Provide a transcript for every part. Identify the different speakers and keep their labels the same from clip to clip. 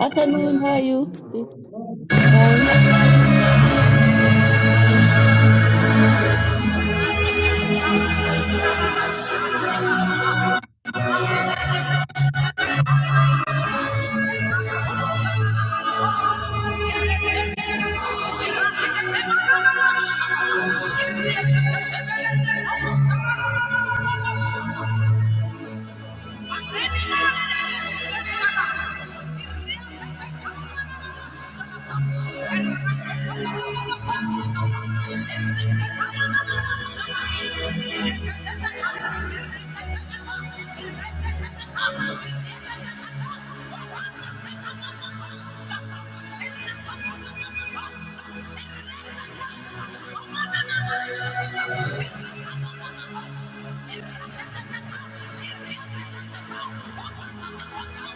Speaker 1: Afternoon, how are you? fine.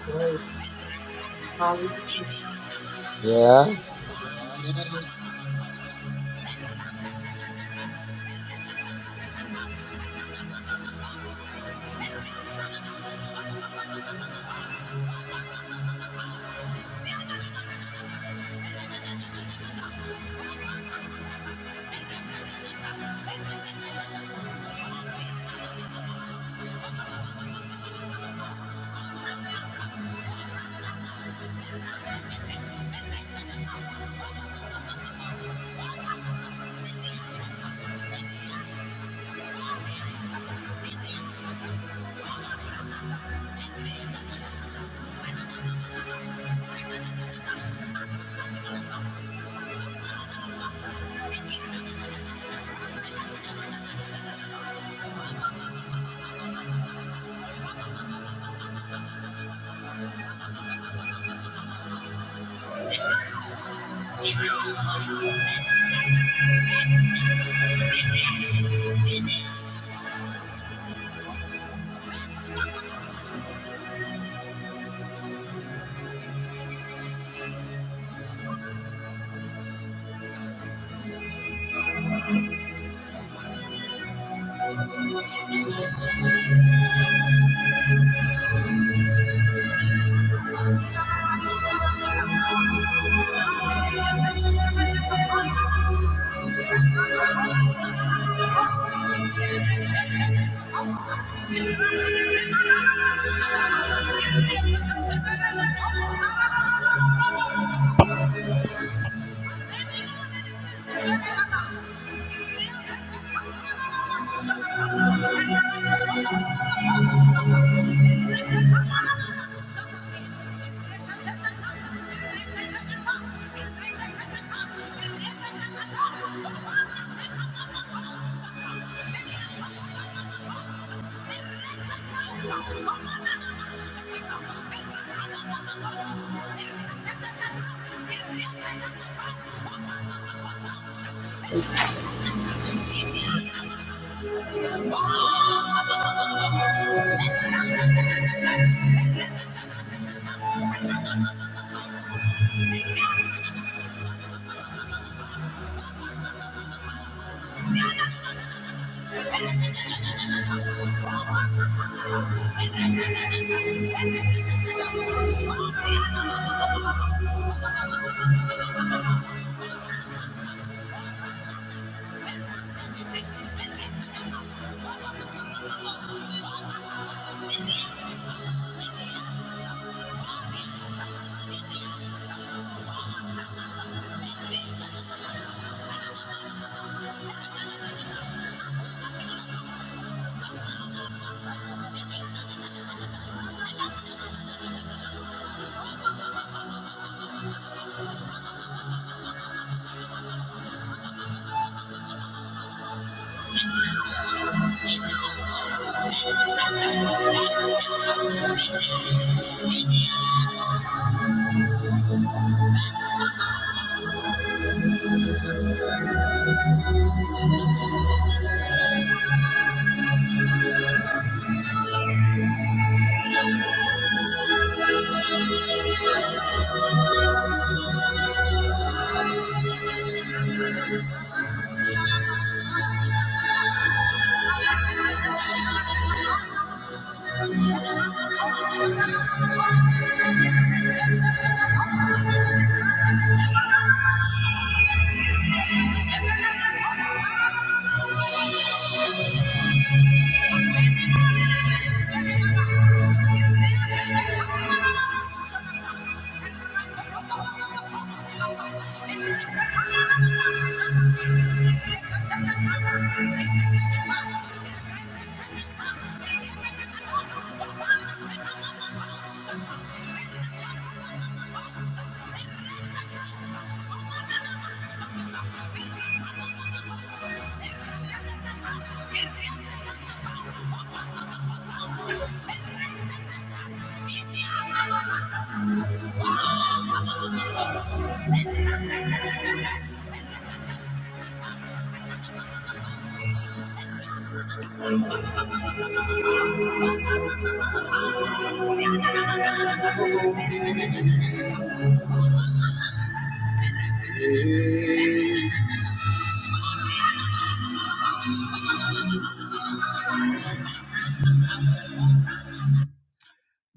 Speaker 2: Yeah.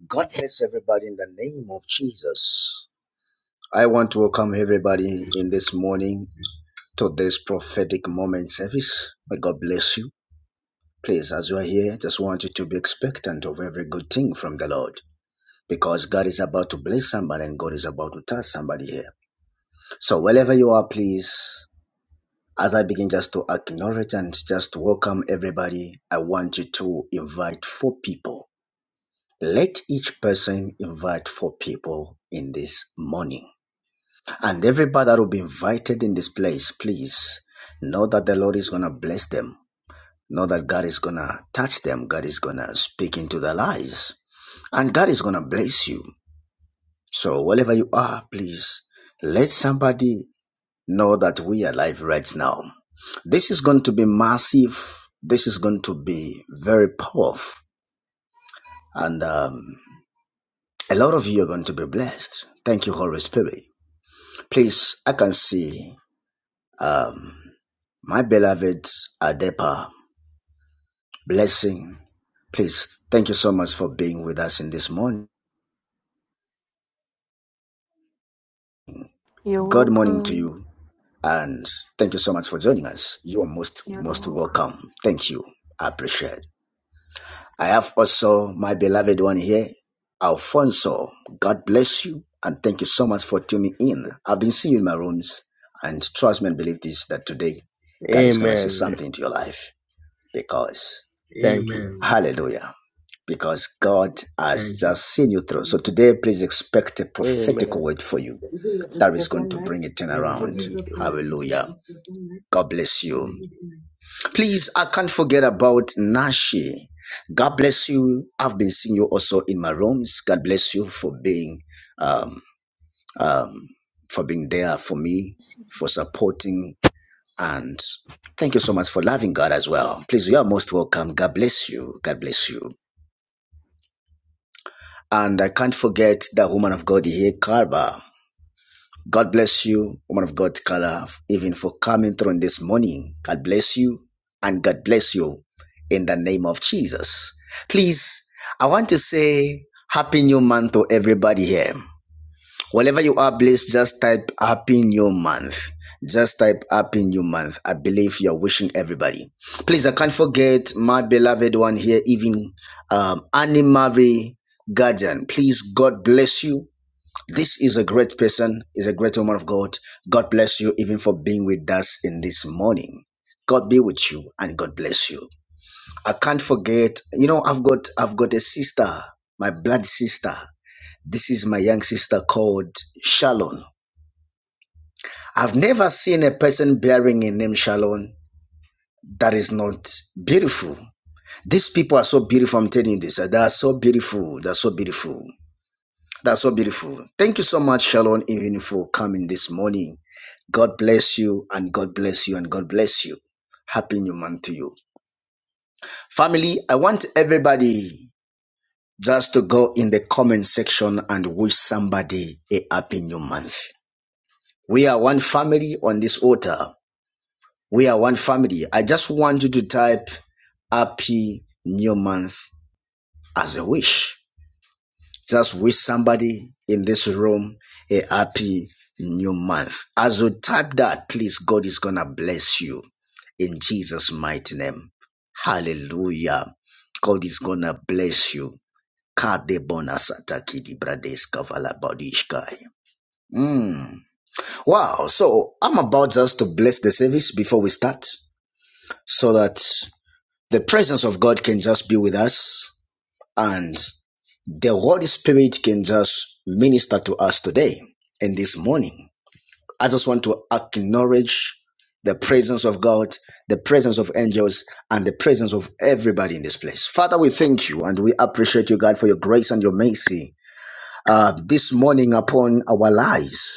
Speaker 3: God bless everybody in the name of Jesus. I want to welcome everybody in this morning to this prophetic moment service. May God bless you. Please, as you are here, just want you to be expectant of every good thing from the Lord because God is about to bless somebody and God is about to touch somebody here. So, wherever you are, please, as I begin just to acknowledge and just welcome everybody, I want you to invite four people. Let each person invite four people in this morning. And everybody that will be invited in this place, please know that the Lord is going to bless them. Know that God is going to touch them. God is going to speak into their lives. And God is going to bless you. So, wherever you are, please let somebody know that we are live right now. This is going to be massive. This is going to be very powerful. And um, a lot of you are going to be blessed. Thank you, Holy Spirit. Please, I can see. Um, My beloved Adepa, blessing. Please, thank you so much for being with us in this morning.
Speaker 4: You're
Speaker 3: Good morning to
Speaker 4: welcome.
Speaker 3: you, and thank you so much for joining us. You are most You're most welcome. welcome. Thank you. I appreciate. it. I have also my beloved one here, Alfonso. God bless you, and thank you so much for tuning in. I've been seeing you in my rooms, and trust me and believe this that today, God is gonna say
Speaker 2: Amen.
Speaker 3: something to your life because.
Speaker 2: Thank you.
Speaker 3: Hallelujah. Because God has Thank just seen you through. So today, please expect a prophetic
Speaker 2: Amen.
Speaker 3: word for you that is going to bring it in around. Hallelujah. God bless you. Please, I can't forget about Nashi. God bless you. I've been seeing you also in my rooms. God bless you for being um, um, for being there for me, for supporting, and thank you so much for loving God as well. Please, you are most welcome. God bless you. God bless you. And I can't forget that woman of God here, Carba. God bless you, woman of God, Carla, even for coming through on this morning. God bless you and God bless you in the name of Jesus. Please, I want to say happy new month to everybody here. Wherever you are, please just type Happy New Month. Just type Happy New Month. I believe you're wishing everybody. Please, I can't forget my beloved one here, even um, Annie Marie Guardian. Please, God bless you. This is a great person, is a great woman of God. God bless you even for being with us in this morning. God be with you and God bless you. I can't forget, you know, I've got I've got a sister, my blood sister. This is my young sister called Shalon. I've never seen a person bearing a name Shalon that is not beautiful. These people are so beautiful. I'm telling you this. They are so beautiful. They're so beautiful. They're so beautiful. Thank you so much, Shalon, even for coming this morning. God bless you and God bless you and God bless you. Happy new month to you. Family, I want everybody just to go in the comment section and wish somebody a happy new month. We are one family on this altar. We are one family. I just want you to type happy new month as a wish. Just wish somebody in this room a happy new month. As you type that, please, God is going to bless you in Jesus' mighty name. Hallelujah. God is going to bless you. Kade Wow. So I'm about just to bless the service before we start so that the presence of God can just be with us and the Holy Spirit can just minister to us today and this morning. I just want to acknowledge the presence of God, the presence of angels, and the presence of everybody in this place. Father, we thank you and we appreciate you, God, for your grace and your mercy uh, this morning upon our lives.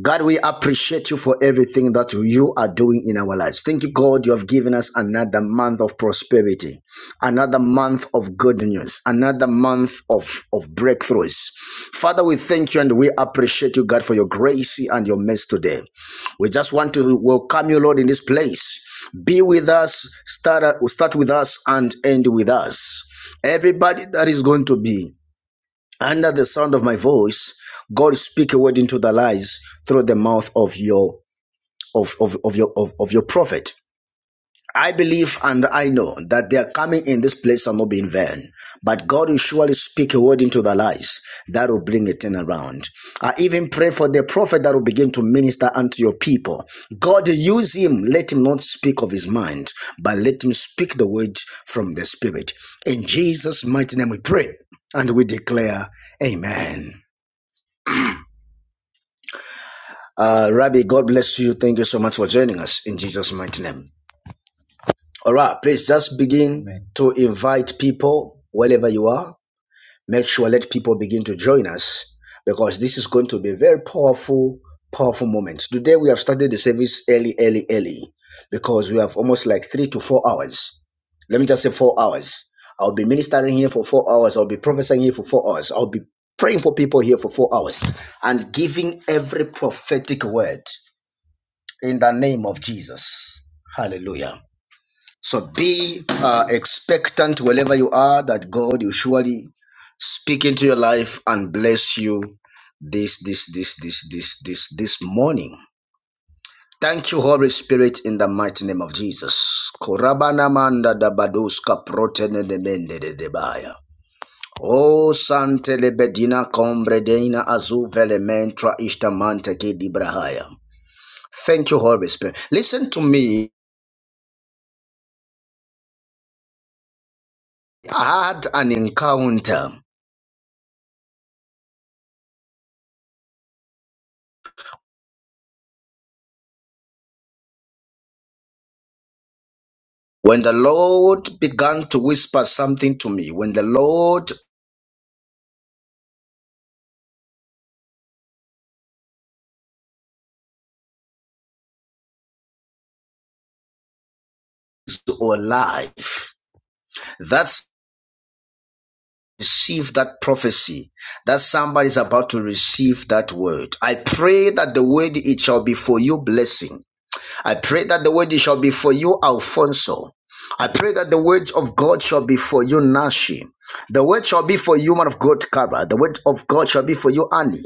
Speaker 3: God, we appreciate you for everything that you are doing in our lives. Thank you, God, you have given us another month of prosperity, another month of good news, another month of, of breakthroughs. Father, we thank you and we appreciate you, God, for your grace and your mercy today. We just want to welcome you, Lord, in this place. Be with us, start, start with us, and end with us. Everybody that is going to be. Under the sound of my voice, God speak a word into the lies through the mouth of your of, of, of your of, of your prophet. I believe and I know that their coming in this place shall not be in vain. But God will surely speak a word into the lies that will bring a turnaround. I even pray for the prophet that will begin to minister unto your people. God use him, let him not speak of his mind, but let him speak the word from the spirit. In Jesus' mighty name we pray and we declare, Amen. Uh, Rabbi, God bless you. Thank you so much for joining us in Jesus' mighty name. All right, please just begin Amen. to invite people wherever you are. Make sure let people begin to join us because this is going to be a very powerful, powerful moment. Today we have started the service early, early, early because we have almost like three to four hours. Let me just say four hours. I'll be ministering here for four hours. I'll be prophesying here for four hours. I'll be praying for people here for four hours and giving every prophetic word in the name of Jesus. Hallelujah. So be uh, expectant wherever you are that God will surely speak into your life and bless you this this this this this this this morning. Thank you, Holy Spirit, in the mighty name of Jesus. Korabana manda da badoska protene de mende de debaya. O sante lebedina combre deina azu velementra ishtamante ke dibrahaya. Thank you, Holy Spirit. Listen to me I had an encounter when the Lord began to whisper something to me. When the Lord is alive, that's receive that prophecy that somebody is about to receive that word. I pray that the word it shall be for you blessing. I pray that the word shall be for you, Alfonso. I pray that the words of God shall be for you, Nashi. The word shall be for you, man of God, Kara. The word of God shall be for you, Annie.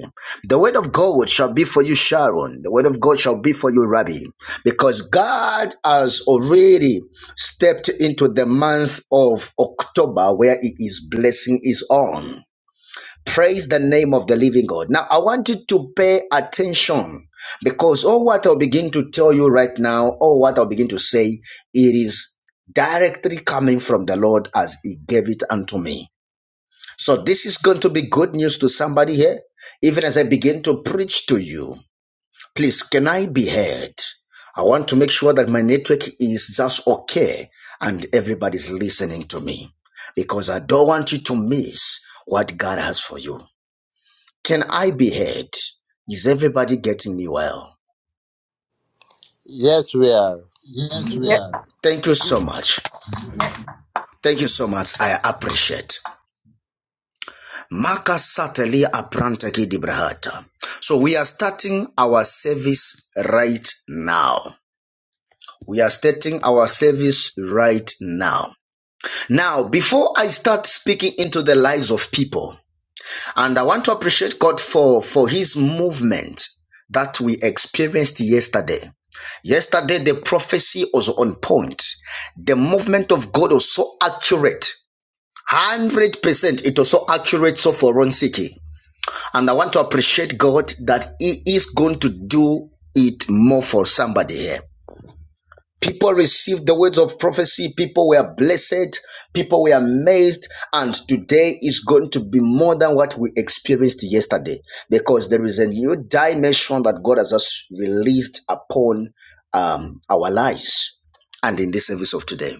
Speaker 3: The word of God shall be for you, Sharon. The word of God shall be for you, Rabbi. Because God has already stepped into the month of October where He is blessing His own. Praise the name of the living God. Now, I want you to pay attention because all what I'll begin to tell you right now, all what I'll begin to say, it is directly coming from the Lord as He gave it unto me. So, this is going to be good news to somebody here, even as I begin to preach to you. Please, can I be heard? I want to make sure that my network is just okay and everybody's listening to me because I don't want you to miss what God has for you. Can I be heard? Is everybody getting me well?
Speaker 2: Yes, we are.
Speaker 3: Thank you so much. Thank you so much. I appreciate. Maka Satali Aprantaki Dibrahata. So we are starting our service right now. We are starting our service right now. Now, before I start speaking into the lives of people, and I want to appreciate God for, for his movement that we experienced yesterday. Yesterday, the prophecy was on point. The movement of God was so accurate. 100% it was so accurate so for Ron Siki. And I want to appreciate God that He is going to do it more for somebody here. People received the words of prophecy. People were blessed. People were amazed. And today is going to be more than what we experienced yesterday because there is a new dimension that God has just released upon um, our lives and in this service of today.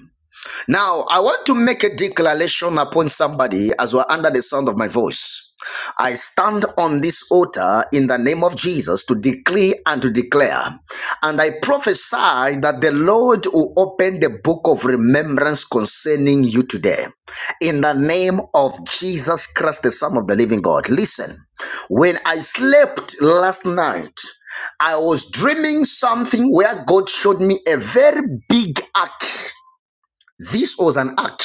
Speaker 3: Now, I want to make a declaration upon somebody as we're under the sound of my voice. I stand on this altar in the name of Jesus to decree and to declare. And I prophesy that the Lord will open the book of remembrance concerning you today. In the name of Jesus Christ, the Son of the living God. Listen, when I slept last night, I was dreaming something where God showed me a very big ark this was an act.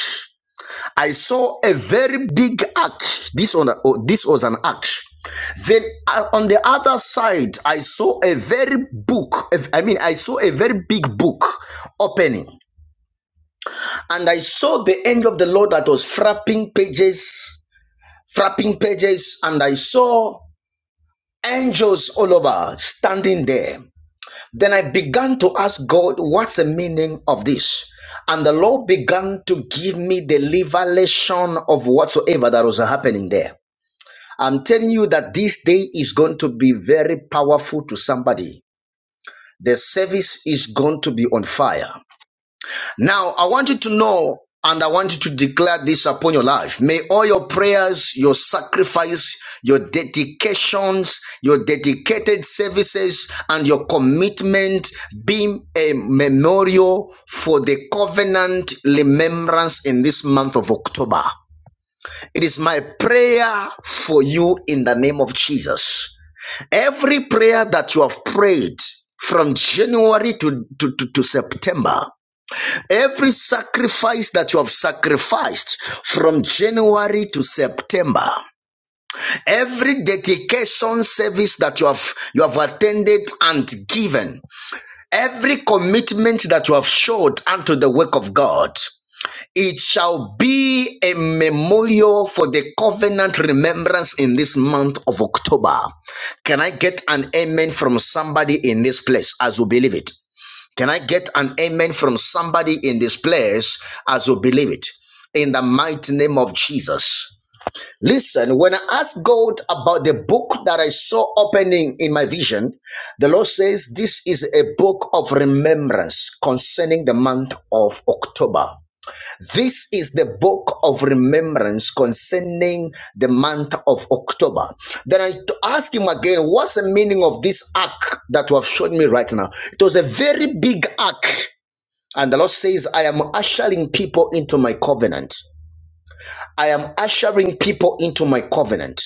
Speaker 3: I saw a very big act. This on oh, this was an act. Then uh, on the other side, I saw a very book. I mean, I saw a very big book opening, and I saw the angel of the Lord that was frapping pages, frapping pages, and I saw angels all over standing there. Then I began to ask God, what's the meaning of this? And the Lord began to give me the revelation of whatsoever that was happening there. I'm telling you that this day is going to be very powerful to somebody. The service is going to be on fire. Now, I want you to know and I want you to declare this upon your life. May all your prayers, your sacrifice, your dedications, your dedicated services, and your commitment be a memorial for the covenant remembrance in this month of October. It is my prayer for you in the name of Jesus. Every prayer that you have prayed from January to, to, to to September, Every sacrifice that you have sacrificed from January to September, every dedication service that you have you have attended and given, every commitment that you have showed unto the work of God, it shall be a memorial for the covenant remembrance in this month of October. Can I get an amen from somebody in this place as you believe it? Can I get an amen from somebody in this place as you believe it? In the mighty name of Jesus. Listen, when I asked God about the book that I saw opening in my vision, the Lord says this is a book of remembrance concerning the month of October. This is the book of remembrance concerning the month of October. Then I t- asked him again, what's the meaning of this ark that you have shown me right now? It was a very big ark. And the Lord says, I am ushering people into my covenant. I am ushering people into my covenant.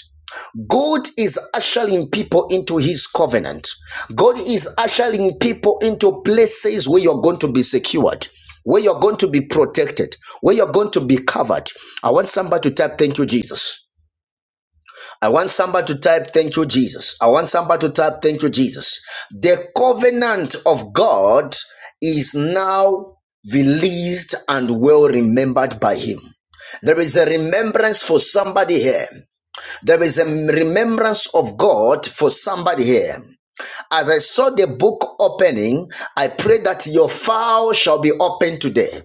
Speaker 3: God is ushering people into his covenant. God is ushering people into places where you're going to be secured, where you're going to be protected, where you're going to be covered. I want somebody to type, Thank you, Jesus. I want somebody to type, Thank you, Jesus. I want somebody to type, Thank you, Jesus. The covenant of God is now released and well remembered by Him. There is a remembrance for somebody here. There is a remembrance of God for somebody here. As I saw the book opening, I pray that your file shall be open today.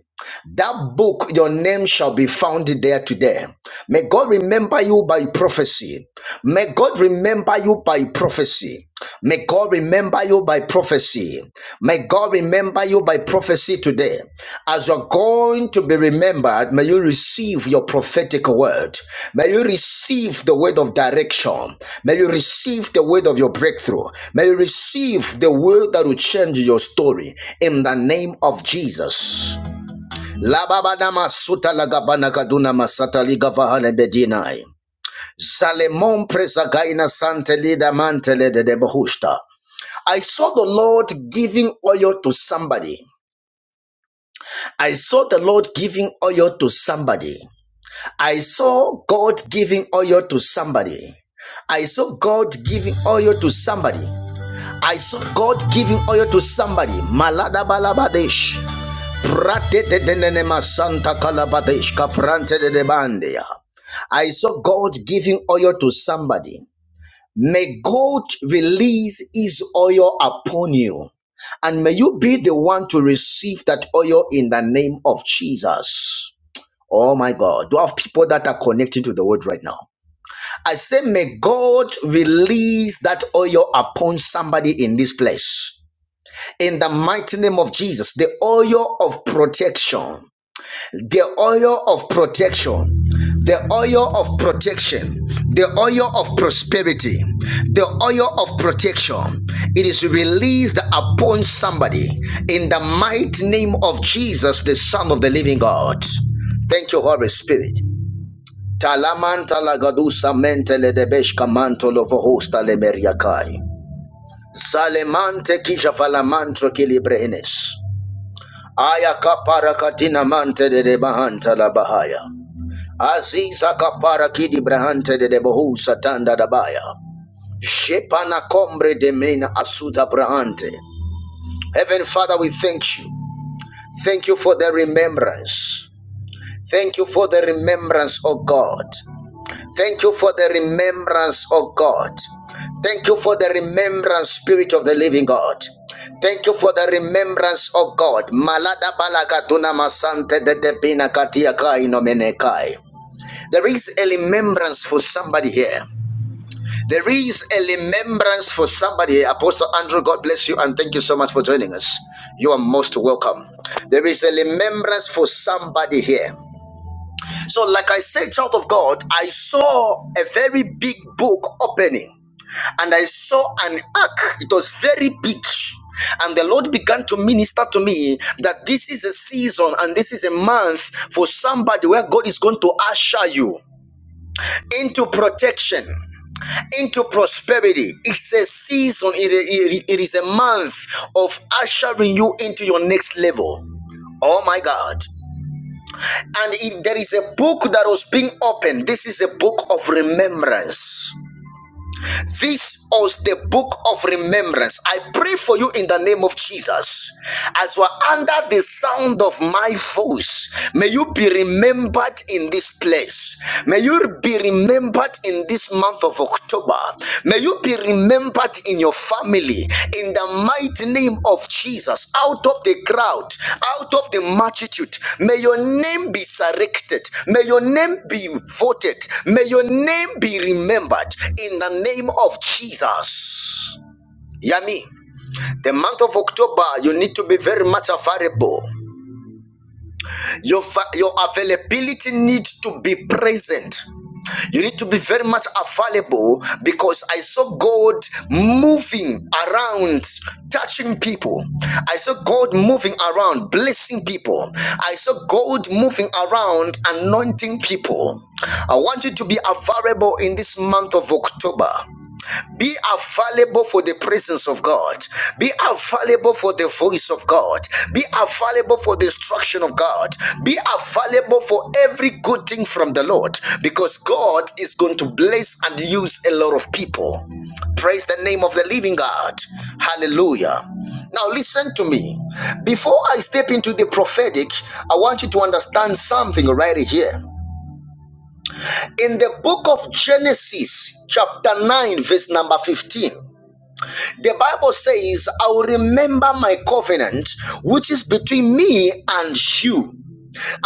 Speaker 3: That book, your name shall be found there today. May God remember you by prophecy. May God remember you by prophecy. May God remember you by prophecy. May God remember you by prophecy today. As you're going to be remembered, may you receive your prophetic word. May you receive the word of direction. May you receive the word of your breakthrough. May you receive the word that will change your story in the name of Jesus. Lababadama suta lagabana kaduna masata liga bedinai. Zalemon presagaina sante lida mantele de debohushta. I saw the Lord giving oil to somebody. I saw the Lord giving oil to somebody. I saw God giving oil to somebody. I saw God giving oil to somebody. I saw God giving oil to somebody. Malada balabadesh. I saw God giving oil to somebody. May God release his oil upon you. And may you be the one to receive that oil in the name of Jesus. Oh my God. Do I have people that are connecting to the word right now? I say, may God release that oil upon somebody in this place. In the mighty name of Jesus, the oil of protection, the oil of protection, the oil of protection, the oil of prosperity, the oil of protection. It is released upon somebody in the mighty name of Jesus, the Son of the Living God. Thank you, Holy Spirit. Talamanta lagadusa mentele debeshka mantolo vohosta lemeriakai. Salemante kisha falamantro kilibrenes. Aya kapara mante de debahanta la bahaya. Aziza kapara kidi brahante de debohu satanda dabaya. Jepana combre de mena asuda brahante. Heaven Father, we thank you. Thank you for the remembrance. Thank you for the remembrance, O God. Thank you for the remembrance, O God. Thank you for the remembrance, Spirit of the Living God. Thank you for the remembrance, O God. Malada balagatuna masante de tepina katia kai no menekai. There is a remembrance for somebody here. There is a remembrance for somebody here. Apostle Andrew, God bless you and thank you so much for joining us. You are most welcome. There is a remembrance for somebody here. So, like I said, child of God, I saw a very big book opening and I saw an ark. It was very big. And the Lord began to minister to me that this is a season and this is a month for somebody where God is going to usher you into protection, into prosperity. It's a season, it, it, it is a month of ushering you into your next level. Oh my God. And if there is a book that was being opened, this is a book of remembrance. This was the book of remembrance. I pray for you in the name of Jesus. As you are under the sound of my voice, may you be remembered in this place. May you be remembered in this month of October. May you be remembered remembered in your family in the mighty name of Jesus out of the crowd out of the multitude may your name be selected may your name be voted may your name be remembered in the name of Jesus Yami the month of October you need to be very much available your, your availability needs to be present. You need to be very much available because I saw God moving around, touching people. I saw God moving around, blessing people. I saw God moving around, anointing people. I want you to be available in this month of October. Be available for the presence of God. Be available for the voice of God. Be available for the instruction of God. Be available for every good thing from the Lord because God is going to bless and use a lot of people. Praise the name of the living God. Hallelujah. Now, listen to me. Before I step into the prophetic, I want you to understand something right here. In the book of Genesis, chapter 9, verse number 15. The Bible says, I will remember my covenant, which is between me and you,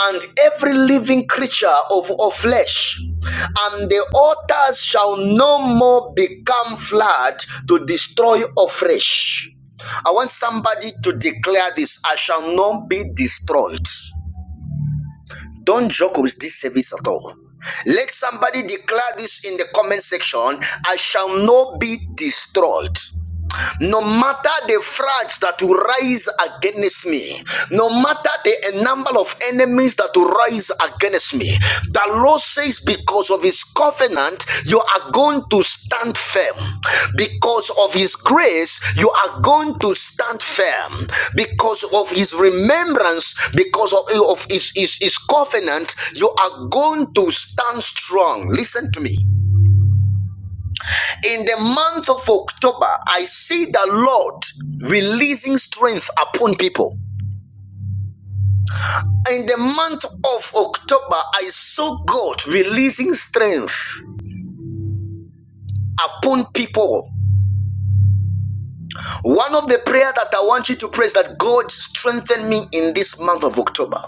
Speaker 3: and every living creature of, of flesh. And the altars shall no more become flood to destroy afresh. I want somebody to declare this I shall not be destroyed. Don't joke with this service at all. Let somebody declare this in the comment section I shall not be destroyed. No matter the frauds that will rise against me, no matter the number of enemies that will rise against me, the Lord says, because of his covenant, you are going to stand firm. Because of his grace, you are going to stand firm. Because of his remembrance, because of, of his, his, his covenant, you are going to stand strong. Listen to me in the month of October, I see the Lord releasing strength upon people. In the month of October, I saw God releasing strength upon people. One of the prayer that I want you to pray is that God strengthen me in this month of October.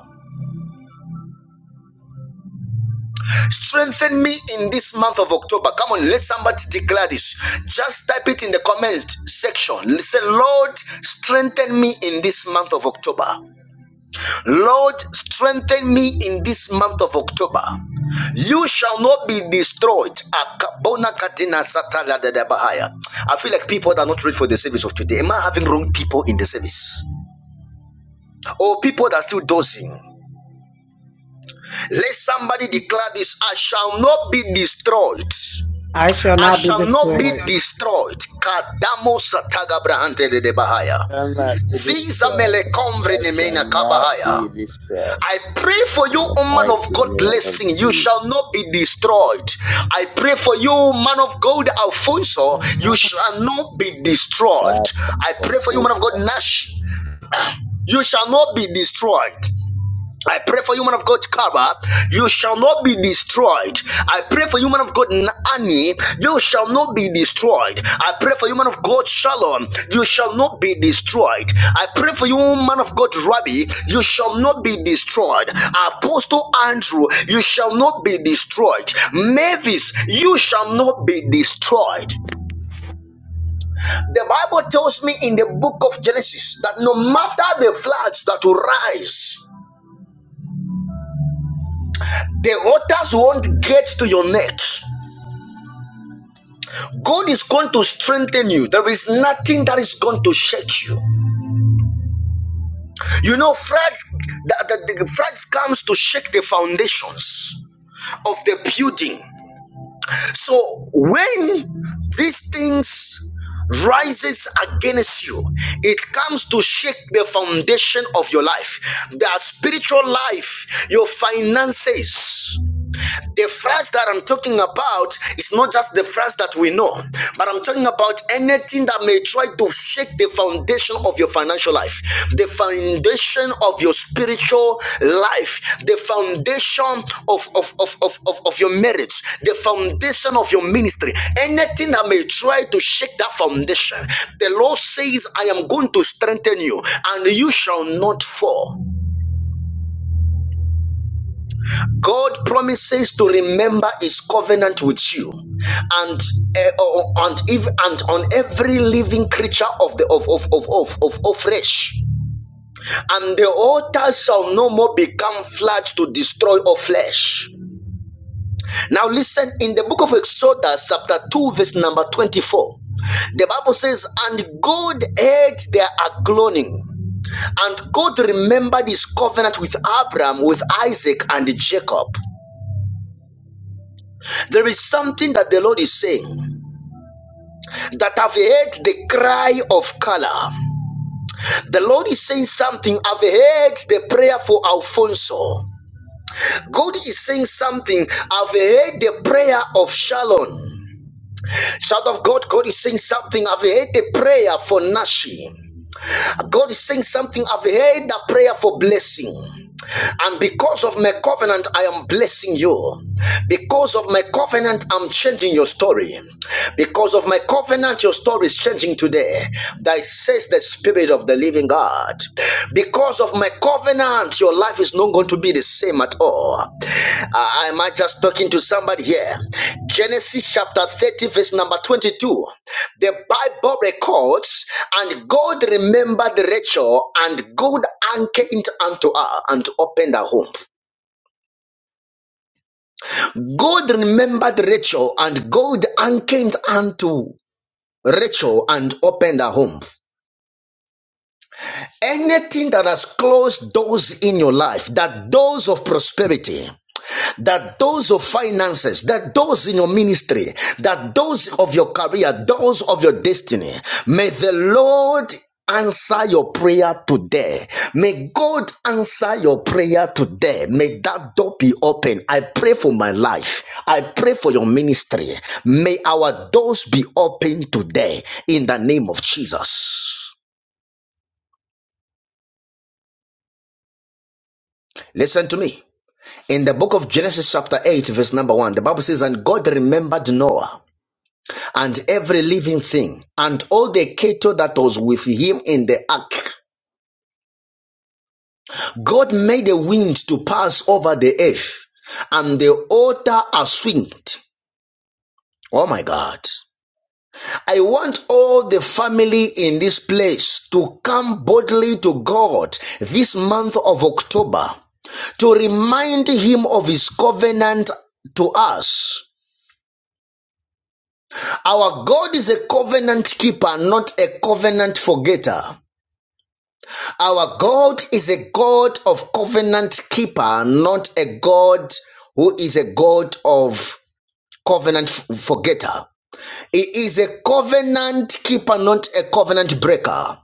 Speaker 3: Strengthen me in this month of October. Come on, let somebody declare this. Just type it in the comment section. Say, Lord, strengthen me in this month of October. Lord, strengthen me in this month of October. You shall not be destroyed. I feel like people that are not ready for the service of today. Am I having wrong people in the service? Or people that are still dozing? Let somebody declare this I shall not be destroyed.
Speaker 5: I shall
Speaker 3: I
Speaker 5: not be
Speaker 3: shall not be
Speaker 5: destroyed.
Speaker 3: destroyed. Kadamo sataga brahante dedebahaya.
Speaker 2: Shall not be
Speaker 3: Ziza
Speaker 2: destroyed.
Speaker 3: mele komvri
Speaker 2: I shall
Speaker 3: nemena
Speaker 2: not be
Speaker 3: kabahaya.
Speaker 2: destroyed.
Speaker 3: I pray for you,
Speaker 2: In the
Speaker 3: O man
Speaker 2: mighty
Speaker 3: of God,
Speaker 2: name of
Speaker 3: blessing. You
Speaker 2: Jesus.
Speaker 3: shall not be destroyed. I pray for you, man of God, Alfonso.
Speaker 4: Amen.
Speaker 3: You shall not be destroyed.
Speaker 2: That's
Speaker 3: I
Speaker 2: a
Speaker 3: pray for you, man of God,
Speaker 2: kosher.
Speaker 3: Nash. You shall not be destroyed. I pray for you, man of God, Kaba. You shall not be destroyed. I pray for you, man of God, Annie. You shall not be destroyed. I pray for you, man of God, Shalom. You shall not be destroyed. I pray for you, man of God, Rabbi. You shall not be destroyed. Apostle Andrew, you shall not be destroyed. Mavis, you shall not be destroyed. The Bible tells me in the book of Genesis that no matter the floods that will rise, The others won't get to your neck. God is going to strengthen you. There is nothing that is going to shake you. You know, floods, the, the, the floods comes to shake the foundations of the building. So when these things rises against you it comes to shake the foundation of your life the spiritual life your finances The France that I'm talking about is not just the France that we know, but I'm talking about anything that may try to shake the foundation of your financial life, the foundation of your spiritual life, the foundation of, of, of, of, of, of your marriage, the foundation of your ministry. Anything that may try to shake that foundation, the Lord says, I am going to strengthen you, and you shall not fall. God promises to remember his covenant with you and uh, oh, oh, and if and on every living creature of the of of of of of, of flesh and the altar shall no more become flat to destroy all flesh now listen in the book of exodus chapter 2 verse number 24 the bible says and god heard their agloning and God remembered his covenant with Abraham, with Isaac, and Jacob. There is something that the Lord is saying that I've heard the cry of Kala. The Lord is saying something. I've heard the prayer for Alfonso. God is saying something. I've heard the prayer of Shalom. Child of God, God is saying something. I've heard the prayer for Nashi. God is saying something. I've heard the prayer for blessing. And because of my covenant, I am blessing you. Because of my covenant, I'm changing your story. Because of my covenant, your story is changing today. That says the Spirit of the Living God. Because of my covenant, your life is not going to be the same at all. I am I just talking to somebody here? Genesis chapter 30, verse number 22. The Bible records, and God remembered Rachel, and God came unto her and opened her home. God remembered Rachel, and God came unto Rachel and opened her home. Anything that has closed doors in your life, that doors of prosperity, that those of finances, that those in your ministry, that those of your career, those of your destiny, may the Lord answer your prayer today. May God answer your prayer today. May that door be open. I pray for my life. I pray for your ministry. May our doors be open today in the name of Jesus. Listen to me. In the book of Genesis, chapter 8, verse number 1, the Bible says, And God remembered Noah and every living thing, and all the cattle that was with him in the ark. God made the wind to pass over the earth, and the altar aswinged. Oh my God. I want all the family in this place to come boldly to God this month of October to remind him of his covenant to us. Our God is a covenant keeper, not a covenant forgetter. Our God is a God of covenant keeper, not a God who is a God of covenant f- forgetter. He is a covenant keeper, not a covenant breaker.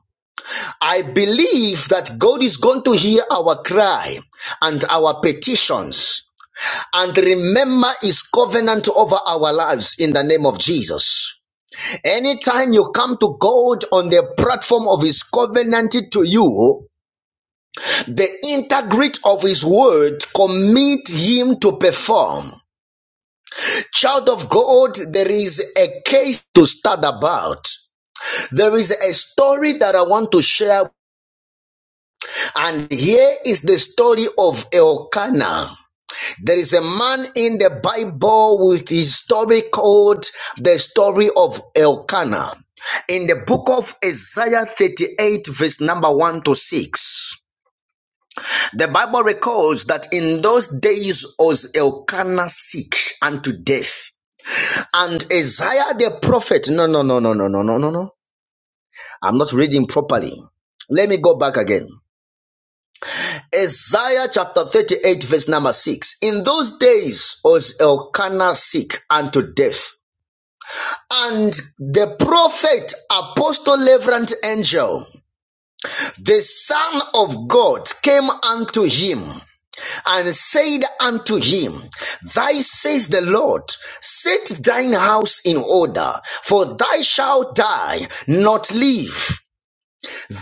Speaker 3: I believe that God is going to hear our cry and our petitions and remember his covenant over our lives in the name of Jesus. Anytime you come to God on the platform of his covenant to you, The integrity of his word commit him to perform. Child of God, there is a case to start about. There is a story that I want to share, and here is the story of Elkanah. There is a man in the Bible with his story called the story of Elkanah. In the book of Isaiah 38, verse number 1 to 6. The Bible records that in those days was Elkanah sick unto death. And Isaiah the prophet, no, no, no, no, no, no, no, no, no. I'm not reading properly. Let me go back again. Isaiah chapter 38, verse number 6. In those days was Elkanah sick unto death. And the prophet, apostle, reverend angel, the son of God, came unto him and said unto him, Thy says the Lord, set thine house in order, for thou shalt die, not live.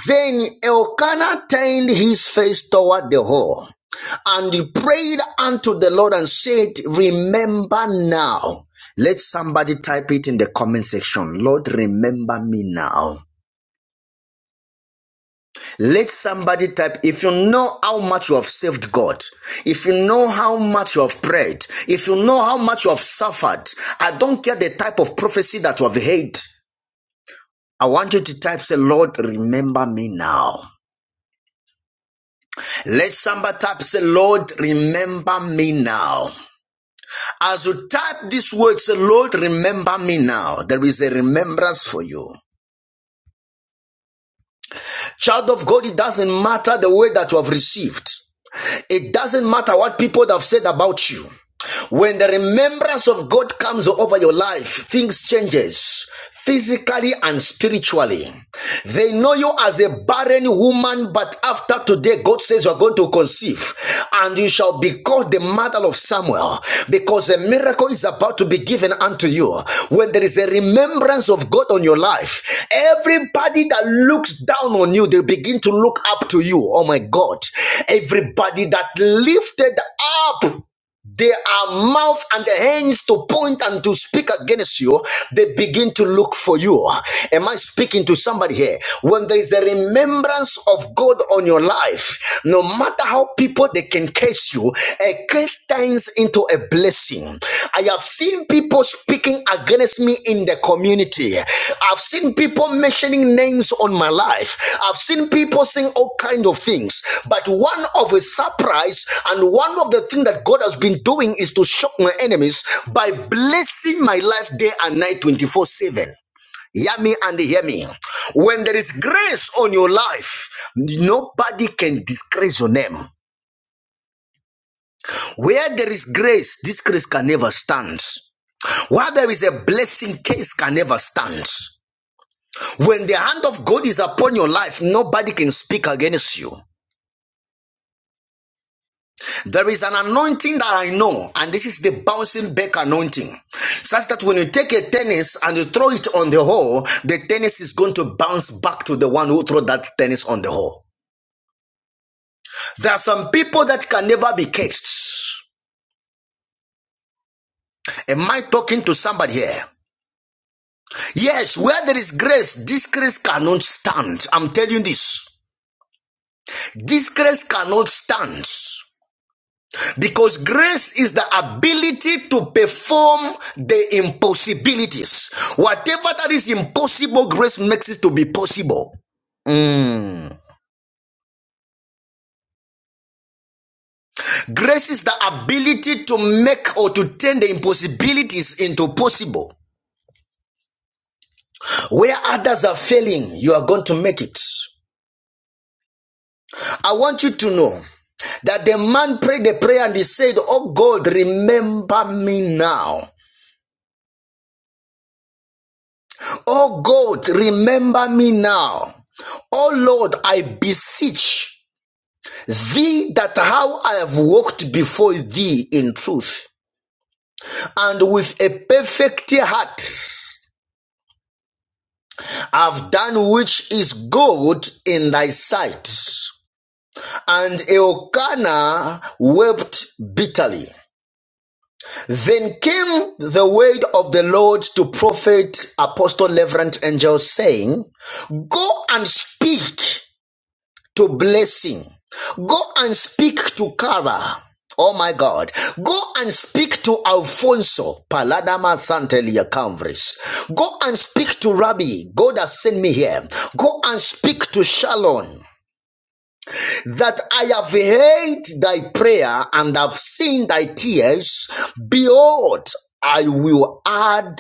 Speaker 3: Then Elkanah turned his face toward the whore, and he prayed unto the Lord and said, Remember now. Let somebody type it in the comment section. Lord, remember me now. Let somebody type if you know how much you have saved God, if you know how much you have prayed, if you know how much you have suffered. I don't care the type of prophecy that you have heard. I want you to type, say, Lord, remember me now. Let somebody type, say, Lord, remember me now. As you type this word, say, Lord, remember me now. There is a remembrance for you. Child of God, it doesn't matter the word that you have received. It doesn't matter what people have said about you. When the remembrance of God comes over your life, things changes physically and spiritually. They know you as a barren woman, but after today, God says you are going to conceive and you shall be called the mother of Samuel because a miracle is about to be given unto you. When there is a remembrance of God on your life, everybody that looks down on you, they begin to look up to you. Oh my God. Everybody that lifted up they are mouth and the hands to point and to speak against you. They begin to look for you. Am I speaking to somebody here? When there is a remembrance of God on your life, no matter how people they can curse you, a curse turns into a blessing. I have seen people people speaking against me in the community. I've seen people mentioning names on my life. I've seen people saying all kind of things. But one of a surprise and one of the thing that God has been doing is to shock my enemies by blessing my life day and night 24 7. Hear me and hear me. When there is grace on your life, nobody can disgrace your name. Where there is grace, disgrace can never stand. While there is a blessing, case can never stand. When the hand of God is upon your life, nobody can speak against you. There is an anointing that I know, and this is the bouncing back anointing. Such that when you take a tennis and you throw it on the hole, the tennis is going to bounce back to the one who threw that tennis on the hole. There are some people that can never be caged. Am I talking to somebody here? Yes, where there is grace, this grace cannot stand. I'm telling you this. Disgrace cannot stand because grace is the ability to perform the impossibilities. Whatever that is impossible, grace makes it to be possible. Mm. Grace is the ability to make or to turn the impossibilities into possible. Where others are failing, you are going to make it. I want you to know that the man prayed the prayer and he said, Oh God, remember me now. Oh God, remember me now. Oh Lord, I beseech thee that how I have walked before thee in truth, and with a perfect heart I've done which is good in thy sight. And Elkanah wept bitterly. Then came the word of the Lord to prophet, apostle, reverend angel, saying, Go and speak to blessing. Go and speak to Cara. Oh my God. Go and speak to Alfonso Paladama Santelia Camvris. Go and speak to Rabbi. God has sent me here. Go and speak to Shalom that I have heard thy prayer and have seen thy tears. Behold, I will add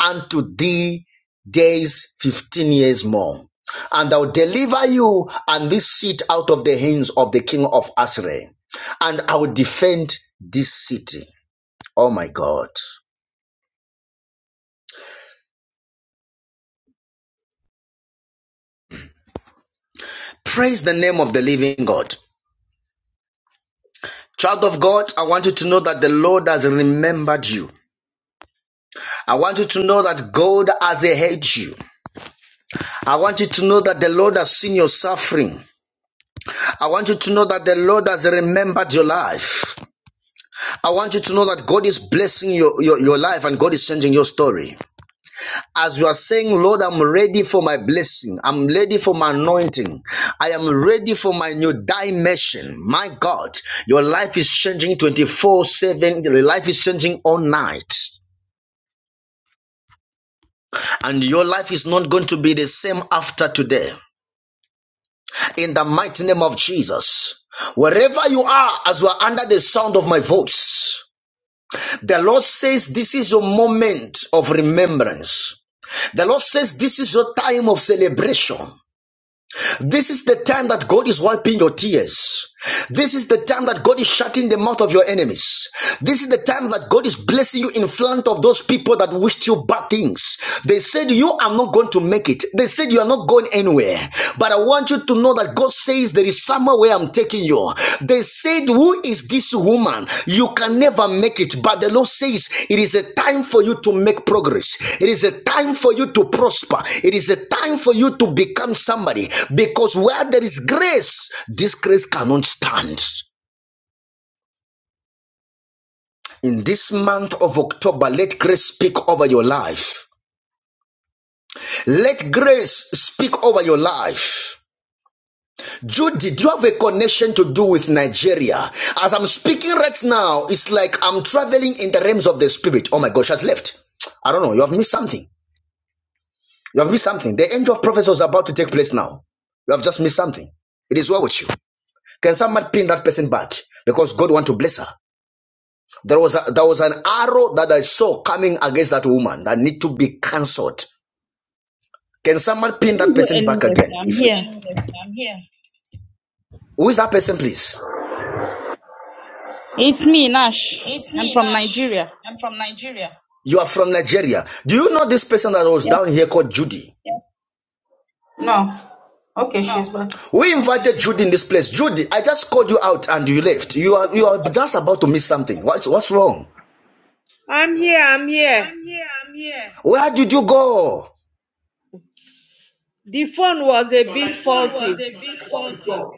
Speaker 3: unto thee days fifteen years more. And I'll deliver you and this city out of the hands of the king of Assyria. And I will defend this city. Oh my God. Praise the name of the living God. Child of God, I want you to know that the Lord has remembered you. I want you to know that God has heard you. I want you to know that the Lord has seen your suffering. I want you to know that the Lord has remembered your life. I want you to know that God is blessing your, your, your life and God is changing your story. As you are saying, Lord, I'm ready for my blessing. I'm ready for my anointing. I am ready for my new dimension. My God, your life is changing 24 7. Your life is changing all night. And your life is not going to be the same after today. In the mighty name of Jesus. Wherever you are, as you are under the sound of my voice, the Lord says, This is your moment of remembrance. The Lord says, This is your time of celebration. This is the time that God is wiping your tears. This is the time that God is shutting the mouth of your enemies. This is the time that God is blessing you in front of those people that wished you bad things. They said, You are not going to make it. They said, You are not going anywhere. But I want you to know that God says there is where I'm taking you, they said, Who is this woman? You can never make it. But the Lord says, It is a time for you to make progress. It is a time for you to prosper. It is a time for you to become somebody. Because where there is grace, this grace cannot stand. In this month of October, let grace speak over your life. Let grace speak over your life. Judy, do you have a connection to do with Nigeria? As I'm speaking right now, it's like I'm traveling in the realms of the spirit. Oh my gosh, has left. I don't know. You have missed something. You have missed something. The angel of prophecy is about to take place now. You have just missed something. It is well with you. Can someone pin that person back? Because God want to bless her. There was a, there was an arrow that I saw coming against that woman that need to be cancelled. Can someone
Speaker 6: I
Speaker 3: pin
Speaker 6: didn't
Speaker 3: that
Speaker 6: do
Speaker 3: person
Speaker 6: any
Speaker 3: back again?
Speaker 6: sir. I'm
Speaker 3: If you,
Speaker 6: here.
Speaker 3: I'm here. who is that person, please?
Speaker 6: It's me, Nash. I'm from Nigeria.
Speaker 3: You are from Nigeria. Do you know this person that was
Speaker 6: Yeah.
Speaker 3: down here called Judy?
Speaker 6: No. Okay, she's back.
Speaker 3: We invited Judy in this place. Judy, I just called you out and you left. You are you are just about to miss something. What's what's wrong?
Speaker 7: I'm here, I'm here.
Speaker 3: Where did you go?
Speaker 7: The phone was a bit faulty. I walk with God.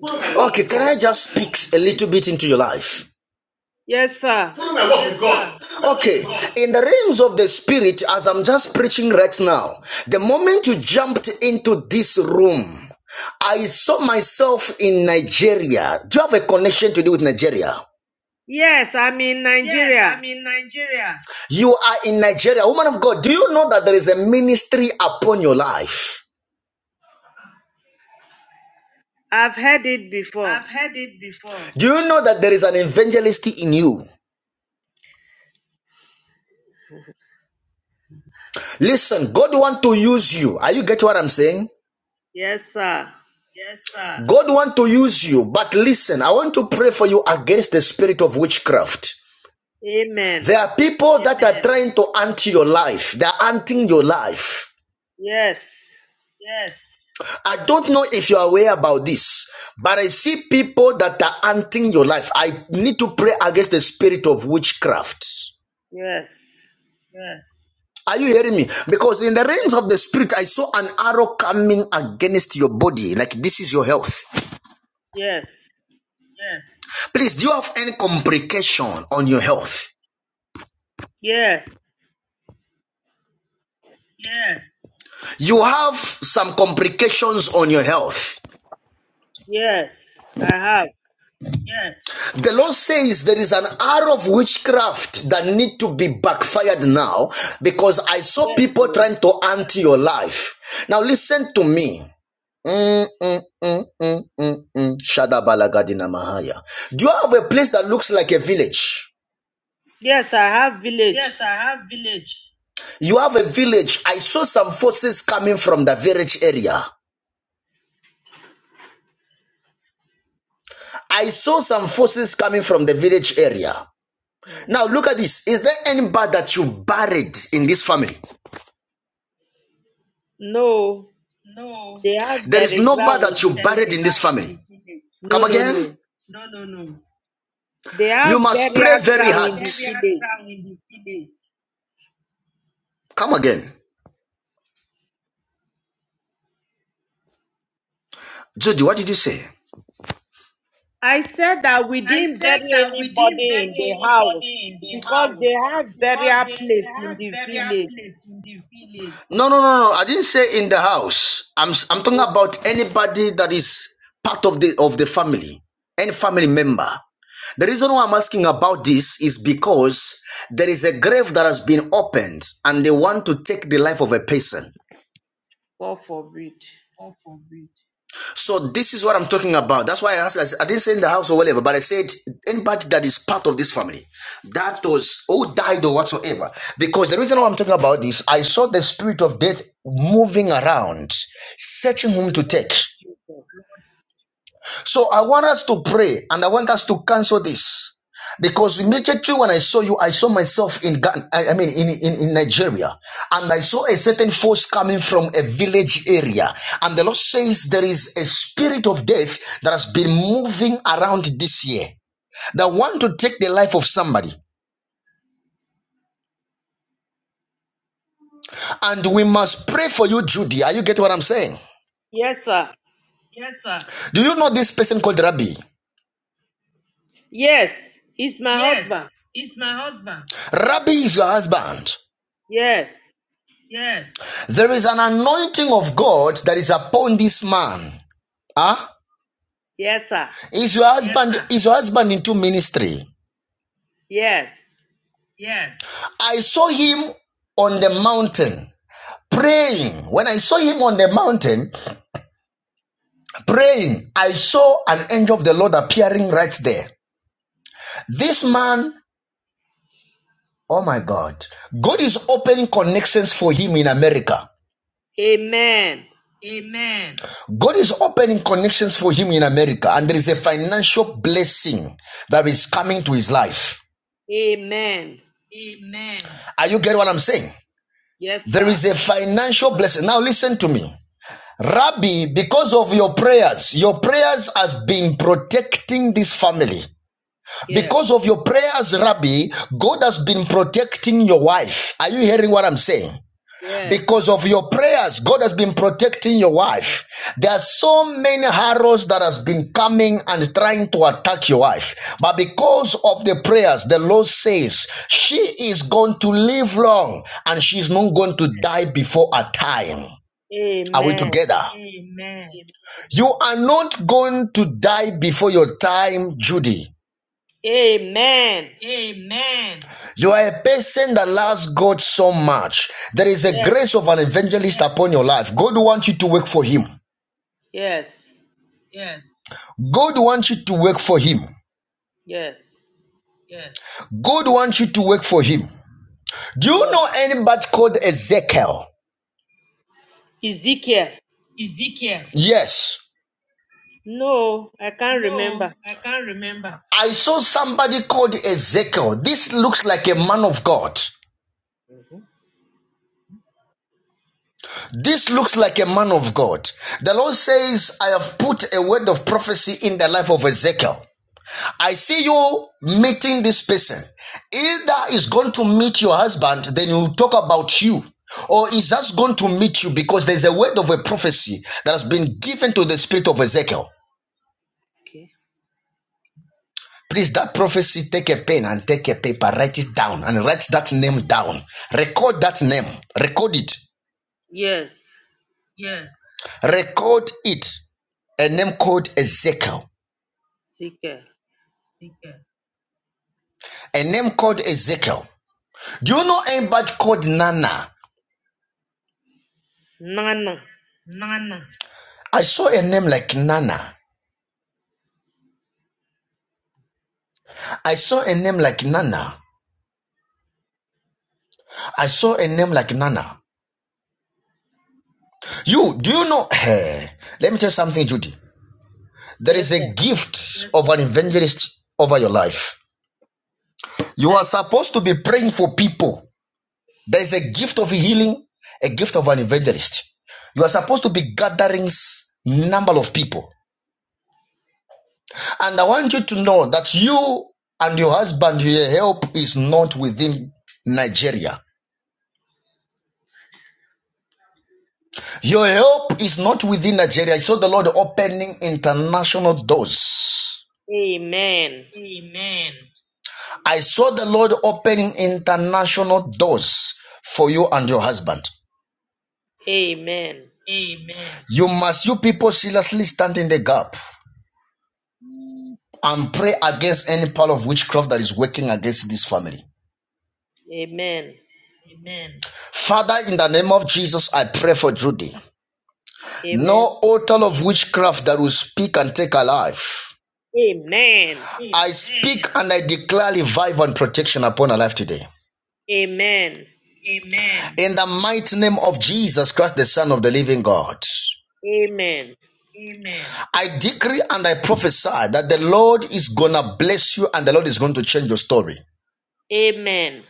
Speaker 7: Follow my walk
Speaker 3: Okay,
Speaker 7: with
Speaker 3: can
Speaker 7: God.
Speaker 3: I just speak a little bit into your life?
Speaker 7: Yes, sir. Follow my walk with God.
Speaker 3: Okay, in the realms of the spirit, as I'm just preaching right now, the moment you jumped into this room, I saw myself in Nigeria. Do you have a connection to do with Nigeria?
Speaker 7: Yes, I'm in Nigeria.
Speaker 3: You are in Nigeria. Woman of God, do you know that there is a ministry upon your life?
Speaker 7: I've heard it before.
Speaker 3: Do you know that there is an evangelist in you? Listen, God wants to use you. Are you get what I'm saying?
Speaker 7: Yes, sir.
Speaker 3: God wants to use you, but listen, I want to pray for you against the spirit of witchcraft.
Speaker 7: Amen.
Speaker 3: There are people that are trying to ant your life. They are anting your life.
Speaker 7: Yes.
Speaker 3: I don't know if you're aware about this, but I see people that are anting your life. I need to pray against the spirit of witchcraft.
Speaker 7: Yes.
Speaker 3: Are you hearing me? Because in the realms of the spirit, I saw an arrow coming against your body, like this is your health.
Speaker 7: Yes.
Speaker 3: Please, do you have any complication on your health?
Speaker 7: Yes. Yes.
Speaker 3: You have some complications on your health.
Speaker 7: yes. I have.
Speaker 3: The Lord says there is an arrow of witchcraft that need to be backfired now because I saw
Speaker 7: Yes.
Speaker 3: people
Speaker 7: oh.
Speaker 3: trying to ant your life. Now listen to me. Mm, mm, mm, mm, mm, mm. Shadabalagadi namahaya. Do you have a place that looks like a village?
Speaker 7: Yes, I have village.
Speaker 3: You have a village. I saw some forces coming from the village area. I saw some forces coming from the village area.
Speaker 7: Mm.
Speaker 3: Now look at this. Is there any bad that you buried in this family?
Speaker 7: No, they have
Speaker 3: There is
Speaker 7: burial
Speaker 3: no bad
Speaker 7: ground in
Speaker 3: that you
Speaker 7: the
Speaker 3: buried
Speaker 7: village.
Speaker 3: in this family.
Speaker 7: No,
Speaker 3: Come
Speaker 7: no,
Speaker 3: again.
Speaker 7: no. They
Speaker 3: You
Speaker 7: have
Speaker 3: must pray
Speaker 7: burial
Speaker 3: very
Speaker 7: ground in
Speaker 3: hard.
Speaker 7: the village.
Speaker 3: Come again. Judy, what did you say?
Speaker 7: I said that we didn't bury anybody in the house because they have burial place in the village.
Speaker 3: No, no, no, no. I didn't say in the house. I'm i I'm talking
Speaker 7: Oh,
Speaker 3: about anybody that is part of the of the family, any family member. The reason why I'm asking about this is because there is a grave that has been opened and they want to take the life of a person.
Speaker 7: God forbid.
Speaker 3: So this is what I'm talking about. That's why I asked. I didn't say in the house or whatever, but I said anybody that is part of this family, that was who died or whatsoever. Because the reason why I'm talking about this, I saw the spirit of death moving around, searching whom to
Speaker 7: Lord
Speaker 3: take.
Speaker 7: Jesus.
Speaker 3: So I want us to pray and I want us to cancel this. Because
Speaker 7: Yes,
Speaker 3: immediately when I saw you, I saw myself in Ghana, I I mean in, in, in Nigeria, and I saw a certain force coming from a village area. And the Lord says there is a spirit of death that has been moving around this year that want to take the life of somebody. And we must pray for you, Judy. Are you get what I'm saying?
Speaker 7: yes sir.
Speaker 3: Do you know this person called Rabbi?
Speaker 7: Yes, he's my husband.
Speaker 3: Rabbi is your husband.
Speaker 7: Yes,
Speaker 3: There is an anointing of God that is upon this man. Huh?
Speaker 7: yes, sir.
Speaker 3: Is your Yes, husband is your husband into ministry?
Speaker 7: Yes.
Speaker 3: I saw him on the mountain praying. When I saw him on the mountain praying, I saw an angel of the Lord appearing right there. This man, oh my God, God is opening connections for him in America.
Speaker 7: Amen.
Speaker 3: God is opening connections for him in America, and there is a financial blessing that is coming to his life.
Speaker 7: Amen.
Speaker 3: Are you getting what I'm saying?
Speaker 7: Yes,
Speaker 3: There
Speaker 7: sir.
Speaker 3: is a financial blessing. Now listen to me. Rabbi, because of your prayers, your prayers has been protecting this family.
Speaker 7: Yes,
Speaker 3: Because of your prayers, Rabbi, God has been protecting your wife. Are you hearing what I'm saying?
Speaker 7: yes.
Speaker 3: Because of your prayers, God has been protecting your wife. There are so many arrows that has been coming and trying to attack your wife. But because of the prayers, the Lord says she is going to live long and she's not going to die before her time. Are we
Speaker 7: Amen.
Speaker 3: together? Amen. You are not going to die before your time, Judy.
Speaker 7: Amen. Amen.
Speaker 3: You are a person that loves God so much. There is a
Speaker 7: Yes,
Speaker 3: grace of an evangelist upon your life. God wants you to work for Him.
Speaker 7: yes.
Speaker 3: God wants you to work for Him.
Speaker 7: Yes.
Speaker 3: God wants you to work for Him. Do you
Speaker 7: Yeah.
Speaker 3: know anybody called Ezekiel?
Speaker 7: Ezekiel.
Speaker 3: Ezekiel. Yes.
Speaker 7: No, I can't remember.
Speaker 3: I saw somebody called Ezekiel. This looks like a man of God. This looks like a man of God. The Lord says, I have put a word of prophecy in the life of Ezekiel. I see you meeting this person. Either is going to meet your husband, then you talk about you, or is just going to meet you because there's a word of a prophecy that has been given to the spirit of Ezekiel.
Speaker 7: Okay.
Speaker 3: Please, that prophecy, take a pen and take a paper, write it down and write that name down. Record that name, record it,
Speaker 7: Yes.
Speaker 3: record it. A name called Ezekiel.
Speaker 7: Ezekiel.
Speaker 3: a name called Ezekiel. Do you know anybody called Nana?
Speaker 7: Nana.
Speaker 3: I saw a name like Nana. I saw a name like Nana. I saw a name like Nana. You, do you know? Hey, let me tell you something, Judy. There
Speaker 7: Yes,
Speaker 3: is
Speaker 7: sir.
Speaker 3: a gift of an evangelist over your life. You are
Speaker 7: Thank you, sir.
Speaker 3: supposed to be praying for people. There is a gift of healing, a gift of an evangelist. You are supposed to be gathering number of people. And I want you to know that you and your husband, your help is not within Nigeria. Your help is not within Nigeria. I saw the Lord opening international doors.
Speaker 7: Amen.
Speaker 3: I saw the Lord opening international doors for you and your husband.
Speaker 7: Amen.
Speaker 3: You must, you people, seriously stand in the gap and pray against any power of witchcraft that is working against this family.
Speaker 7: Amen.
Speaker 3: Father, in the name of Jesus, I pray for Judy. No
Speaker 7: Amen.
Speaker 3: altar of witchcraft that will speak and take a life.
Speaker 7: Amen.
Speaker 3: I speak and I declare revival and protection upon her life today.
Speaker 7: Amen. Amen.
Speaker 3: In the mighty name of Jesus Christ, the Son of the living God.
Speaker 7: Amen.
Speaker 3: I decree and I prophesy that the Lord is gonna bless you and the Lord is going to change your story.
Speaker 7: Amen.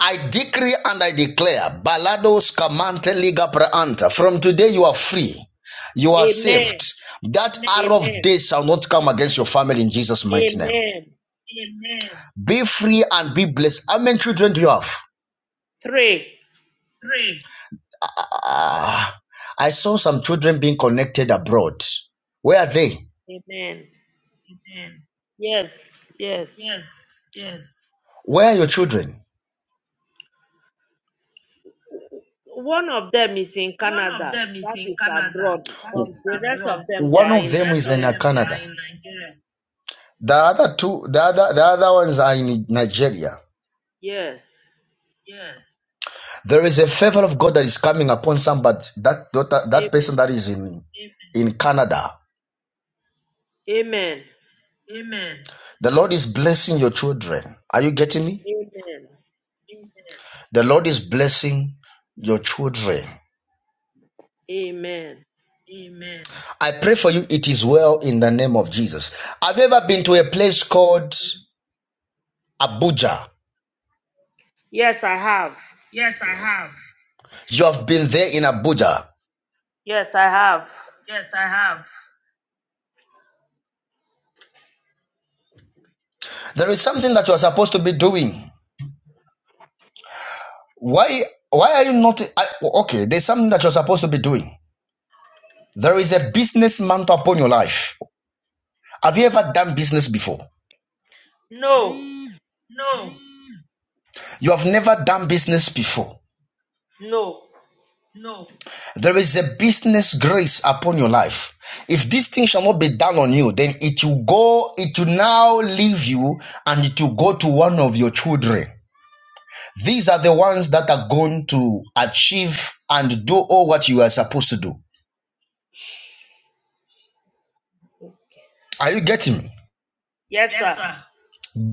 Speaker 3: I decree and I declare, Balados Kamante Liga Praanta. From today you are free. You are saved. That Amen. arrow of
Speaker 7: Amen.
Speaker 3: death shall not come against your family in Jesus' mighty name.
Speaker 7: Amen.
Speaker 3: Be free and be blessed. How many children do you have?
Speaker 7: Three.
Speaker 3: Ah, I saw some children being connected abroad. Where are they?
Speaker 7: Amen. Yes. Yes.
Speaker 3: Where are your children?
Speaker 7: One of them is in Canada, that is abroad, but the rest of them they
Speaker 3: One
Speaker 7: are
Speaker 3: of
Speaker 7: in
Speaker 3: them is in uh,
Speaker 7: Nigeria.
Speaker 3: Canada. The other two, the other, the other ones are in Nigeria.
Speaker 7: Yes.
Speaker 3: There is a favor of God that is coming upon somebody. That daughter,
Speaker 7: Amen.
Speaker 3: that person that is in in Canada.
Speaker 7: Amen.
Speaker 3: The Lord is blessing your children. Are you getting me?
Speaker 7: Amen.
Speaker 3: The Lord is blessing your children.
Speaker 7: Amen.
Speaker 3: I pray for you. It is well in the name of Jesus. Have you ever been to
Speaker 7: Amen.
Speaker 3: a place called Abuja?
Speaker 7: Yes, I have.
Speaker 3: You have been there in Abuja.
Speaker 7: Yes, I have.
Speaker 3: There is something that you are supposed to be doing. Why? Why are you not? I, okay, there's something that you're supposed to be doing. There is a business mantle upon your life. Have you ever done business before?
Speaker 7: No.
Speaker 3: You have never done business before.
Speaker 7: No.
Speaker 3: There is a business grace upon your life. If this thing shall not be done on you, then it will go, it will now leave you and it will go to one of your children. These are the ones that are going to achieve and do all what you are supposed to do. Are you getting me?
Speaker 7: Yes, sir.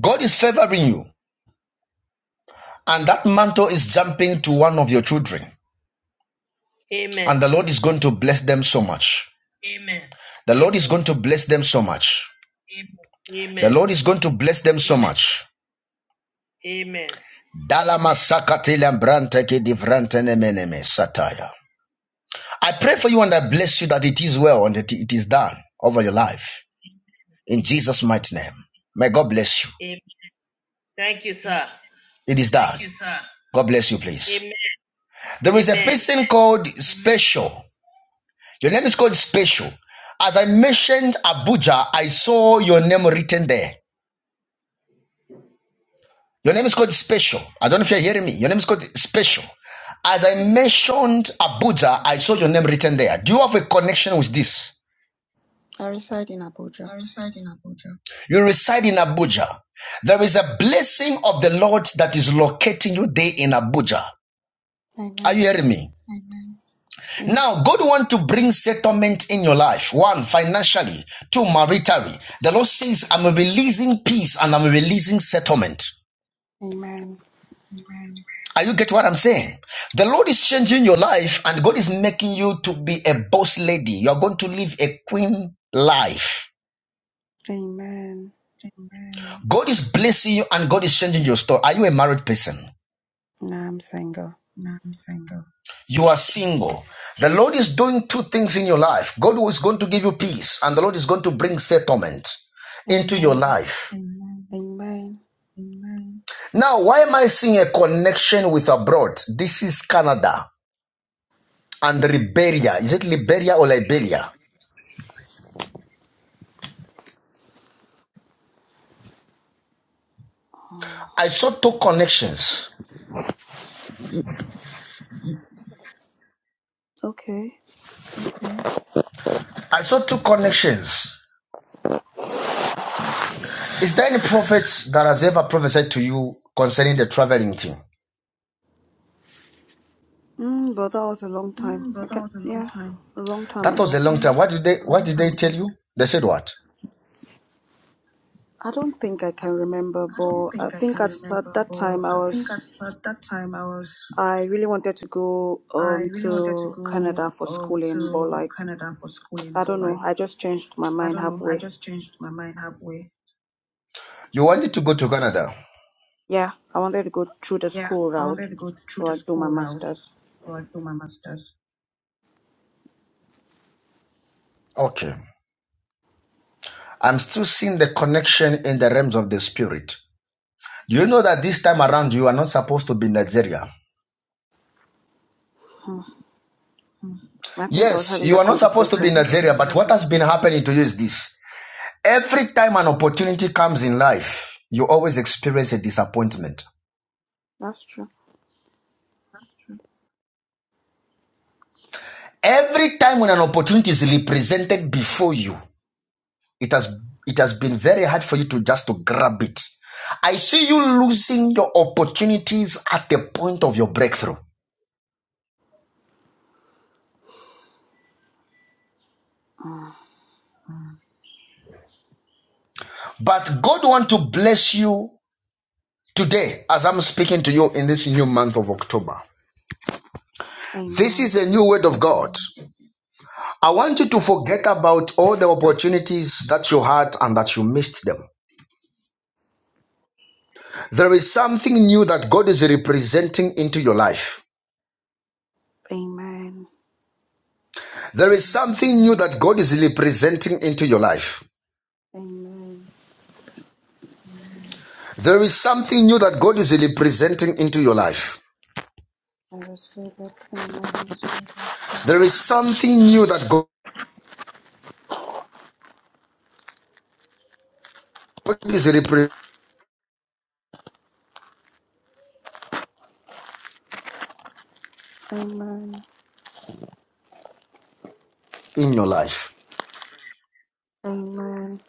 Speaker 3: God is favoring you, and that mantle is jumping to one of your children,
Speaker 7: Amen.
Speaker 3: and the Lord is going to bless them so much. The
Speaker 7: Amen.
Speaker 3: Lord is going to bless them so much. The
Speaker 7: Amen.
Speaker 3: Lord is going to bless them so much.
Speaker 7: Amen.
Speaker 3: Dalamasakatilembrante kidivrantenemeneme sataya. I pray for you and I bless you that it is well and that it is done over your life. In Jesus' mighty name. May God bless you.
Speaker 7: Amen. Thank you, sir.
Speaker 3: It is done. Thank you, sir. God bless you, please.
Speaker 7: Amen.
Speaker 3: There is a
Speaker 7: Amen.
Speaker 3: person called Special. Your name is called Special. As I mentioned Abuja, I saw your name written there. Your name is called Special. I don't know if you're hearing me. Your name is called Special. As I mentioned Abuja, I saw your name written there. Do you have a connection with this?
Speaker 8: I reside in Abuja.
Speaker 3: You reside in Abuja. There is a blessing of the Lord that is locating you there in Abuja. Are you
Speaker 8: Amen.
Speaker 3: hearing me?
Speaker 8: Yes.
Speaker 3: Now, God wants to bring settlement in your life. One, financially. Two, maritally. The Lord says, I'm releasing peace and I'm releasing settlement.
Speaker 8: Amen.
Speaker 3: Are you get what I'm saying? The Lord is changing your life and God is making you to be a boss lady. You're going to live a queen life.
Speaker 8: Amen.
Speaker 3: God is blessing you and God is changing your story. Are you a married person?
Speaker 8: Now I'm single.
Speaker 3: You are single. The Lord is doing two things in your life. God is going to give you peace and the Lord is going to bring settlement into your
Speaker 8: Amen.
Speaker 3: life.
Speaker 8: Amen.
Speaker 3: Now, why am I seeing a connection with abroad? This is Canada and Liberia. Is it Liberia or Liberia? I saw two connections.
Speaker 8: Okay.
Speaker 3: I saw two connections. Is there any prophet that has ever prophesied to you concerning the traveling thing?
Speaker 8: Mm, but that was a long time. I can yeah, a long time
Speaker 3: That was
Speaker 8: ago.
Speaker 3: a long time. What did they what did they tell you? They said what?
Speaker 8: I don't think I can remember, but I think at that that time I was I really wanted to go um to Canada for schooling, but like I don't know, I just changed my mind halfway.
Speaker 3: You wanted to go to Canada.
Speaker 8: Yeah, I wanted to go through the school route, like do my masters.
Speaker 3: Okay. I'm still seeing the connection in the realms of the spirit. Do you know that this time around you are not supposed to be in Nigeria?
Speaker 8: I think I was
Speaker 3: Yes,
Speaker 8: having
Speaker 3: you
Speaker 8: that
Speaker 3: are not supposed to be
Speaker 8: conversation.
Speaker 3: in Nigeria, but what has been happening to you is this. Every time an opportunity comes in life, you always experience a disappointment.
Speaker 8: That's true.
Speaker 3: Every time when an opportunity is represented before you, it has it has been very hard for you to just to grab it. I see you losing your opportunities at the point of your breakthrough. But God want to bless you today as I'm speaking to you in this new month of October. This is
Speaker 8: Amen.
Speaker 3: a new word of God. I want you to forget about all the opportunities that you had and that you missed them. There is something new that God is representing into your life.
Speaker 8: Amen.
Speaker 3: There is something new that God is representing into your life.
Speaker 8: Amen.
Speaker 3: There is something new that God is representing into your life.
Speaker 8: I receive it. Amen.
Speaker 3: There is something new that God is representing in your life.
Speaker 8: Amen.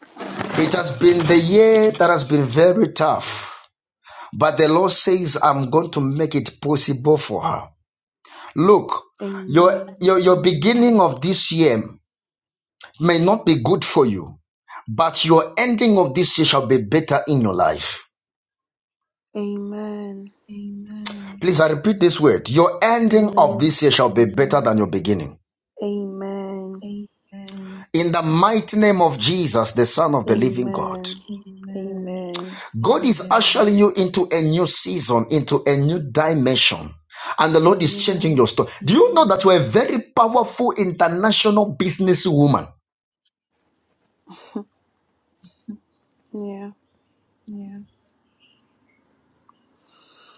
Speaker 3: It has been the year that has been very tough, but the Lord says, I'm going to make it possible for her. Look, your,
Speaker 8: Amen.
Speaker 3: your, your beginning of this year may not be good for you, but your ending of this year shall be better in your life.
Speaker 8: Amen.
Speaker 3: Please, I repeat this word. Your ending of
Speaker 8: Amen.
Speaker 3: this year shall be better than your beginning.
Speaker 8: Amen.
Speaker 3: In the mighty name of Jesus, the Son of the Living God.
Speaker 8: Amen. Amen. Amen.
Speaker 3: God is ushering you into a new season, into a new dimension. And the Lord is changing
Speaker 8: Amen.
Speaker 3: your story. Do you know that you're a very powerful international businesswoman?
Speaker 8: Yeah.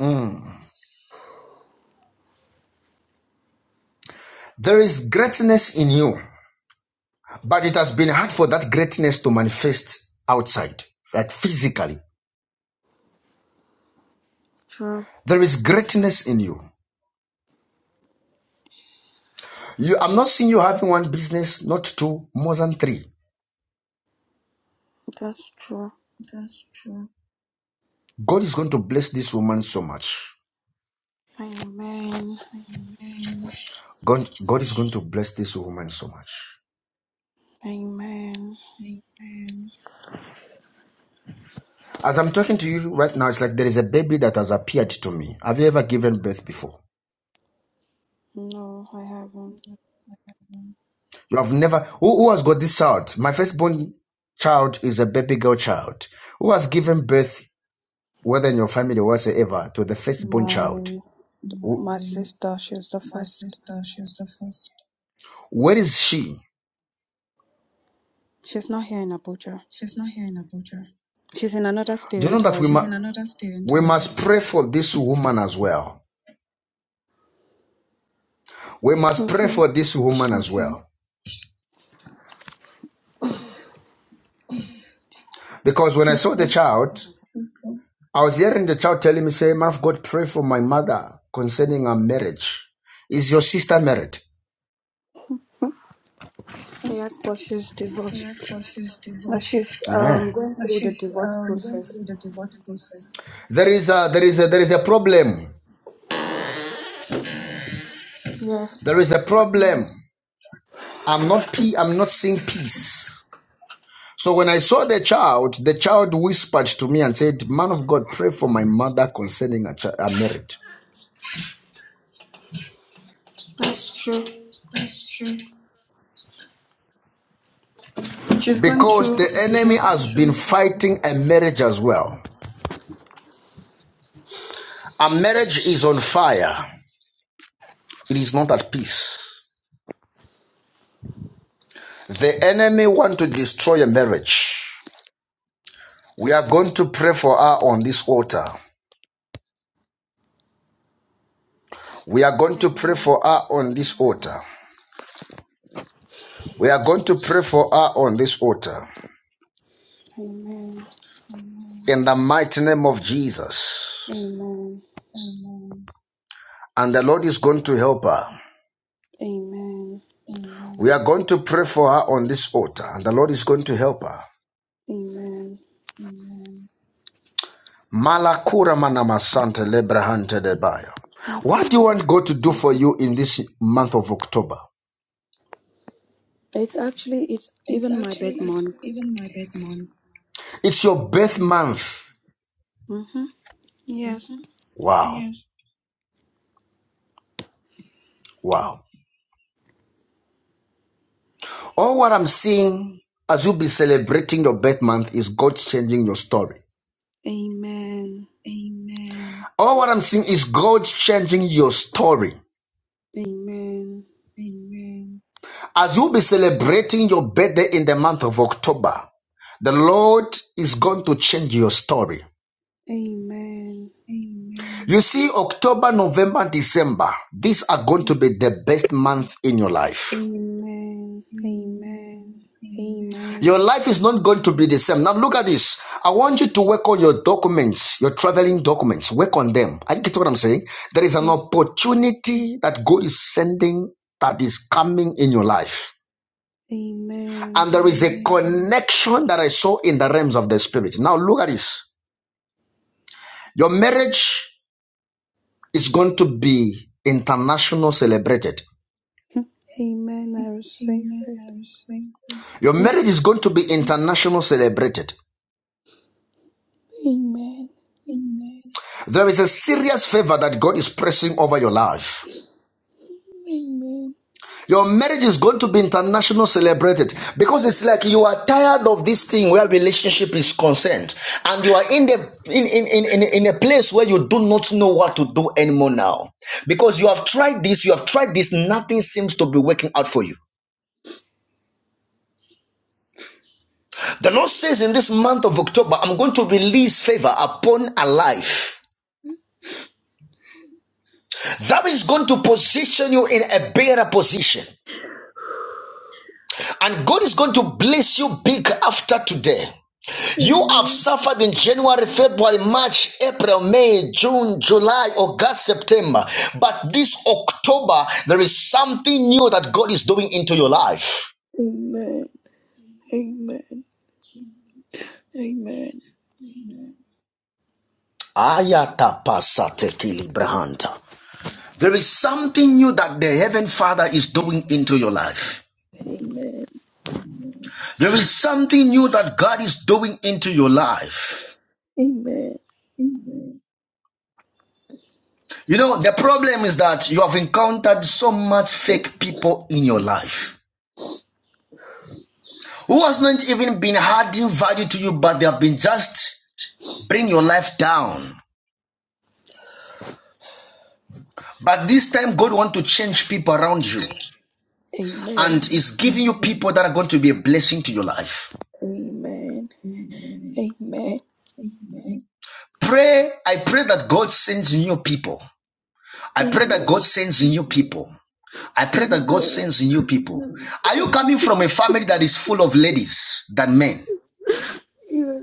Speaker 3: Mm. There is greatness in you, but it has been hard for that greatness to manifest outside, like physically.
Speaker 8: True.
Speaker 3: There is greatness in you. You, I'm not seeing you having one business, not two, more than three.
Speaker 8: That's true.
Speaker 3: God is going to bless this woman so much.
Speaker 8: Amen.
Speaker 3: God, God is going to bless this woman so much.
Speaker 8: Amen.
Speaker 3: As I'm talking to you right now, it's like there is a baby that has appeared to me. Have you ever given birth before?
Speaker 8: No, I haven't.
Speaker 3: You have never. Who, who has got this child? My firstborn child is a baby girl child. Who has given birth, whether in your family or whatsoever, to the firstborn child?
Speaker 8: My my sister, she's the first.
Speaker 3: Where is she?
Speaker 8: She's not here in Abuja. She's in another state
Speaker 3: Do you know that we,
Speaker 8: entirely.
Speaker 3: we must pray for this woman as well? We must pray
Speaker 8: Okay.
Speaker 3: for this woman as well. Because when I saw the
Speaker 8: Okay.
Speaker 3: child, I was hearing the child telling me, say, Man of God, pray for my mother concerning her marriage. Is your sister married?
Speaker 8: Yes, but she's divorced. Uh, She's um
Speaker 3: Ah.
Speaker 8: going through the divorce process.
Speaker 3: There is a there is a there is a problem.
Speaker 8: Yes,
Speaker 3: There is a problem. I'm not pe- I'm not seeing peace. So when I saw the child, the child whispered to me and said, "Man of God, pray for my mother concerning a, ch- a marriage,
Speaker 8: that's true. She's going
Speaker 3: because
Speaker 8: through
Speaker 3: the
Speaker 8: a
Speaker 3: enemy
Speaker 8: divorce
Speaker 3: has
Speaker 8: process.
Speaker 3: been fighting a marriage as well. Our marriage is on fire. It is not at peace. The enemy wants to destroy a marriage. We are going to pray for her on this altar. We are going to pray
Speaker 8: Amen.
Speaker 3: for her on this altar. We are going to pray for her on this altar.
Speaker 8: Amen.
Speaker 3: In the mighty name of Jesus.
Speaker 8: Amen.
Speaker 3: And the Lord is going to help her.
Speaker 8: Amen.
Speaker 3: We are going to pray for her on this altar. And the Lord is going to help her.
Speaker 8: Amen.
Speaker 3: Malakura manamasante lebrahante debaya.
Speaker 8: Thank you,
Speaker 3: What do you
Speaker 8: Jesus.
Speaker 3: want God to do for you in this month of October?
Speaker 8: It's actually it's even my bed month.
Speaker 3: It's your birth month.
Speaker 8: Mm-hmm. Yes.
Speaker 3: Wow. Wow. All what I'm seeing as you be celebrating your birth month is God changing your story.
Speaker 8: Amen.
Speaker 3: All what I'm seeing is God changing your story.
Speaker 8: Amen.
Speaker 3: As you be celebrating your birthday in the month of October, the Lord is going to change your story.
Speaker 8: Amen.
Speaker 3: You see, October, November, December, these are going to be the best month in your life.
Speaker 8: Amen. Amen. Amen.
Speaker 3: Your life is not going to be the same. Now look at this. I want you to work on your documents, your traveling documents. Work on them. I get what I'm saying. There is an opportunity that God is sending that is coming in your life.
Speaker 8: Amen.
Speaker 3: And there is a connection that I saw in the realms of the spirit. Now look at this. Your marriage is going to be international celebrated.
Speaker 8: Amen. I receive it.
Speaker 3: Your
Speaker 8: Amen.
Speaker 3: marriage is going to be international celebrated.
Speaker 8: Amen.
Speaker 3: There is a serious favor that God is pressing over your life. Your marriage is going to be international celebrated because it's like you are tired of this thing where relationship is concerned and you are in the in, in, in, in, in a place where you do not know what to do anymore now. Because you have tried this, you have tried this, nothing seems to be working out for you. The Lord says in this month of October, I'm going to release favor upon a life. That is going to position you in a better position. And God is going to bless you big after today. You have
Speaker 8: Amen.
Speaker 3: suffered in January, February, March, April, May, June, July, August, September. But this October, there is something new that God is doing into your life.
Speaker 8: Amen. Amen. Amen.
Speaker 3: Ayata pasate There is something new that the Heaven Father is doing into your life.
Speaker 8: Amen.
Speaker 3: There is something new that God is doing into your life.
Speaker 8: Amen.
Speaker 3: You know, the problem is that you have encountered so much fake people in your life. who has not even been adding value to you, but they have been just bring your life down. But this time, God want to change people around you and
Speaker 8: Amen.
Speaker 3: is giving you people that are going to be a blessing to your life.
Speaker 8: Amen. Amen.
Speaker 3: Pray, I pray that God sends new people. I pray that God sends new people. I pray that God
Speaker 8: Amen.
Speaker 3: sends new people. Are you
Speaker 8: Amen.
Speaker 3: coming from a family that is full of ladies than men?
Speaker 8: Yeah.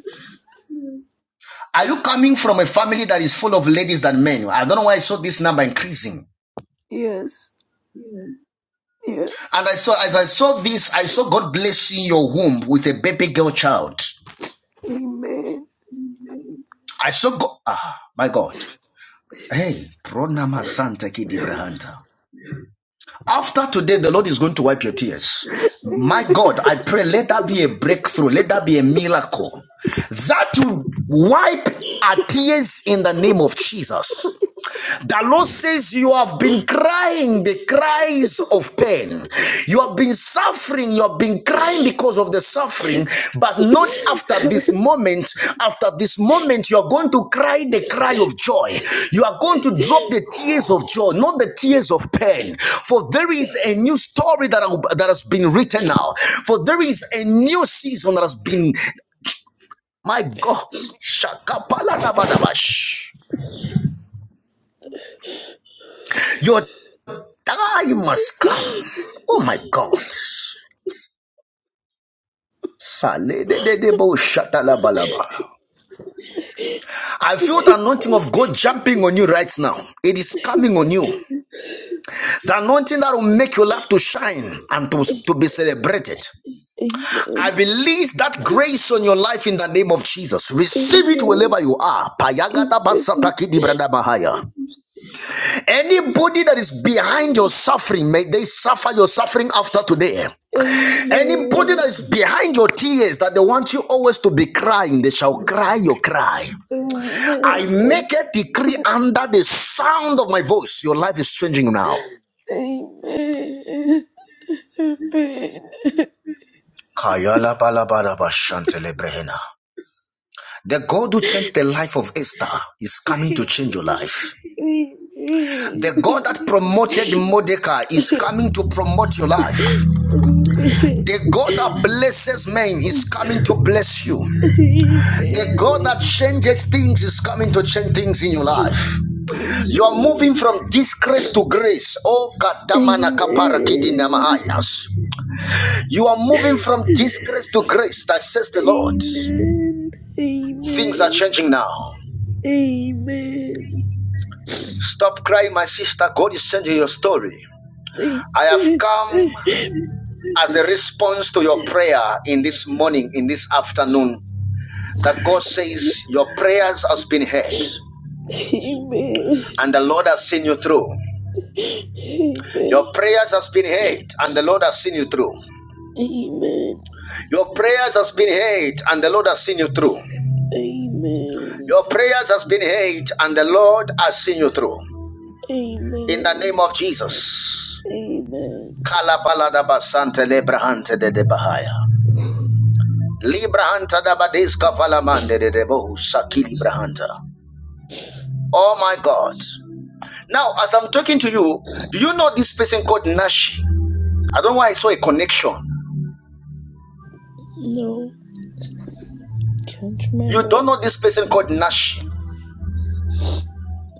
Speaker 3: Are you coming from a family that is full of ladies than men? I don't know why I saw this number increasing.
Speaker 8: Yes. Yeah.
Speaker 3: And I saw, as I saw this, I saw God blessing your womb with a baby girl child.
Speaker 8: Amen.
Speaker 3: I saw God, ah, my God. Hey, pronama santa kidibrahanta. After today, the Lord is going to wipe your tears. My
Speaker 8: Amen.
Speaker 3: God, I pray, let that be a breakthrough. Let that be a miracle. That will wipe our tears in the name of Jesus. The Lord says you have been crying the cries of pain. You have been suffering. You have been crying because of the suffering, but not after this moment. After this moment, you are going to cry the cry of joy. You are going to drop the tears of joy, not the tears of pain. For there is a new story that, that has been written now. For there is a new season that has been, my God, Shakapala Dabadabash. I must come. Oh my God. I feel the anointing of God jumping on you right now. It is coming on you. The anointing that will make your life to shine and to, to be celebrated. I
Speaker 8: Amen.
Speaker 3: release that grace on your life in the name of Jesus. Receive it
Speaker 8: Amen.
Speaker 3: wherever you are.
Speaker 8: Amen.
Speaker 3: Anybody that is behind your suffering, may they suffer your suffering after today. Anybody that
Speaker 8: Amen.
Speaker 3: is behind your tears that they want you always to be crying, they shall cry your cry. I
Speaker 8: Amen.
Speaker 3: make a decree under the sound of my voice. Your life is changing now.
Speaker 8: Amen. Amen.
Speaker 3: The God who changed the life of Esther is coming to change your life. The God
Speaker 8: Amen.
Speaker 3: that promoted Mordecai is coming to promote your life.
Speaker 8: Amen.
Speaker 3: The God that blesses men is coming to bless you.
Speaker 8: Amen.
Speaker 3: The God that
Speaker 8: Amen.
Speaker 3: changes things is coming to change things in your life. You are moving from disgrace to grace. Oh, Kadamana
Speaker 8: Amen.
Speaker 3: Kaparakidina Mahainas. You are moving from disgrace to grace, that says the Lord. Things are changing now.
Speaker 8: Amen.
Speaker 3: Stop crying, my sister. God is changing your story.
Speaker 8: Amen. Amen. Amen.
Speaker 3: I have come as a response to your prayer in this morning, in this afternoon, that God says your prayers has been heard and the Lord has seen you through. Your prayers has been heard and the Lord has seen you through.
Speaker 8: Amen.
Speaker 3: Your prayers has been heard and the Lord has seen you through.
Speaker 8: Amen.
Speaker 3: Your prayers has been heard and the Lord has seen you through.
Speaker 8: Amen.
Speaker 3: In the
Speaker 8: Amen.
Speaker 3: name
Speaker 8: Amen.
Speaker 3: of Jesus.
Speaker 8: Amen.
Speaker 3: Kalabaladaba sante lebrahante de de de de sakili brahanta. Oh my God. Now, as I'm talking to you, do you know this person called Nashi? I don't know why I saw a connection.
Speaker 8: No, can't
Speaker 3: You don't
Speaker 8: remember.
Speaker 3: know this person called Nashi.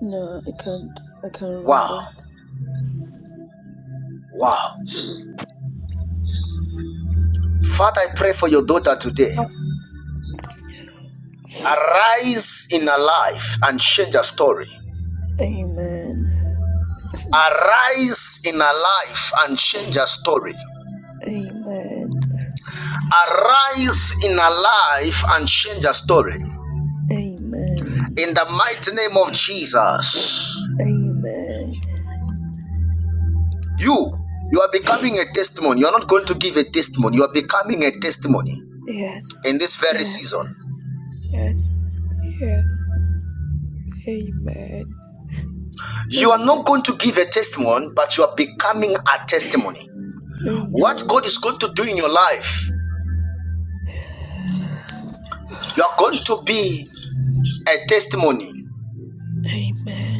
Speaker 8: No, I can't. I can't
Speaker 3: Wow.
Speaker 8: remember.
Speaker 3: Wow. Father, I pray for your daughter today. Arise in our life and change our story.
Speaker 8: Amen.
Speaker 3: Arise in our life and change our story.
Speaker 8: Amen.
Speaker 3: Arise in our life and change our story.
Speaker 8: Amen.
Speaker 3: In the mighty name of Jesus.
Speaker 8: Amen.
Speaker 3: You, you are becoming a testimony. You are not going to give a testimony. You are becoming a testimony
Speaker 8: Yes.
Speaker 3: in this very
Speaker 8: Yes.
Speaker 3: season.
Speaker 8: Yes. Yes. Amen.
Speaker 3: You are not
Speaker 8: Amen.
Speaker 3: going to give a testimony, but you are becoming a testimony. What God is
Speaker 8: Amen.
Speaker 3: going to do in your life, you are going to be a testimony
Speaker 8: Amen.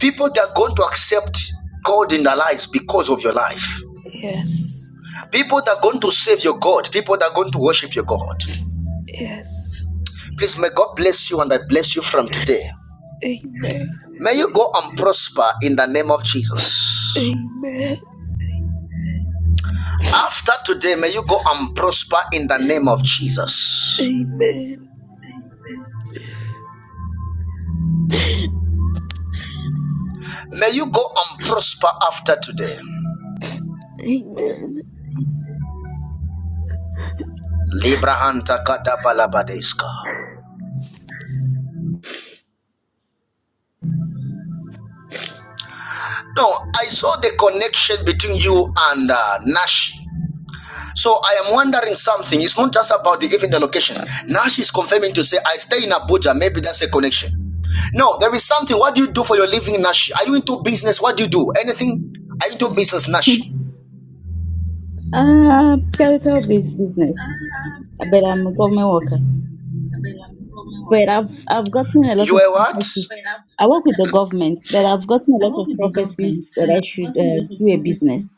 Speaker 3: People that are going to accept God in their lives because of your life.
Speaker 8: Yes.
Speaker 3: People that are going to save your God. People that are going to worship your God.
Speaker 8: Yes.
Speaker 3: Please, may God bless you and I bless you from today.
Speaker 8: Amen.
Speaker 3: May you go and prosper in the name of Jesus.
Speaker 8: Amen.
Speaker 3: After today, may you go and prosper in the name of Jesus.
Speaker 8: Amen.
Speaker 3: May you go and prosper after today.
Speaker 8: Amen.
Speaker 3: Libra Hanta Kadabalabadeska. No, I saw the connection between you and uh, Nash. So I am wondering something. It's not just about the, even the location. Now she's confirming to say, I stay in Abuja. Maybe that's a connection. No, there is something. What do you do for your living, Nashi? Are you into business? What do you do? Anything? Are you into business, Nashi?
Speaker 6: Uh, skeletal based business, but I'm a government worker. But I've I've gotten a lot
Speaker 3: You
Speaker 6: of
Speaker 3: are what?
Speaker 6: prophecies.
Speaker 3: Wait, I'm, I'm
Speaker 6: I work
Speaker 3: just
Speaker 6: with the
Speaker 3: gonna...
Speaker 6: government, but I've gotten a lot of prophecies that I should uh, do a business.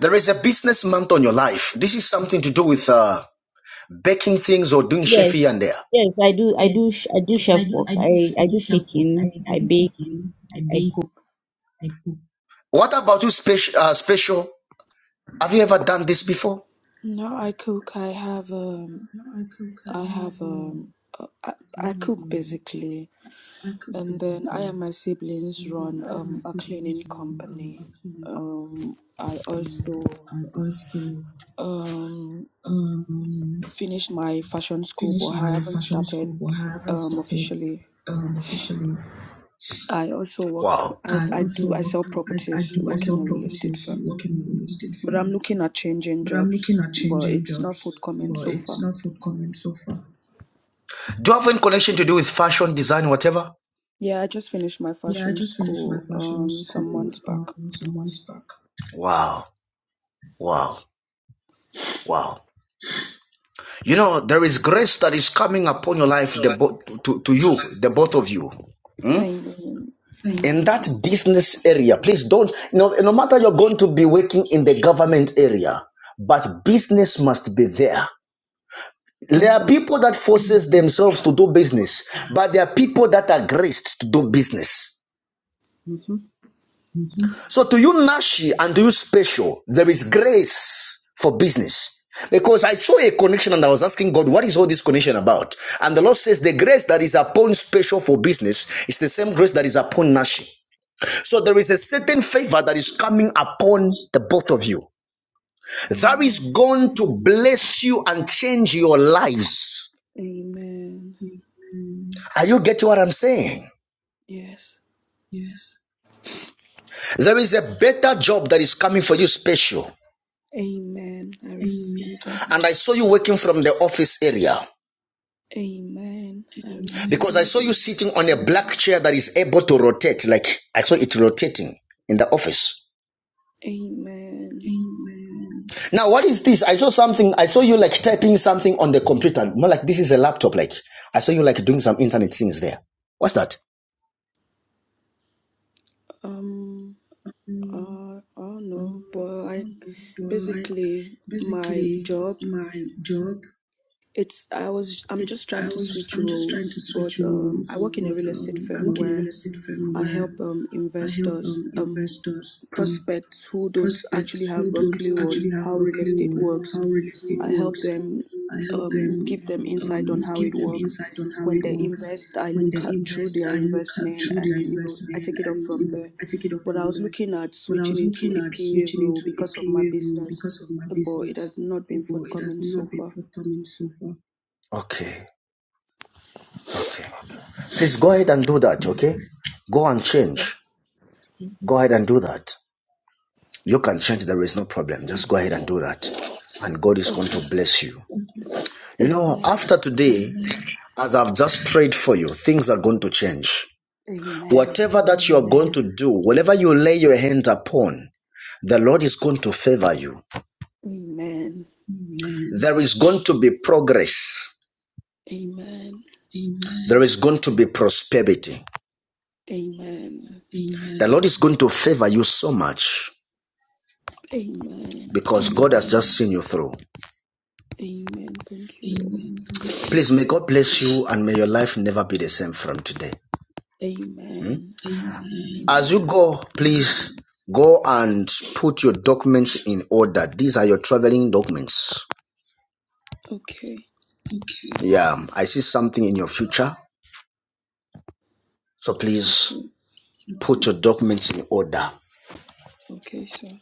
Speaker 3: There is a business month on your life. This is something to do with uh, baking things or doing chef
Speaker 6: Yes,
Speaker 3: here and there.
Speaker 6: yes, I do. I do. sh- I do chef work. I I do caking. I bake. I cook.
Speaker 3: What about you, special? Uh, special? Have you ever done this before?
Speaker 8: No, I cook. I have um. I have um. uh, I, I cook basically. And then I and my siblings run um, a cleaning company. Um, I also finished my fashion school, but I haven't started um, officially. I also work.
Speaker 3: Wow.
Speaker 8: I, I do. I sell properties. Work in a real estate firm. But I'm looking at changing jobs. But it's not forthcoming so far.
Speaker 3: Do you have any connection to do with fashion, design, whatever?
Speaker 8: Yeah, I just finished my fashion school um some months back.
Speaker 3: Wow. Wow. Wow. You know, there is grace that is coming upon your life, the bo- to, to you, the both of you. Hmm?
Speaker 8: Amen.
Speaker 3: In that business area, please don't, no, no matter you're going to be working in the government area, but business must be there. There
Speaker 8: Mm.
Speaker 6: That's
Speaker 3: are
Speaker 6: all.
Speaker 3: people that forces themselves to do business, but there are people that are graced to do business.
Speaker 6: Mm-hmm.
Speaker 3: So to you Nashi and to you special, there is grace for business. Because I saw a connection and I was asking God, what is all this connection about? And the Lord says, the grace that is upon special for business is the same grace that is upon Nashi. So there is a certain favor that is coming upon the both of you. That
Speaker 8: Amen.
Speaker 3: is going to bless you and change your lives.
Speaker 8: Amen.
Speaker 3: Are you getting what I'm saying?
Speaker 8: Yes.
Speaker 3: There is a better job that is coming for you special.
Speaker 8: Amen. I receive it.
Speaker 3: And I saw you working from the office area.
Speaker 8: Amen. I
Speaker 3: Because I
Speaker 8: receive
Speaker 3: saw you
Speaker 8: it.
Speaker 3: sitting on a black chair that is able to rotate, like I saw it rotating in the office.
Speaker 8: Amen.
Speaker 3: Now, what is this? I saw something, I saw you like typing something on the computer. More like this is a laptop, like I saw you like doing some internet things there. What's that?
Speaker 8: Um, uh, I don't know, but I basically my job, it's I was I'm just trying to switch roles, but um, I work in a real estate firm where I help um investors um prospects who don't actually have a clue on how real estate works I help them um, give them insight on how it works. When they invest, I look at through their investment and you know I take it up from there. But I was looking at switching into a PA role because of my business, but it has not been forthcoming so far.
Speaker 3: Okay, okay. Please go ahead and do that, okay? Go and
Speaker 8: That's good.
Speaker 3: change. Go ahead and do that. You can change, there is no problem. Just go ahead and do that. And God is going
Speaker 8: Okay.
Speaker 3: to bless you. You know,
Speaker 8: Amen.
Speaker 3: after today, as I've just prayed for you, things are going to change.
Speaker 8: Amen.
Speaker 3: Whatever that you are going to do, whatever you lay your hand upon, the Lord is going to favor you.
Speaker 8: Amen.
Speaker 3: There is going to be progress.
Speaker 8: Amen.
Speaker 3: There is going to be prosperity.
Speaker 8: Amen.
Speaker 3: The Lord is going to favor you so much
Speaker 8: Amen.
Speaker 3: because God has just seen you through.
Speaker 8: Amen. Thank you, Lord.
Speaker 3: Please, may God bless you and may your life never be the same from today.
Speaker 8: Amen.
Speaker 3: As you
Speaker 8: Amen.
Speaker 3: go, please go and put your documents in order. These are your traveling documents.
Speaker 8: Okay.
Speaker 3: Yeah, I see something in your future. So please
Speaker 8: Okay.
Speaker 3: Put your documents in order.
Speaker 8: Okay, sir.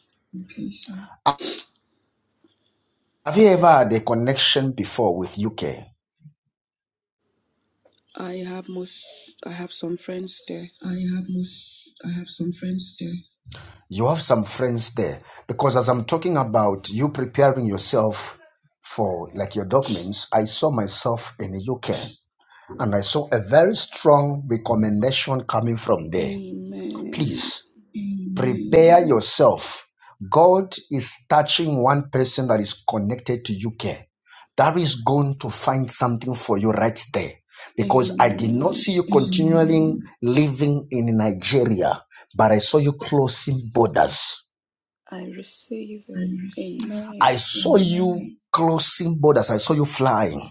Speaker 3: Have you ever had a connection before with UK?
Speaker 8: I have most I have some friends there.
Speaker 3: You have some friends there because as I'm talking about you preparing yourself for like your documents, I saw myself in the UK and I saw a very strong recommendation coming from there.
Speaker 8: Amen.
Speaker 3: Please Prepare yourself. God is touching one person that is connected to UK. That is going to find something for you right there. Because I did not
Speaker 8: Amen.
Speaker 3: see you continually living in Nigeria, but I saw you closing borders.
Speaker 8: I receive it. Amen.
Speaker 3: I saw you closing borders. I saw you flying.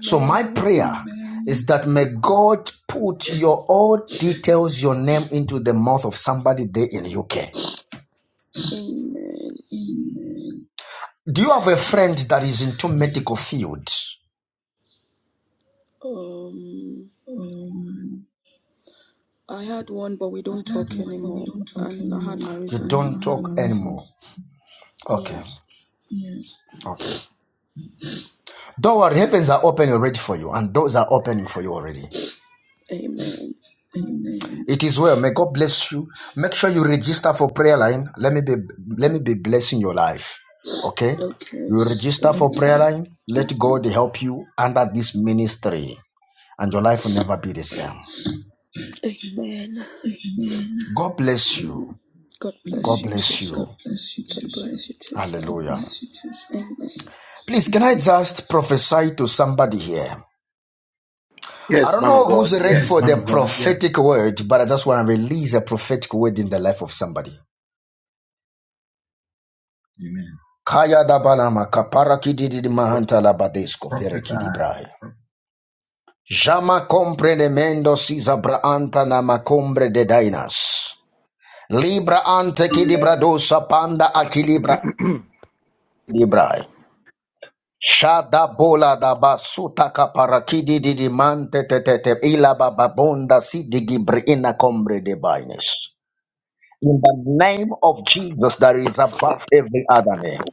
Speaker 3: So my prayer is that may God put your all details, your name into the mouth of somebody there in UK.
Speaker 8: Amen.
Speaker 3: Do you have a friend that is into medical field?
Speaker 8: Um I had one but we don't talk anymore and I had my
Speaker 3: You
Speaker 8: reasons.
Speaker 3: don't talk anymore. Okay.
Speaker 8: Yes.
Speaker 3: Okay. Don't worry, heavens are open already for you, and doors are opening for you already.
Speaker 8: Amen.
Speaker 3: It is well. May God bless you. Make sure you register for prayer line. Let me be let me be blessing your life. Okay?
Speaker 8: Okay.
Speaker 3: You register for
Speaker 8: Okay.
Speaker 3: prayer line. Let God help you under this ministry, and your life will never be the same.
Speaker 8: Amen.
Speaker 3: God bless you.
Speaker 8: Amen. God bless
Speaker 3: God
Speaker 8: you too,
Speaker 3: bless you.
Speaker 8: sir. God bless you too, sir.
Speaker 3: Hallelujah.
Speaker 8: Amen.
Speaker 3: Please, can I just prophesy to somebody here? I
Speaker 9: Yes,
Speaker 3: don't
Speaker 9: man of
Speaker 3: know
Speaker 9: God.
Speaker 3: who's ready
Speaker 9: Yeah.
Speaker 3: Yes, for the God. Yes. prophetic yeah. word, but I just want to release a prophetic word in the life of somebody. Kaya da balama kapara kididi mahanta labadesko vere Prophesy. kidibrahe. Jama comprenemendo sisa braanta na macombre de dainas. Libra ante kidibra dosa panda akilibra dibrahe. Shada bola da basuta kapara kididi mante te te te ila bababonda si digibri ina combre de baines. in the name of Jesus that is above every other name.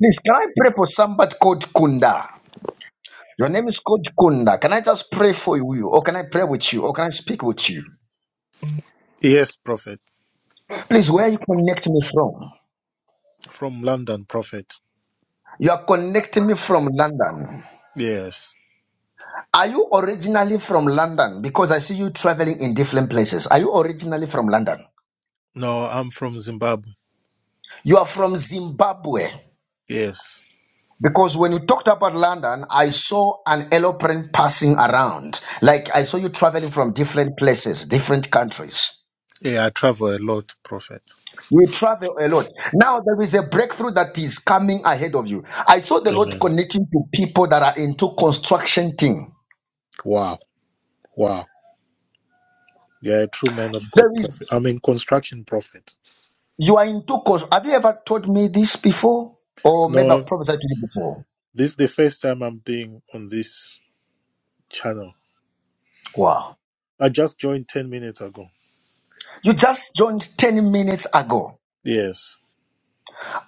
Speaker 3: Please, can I pray for somebody called Kunda? Your name is called Kunda. Can I just pray for you? Or can I pray with you? Or can I speak with you?
Speaker 10: Yes, Prophet.
Speaker 3: Please, where are you connect me from?
Speaker 10: From London, Prophet.
Speaker 3: You are connecting me from London.
Speaker 10: Yes.
Speaker 3: Are you originally from London? Because I see you traveling in different places. Are you originally from London?
Speaker 10: No, I'm from Zimbabwe.
Speaker 3: You are from Zimbabwe.
Speaker 10: Yes.
Speaker 3: Because when you talked about London, I saw an aeroplane passing around. Like I saw you traveling from different places, different countries.
Speaker 10: Yeah, I travel a lot, Prophet.
Speaker 3: You travel a lot. Now there is a breakthrough that is coming ahead of you. I saw the Lord
Speaker 10: Amen.
Speaker 3: connecting to people that are into construction thing.
Speaker 10: Wow. Wow. Yeah, a true man of God,
Speaker 3: There is
Speaker 10: Prophet. I mean, construction prophet.
Speaker 3: you are into construction. Have you ever told me this before? Or maybe I've
Speaker 10: No,
Speaker 3: prophesied to you before.
Speaker 10: this is the first time I'm being on this channel.
Speaker 3: Wow.
Speaker 10: I just joined 10 minutes ago.
Speaker 3: You just joined 10 minutes ago.
Speaker 10: Yes.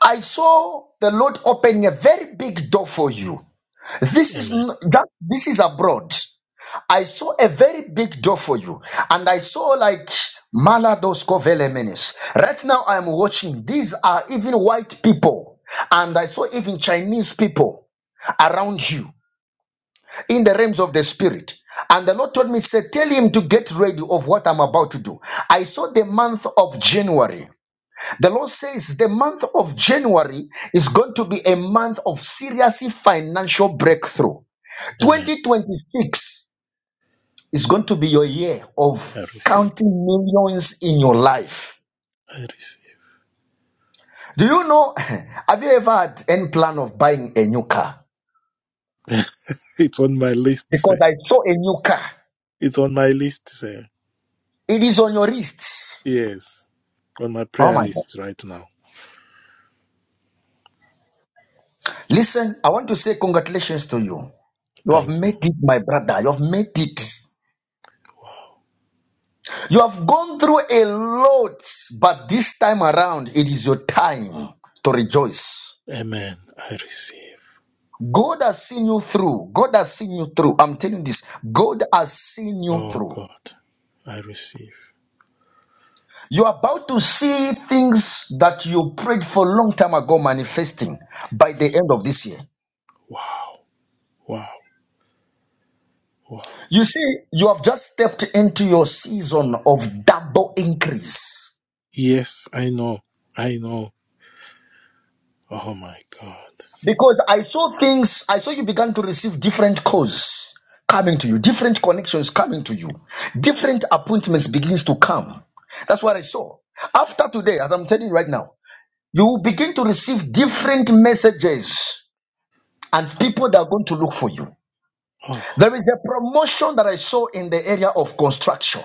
Speaker 3: I saw the Lord opening a very big door for you. This is
Speaker 10: Amen.
Speaker 3: n- that this is abroad. I saw a very big door for you, and I saw like Malados Koveleminis. Right now, I am watching. These are even white people, and I saw even Chinese people around you in the realms of the spirit. And the Lord told me, say, tell him to get ready of what I'm about to do. I saw the month of January. The Lord says the month of January is going to be a month of serious financial breakthrough.
Speaker 10: Amen.
Speaker 3: 2026 is going to be your year
Speaker 10: I
Speaker 3: of
Speaker 10: receive.
Speaker 3: counting millions in your life.
Speaker 10: I receive.
Speaker 3: Do you know? Have you ever had any plan of buying a new car?
Speaker 10: It's on my list,
Speaker 3: Because
Speaker 10: sir.
Speaker 3: I saw a new car.
Speaker 10: It's on my list, sir.
Speaker 3: It is on your wrists.
Speaker 10: Yes. On my
Speaker 3: Oh
Speaker 10: prayer
Speaker 3: my God.
Speaker 10: list right now.
Speaker 3: Listen, I want to say congratulations to you. You have
Speaker 10: Thank you.
Speaker 3: made it, my brother. You have made it. You have gone through a lot, but this time around, it is your time to rejoice.
Speaker 10: Amen. I receive.
Speaker 3: God has seen you through. God has seen you through. I'm telling you this. God has seen you
Speaker 10: Oh
Speaker 3: through.
Speaker 10: God, I receive.
Speaker 3: You're about to see things that you prayed for a long time ago manifesting by the end of this year.
Speaker 10: Wow, wow, wow.
Speaker 3: You see, you have just stepped into your season of double increase.
Speaker 10: Yes, I know. I know. Oh my God.
Speaker 3: Because I saw things, I saw you began to receive different calls coming to you, different connections coming to you, different appointments begins to come. That's what I saw. After today, as I'm telling you right now, you will begin to receive different messages and people that are going to look for you.
Speaker 10: Oh,
Speaker 3: There is a promotion that I saw in the area of construction.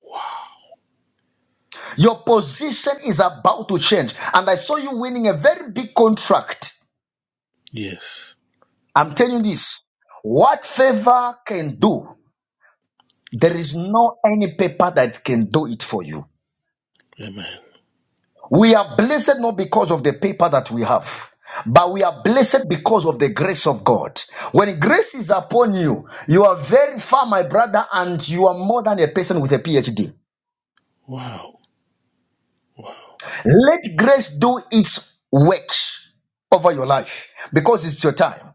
Speaker 10: wow.
Speaker 3: Your position is about to change, and I saw you winning a very big contract.
Speaker 10: Yes.
Speaker 3: I'm telling you this what favor can do. There is no any paper that can do it for you.
Speaker 10: Amen.
Speaker 3: We are blessed not because of the paper that we have, but we are blessed because of the grace of God. When grace is upon you, you are very far, my brother, and you are more than a person with a PhD.
Speaker 10: Wow, wow.
Speaker 3: Let grace do its work over your life because it's your time.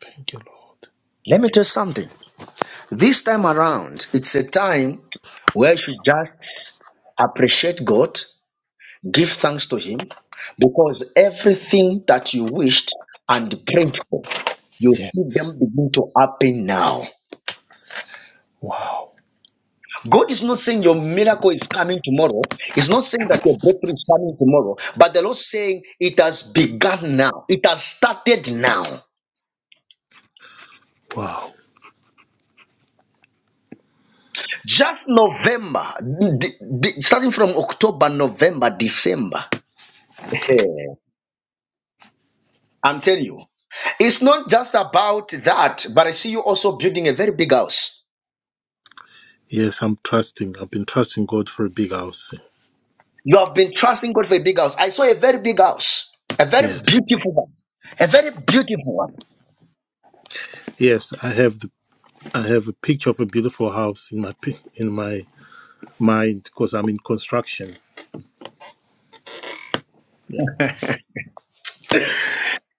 Speaker 10: Thank you, Lord.
Speaker 3: Let me tell you something. This time around, it's a time where you should just appreciate God Give thanks to Him because everything that you wished and prayed for, you see
Speaker 10: Yes.
Speaker 3: them begin to happen now.
Speaker 10: Wow,
Speaker 3: God is not saying your miracle is coming tomorrow. He's not saying that your breakthrough is coming tomorrow. But the Lord saying it has begun now. It has started now.
Speaker 10: wow.
Speaker 3: Just November, d- d- starting from October, November, December. I'm telling you, it's not just about that. But I see you also building a very big house.
Speaker 10: Yes, I'm trusting. I've been trusting God for a big house.
Speaker 3: You have been trusting God for a big house. I saw a very big house, a very
Speaker 10: Yes.
Speaker 3: beautiful one, a very beautiful one.
Speaker 10: Yes, I have the, I have a picture of a beautiful house in my pi- in my mind because I'm in construction. Yeah.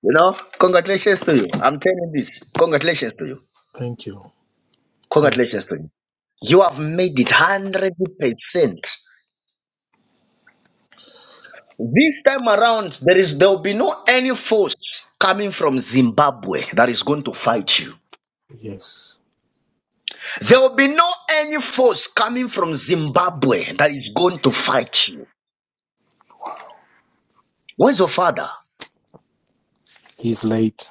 Speaker 3: You know, congratulations to you. I'm telling this. Congratulations to you.
Speaker 10: Thank you. Thank you.
Speaker 3: Congratulations to you. You have made it hundred percent. This time around, there is there will be no any force coming from Zimbabwe that is going to fight you.
Speaker 10: Yes.
Speaker 3: There will be no any force coming from Zimbabwe that is going to fight you. Where's your father?
Speaker 10: He's late.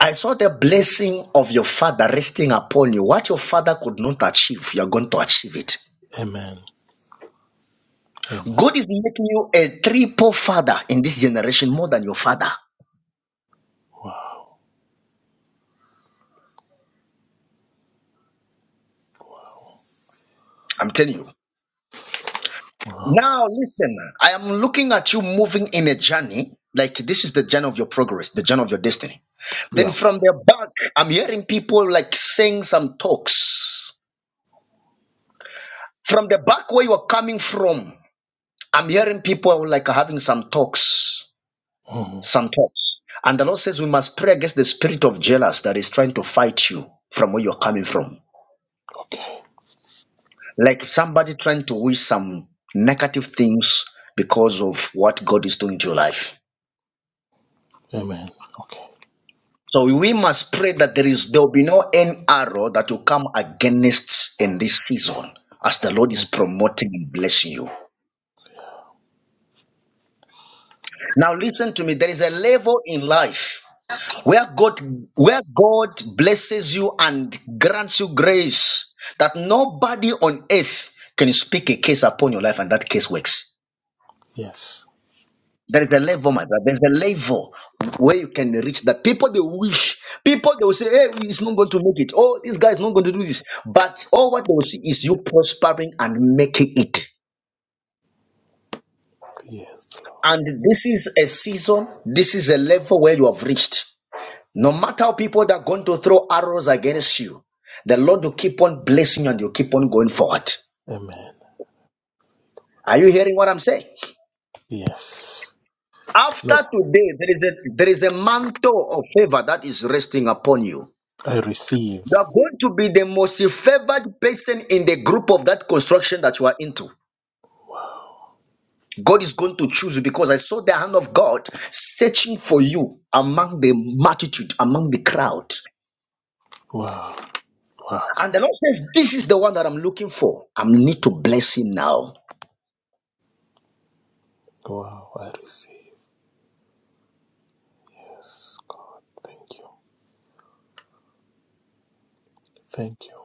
Speaker 3: I saw the blessing of your father resting upon you. What your father could not achieve, you are going to achieve it.
Speaker 10: Amen. Amen.
Speaker 3: God is making you a triple father in this generation more than your father.
Speaker 10: Wow.
Speaker 3: I'm telling you. Now, listen, I am looking at you moving in a journey. Like this is the journey of your progress, the journey of your destiny.
Speaker 10: Yeah.
Speaker 3: Then from the back, I'm hearing people like saying some talks. From the back where you are coming from, I'm hearing people like having some talks.
Speaker 10: Mhm.
Speaker 3: Some thoughts. And the Lord says we must pray against the spirit of jealous that is trying to fight you from where you're coming from. Like somebody trying to wish some negative things because of what God is doing to your life.
Speaker 10: Amen. Okay.
Speaker 3: So we must pray that there is there will be no any arrow that will come against in this season as the Lord
Speaker 10: Mm.
Speaker 3: is promoting and blessing you. Now listen to me. There is a level in life where God where God blesses you and grants you grace that nobody on earth can speak a case upon your life and that case works.
Speaker 10: Yes.
Speaker 3: There is a level, my brother. There's a level where you can reach that. People they wish, people they will say, Hey, it's not going to make it. Oh, this guy is not going to do this. But all what they will see is you prospering and making it.
Speaker 10: Yes. Lord.
Speaker 3: And this is a season, this is a level where you have reached No matter how people that are going to throw arrows against you, the Lord will keep on blessing you and you'll keep on going forward.
Speaker 10: Amen.
Speaker 3: Are you hearing what I'm saying?
Speaker 10: Yes.
Speaker 3: After
Speaker 10: No.
Speaker 3: today, there is a there is a mantle of favor that is resting upon you.
Speaker 10: I receive.
Speaker 3: You are going to be the most favored person in the group of that construction that you are into. God is going to choose you because I saw the hand of God searching for you among the multitude, among the crowd.
Speaker 10: Wow. Wow.
Speaker 3: And the Lord says, This is the one that I'm looking for. I need to bless him now.
Speaker 10: Wow. I receive. Yes, God. Thank you. Thank you.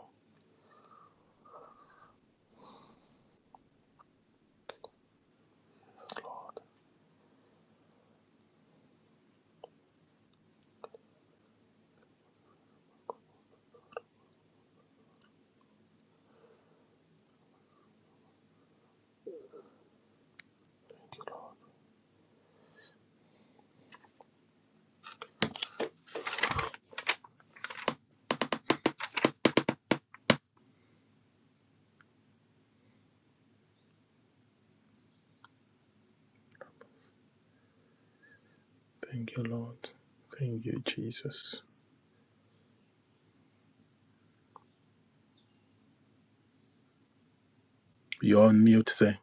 Speaker 10: Thank you, Lord. Thank you, Jesus. You are on mute, say.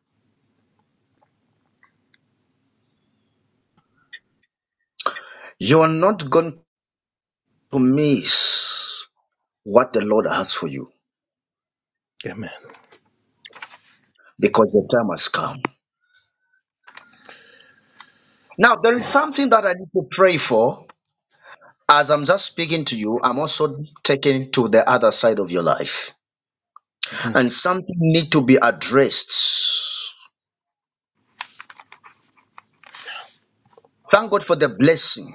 Speaker 3: You are not going to miss what the Lord has for you
Speaker 10: Amen.
Speaker 3: because the time has come. Now, there is
Speaker 10: Wow.
Speaker 3: something that I need to pray for. As I'm just speaking to you, I'm also taken to the other side of your life.
Speaker 10: Mhm.
Speaker 3: And something need to be addressed. Thank God for the blessing.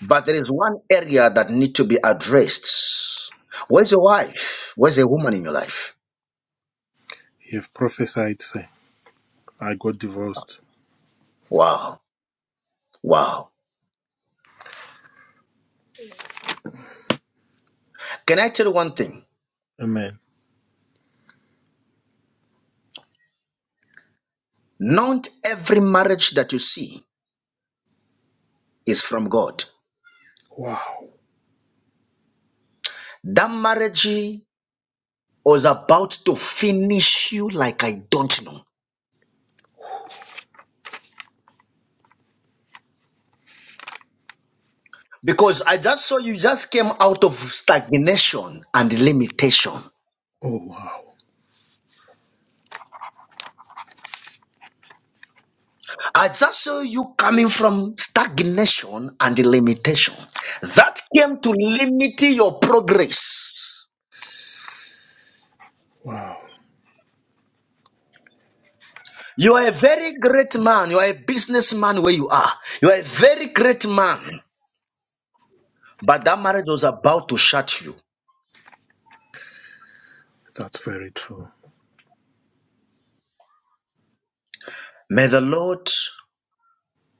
Speaker 3: But there is one area that need to be addressed. Where's your wife? Where's a woman in your life?
Speaker 10: You've prophesied, say. I got divorced.
Speaker 3: Wow. Wow. Can I tell you one thing?
Speaker 10: Amen.
Speaker 3: Not every marriage that you see is from God.
Speaker 10: Wow.
Speaker 3: That marriage was about to finish you like I don't know. Because I just saw you just came out of stagnation and limitation.
Speaker 10: Oh, wow.
Speaker 3: I just saw you coming from stagnation and limitation. That came to limit your progress.
Speaker 10: Wow.
Speaker 3: You are a very great man. You are a businessman where you are. You are a very great man. But that marriage was about to shut you.
Speaker 10: That's very true,
Speaker 3: May the Lord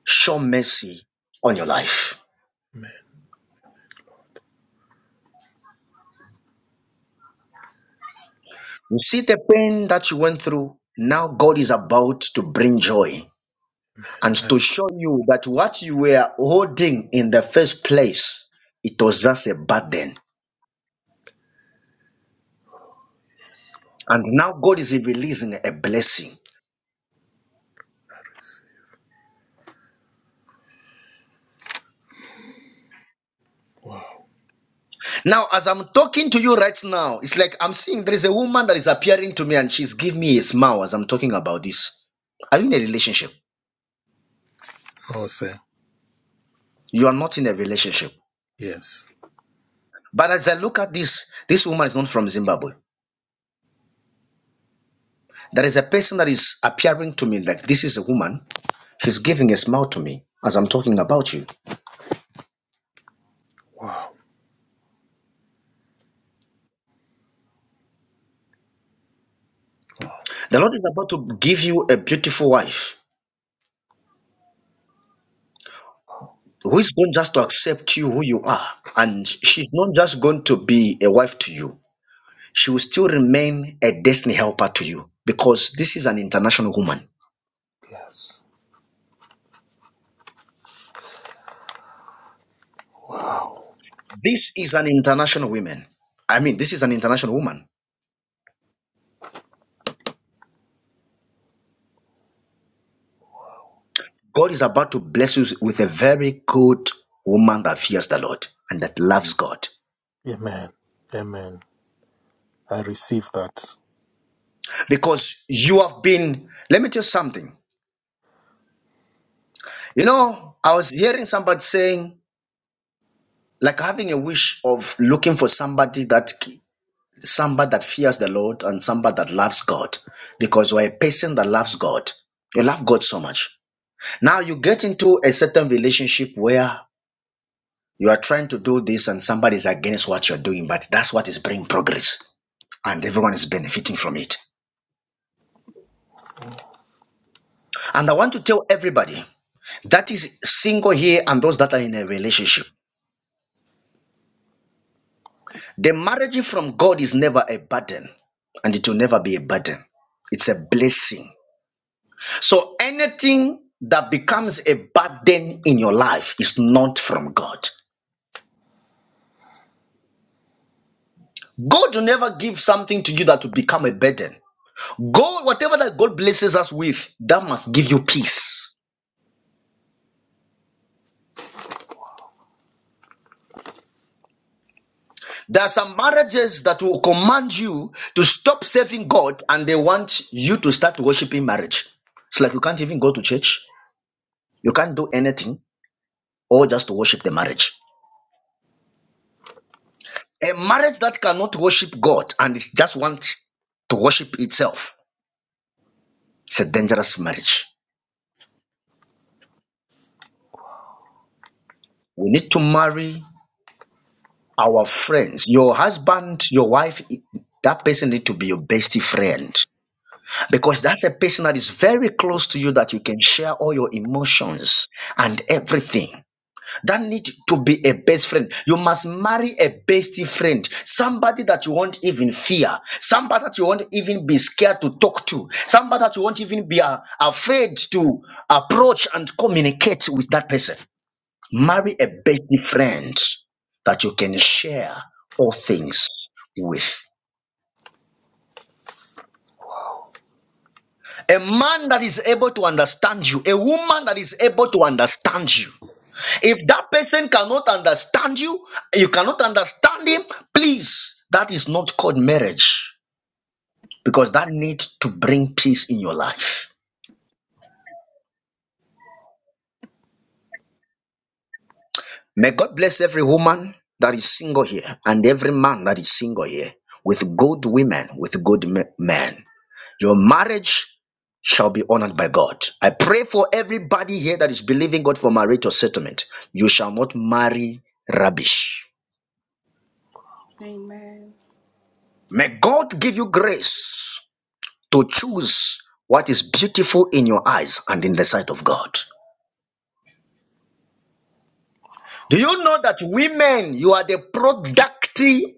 Speaker 3: show mercy on your life.
Speaker 10: man.
Speaker 3: You see the pain that you went through. Now God is about to bring joy and
Speaker 10: That
Speaker 3: to show you that what you were holding in the first place, it was just a burden.
Speaker 10: is
Speaker 3: And now God is releasing a blessing.
Speaker 10: wow.
Speaker 3: Now, as I'm talking to you right now, it's like I'm seeing there is a woman that is appearing to me and she's giving me a smile as I'm talking about this. Are you in a relationship?
Speaker 10: I would say
Speaker 3: You are not in a relationship.
Speaker 10: yes.
Speaker 3: But as I look at this, this woman is not from Zimbabwe. There is a person that is appearing to me like this is a woman. She's giving a smile to me as I'm talking about you.
Speaker 10: Wow.
Speaker 3: The Lord is about to give you a beautiful wife who is not just to accept you who you are. And she's not just going to be a wife to you, she will still remain a destiny helper to you because this is an international woman.
Speaker 10: Yes. Wow.
Speaker 3: This is an international woman. I mean, this is an international woman. God is about to bless you with a very good woman that fears the Lord and that loves God.
Speaker 10: Amen. Amen. I receive that.
Speaker 3: because you have been let me tell you something you know i was hearing somebody saying like having a wish of looking for somebody that somebody that fears the lord and somebody that loves god because you're a person that loves god you love god so much now you get into a certain relationship where you are trying to do this and somebody is against what you're doing but that's what is bringing progress and everyone is benefiting from it and i want to tell everybody that is single here and those that are in a relationship The marriage from God is never a burden, and it will never be a burden. It's a blessing. So anything that becomes a burden in your life is not from God. God will never give something to you that will become a burden. God, whatever that God blesses us with, that must give you peace. There are some marriages that will command you to stop serving God and they want you to start worshiping marriage. It's like you can't even go to church, you can't do anything, or just to worship the marriage. A marriage that cannot worship God and it just want to worship itself, it's a dangerous marriage. We need to marry our friends. Your husband, your wife, it- that person need to be your best friend because that's a person that is very close to you that you can share all your emotions and everything. that need to be a best friend you must marry a bestie friend somebody that you won't even fear somebody that you won't even be scared to talk to somebody that you won't even be uh, afraid to approach and communicate with that person marry a bestie friend that you can share all things with a man that is able to understand you a woman that is able to understand you If that person cannot understand you, you cannot understand him, please, that is not called marriage because that needs to bring peace in your life. May God bless every woman that is single here and every man that is single here with good women, with good me- men. Your marriage shall be honored by God. I pray for everybody here that is believing God for marital settlement. You shall not marry rubbish.
Speaker 8: Amen.
Speaker 3: May God give you grace to choose what is beautiful in your eyes and in the sight of God. Do you know that women, you are the product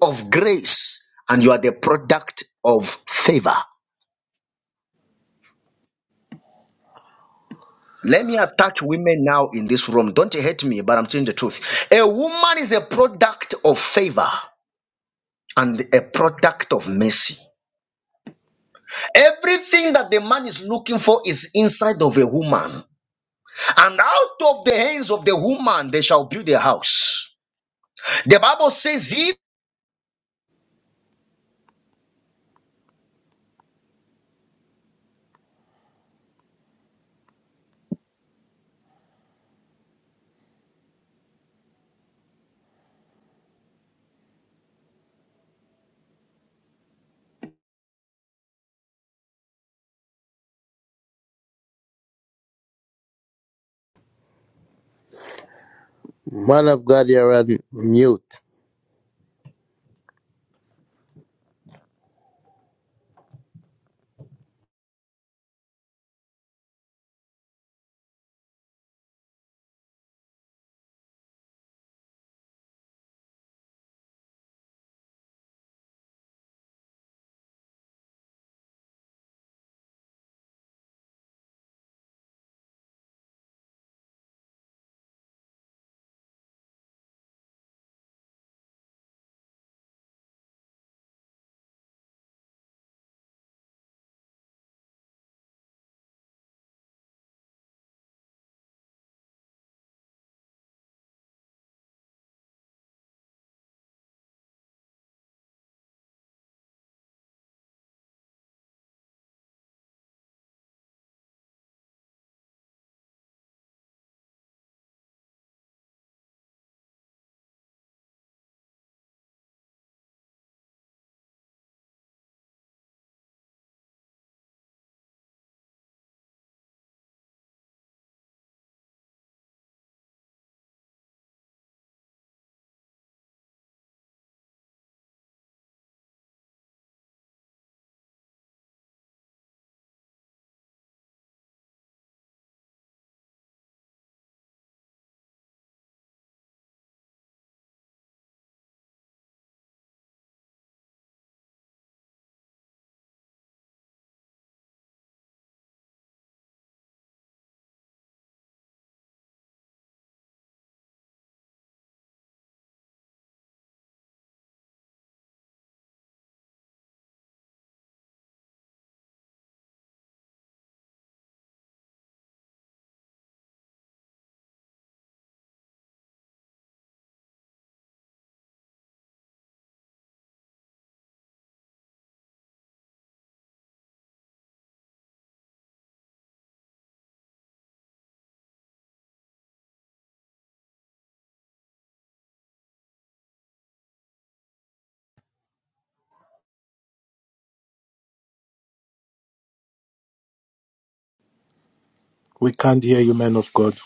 Speaker 3: of grace and you are the product of favor? Let me attack women now in this room. Don't hate me, but I'm telling the truth. A woman is a product of favor and a product of mercy. Everything that the man is looking for is inside of a woman. And out of the hands of the woman, they shall build a house. The Bible says, "He
Speaker 2: Man of God, you're on mute.
Speaker 10: We can't hear you, man of God.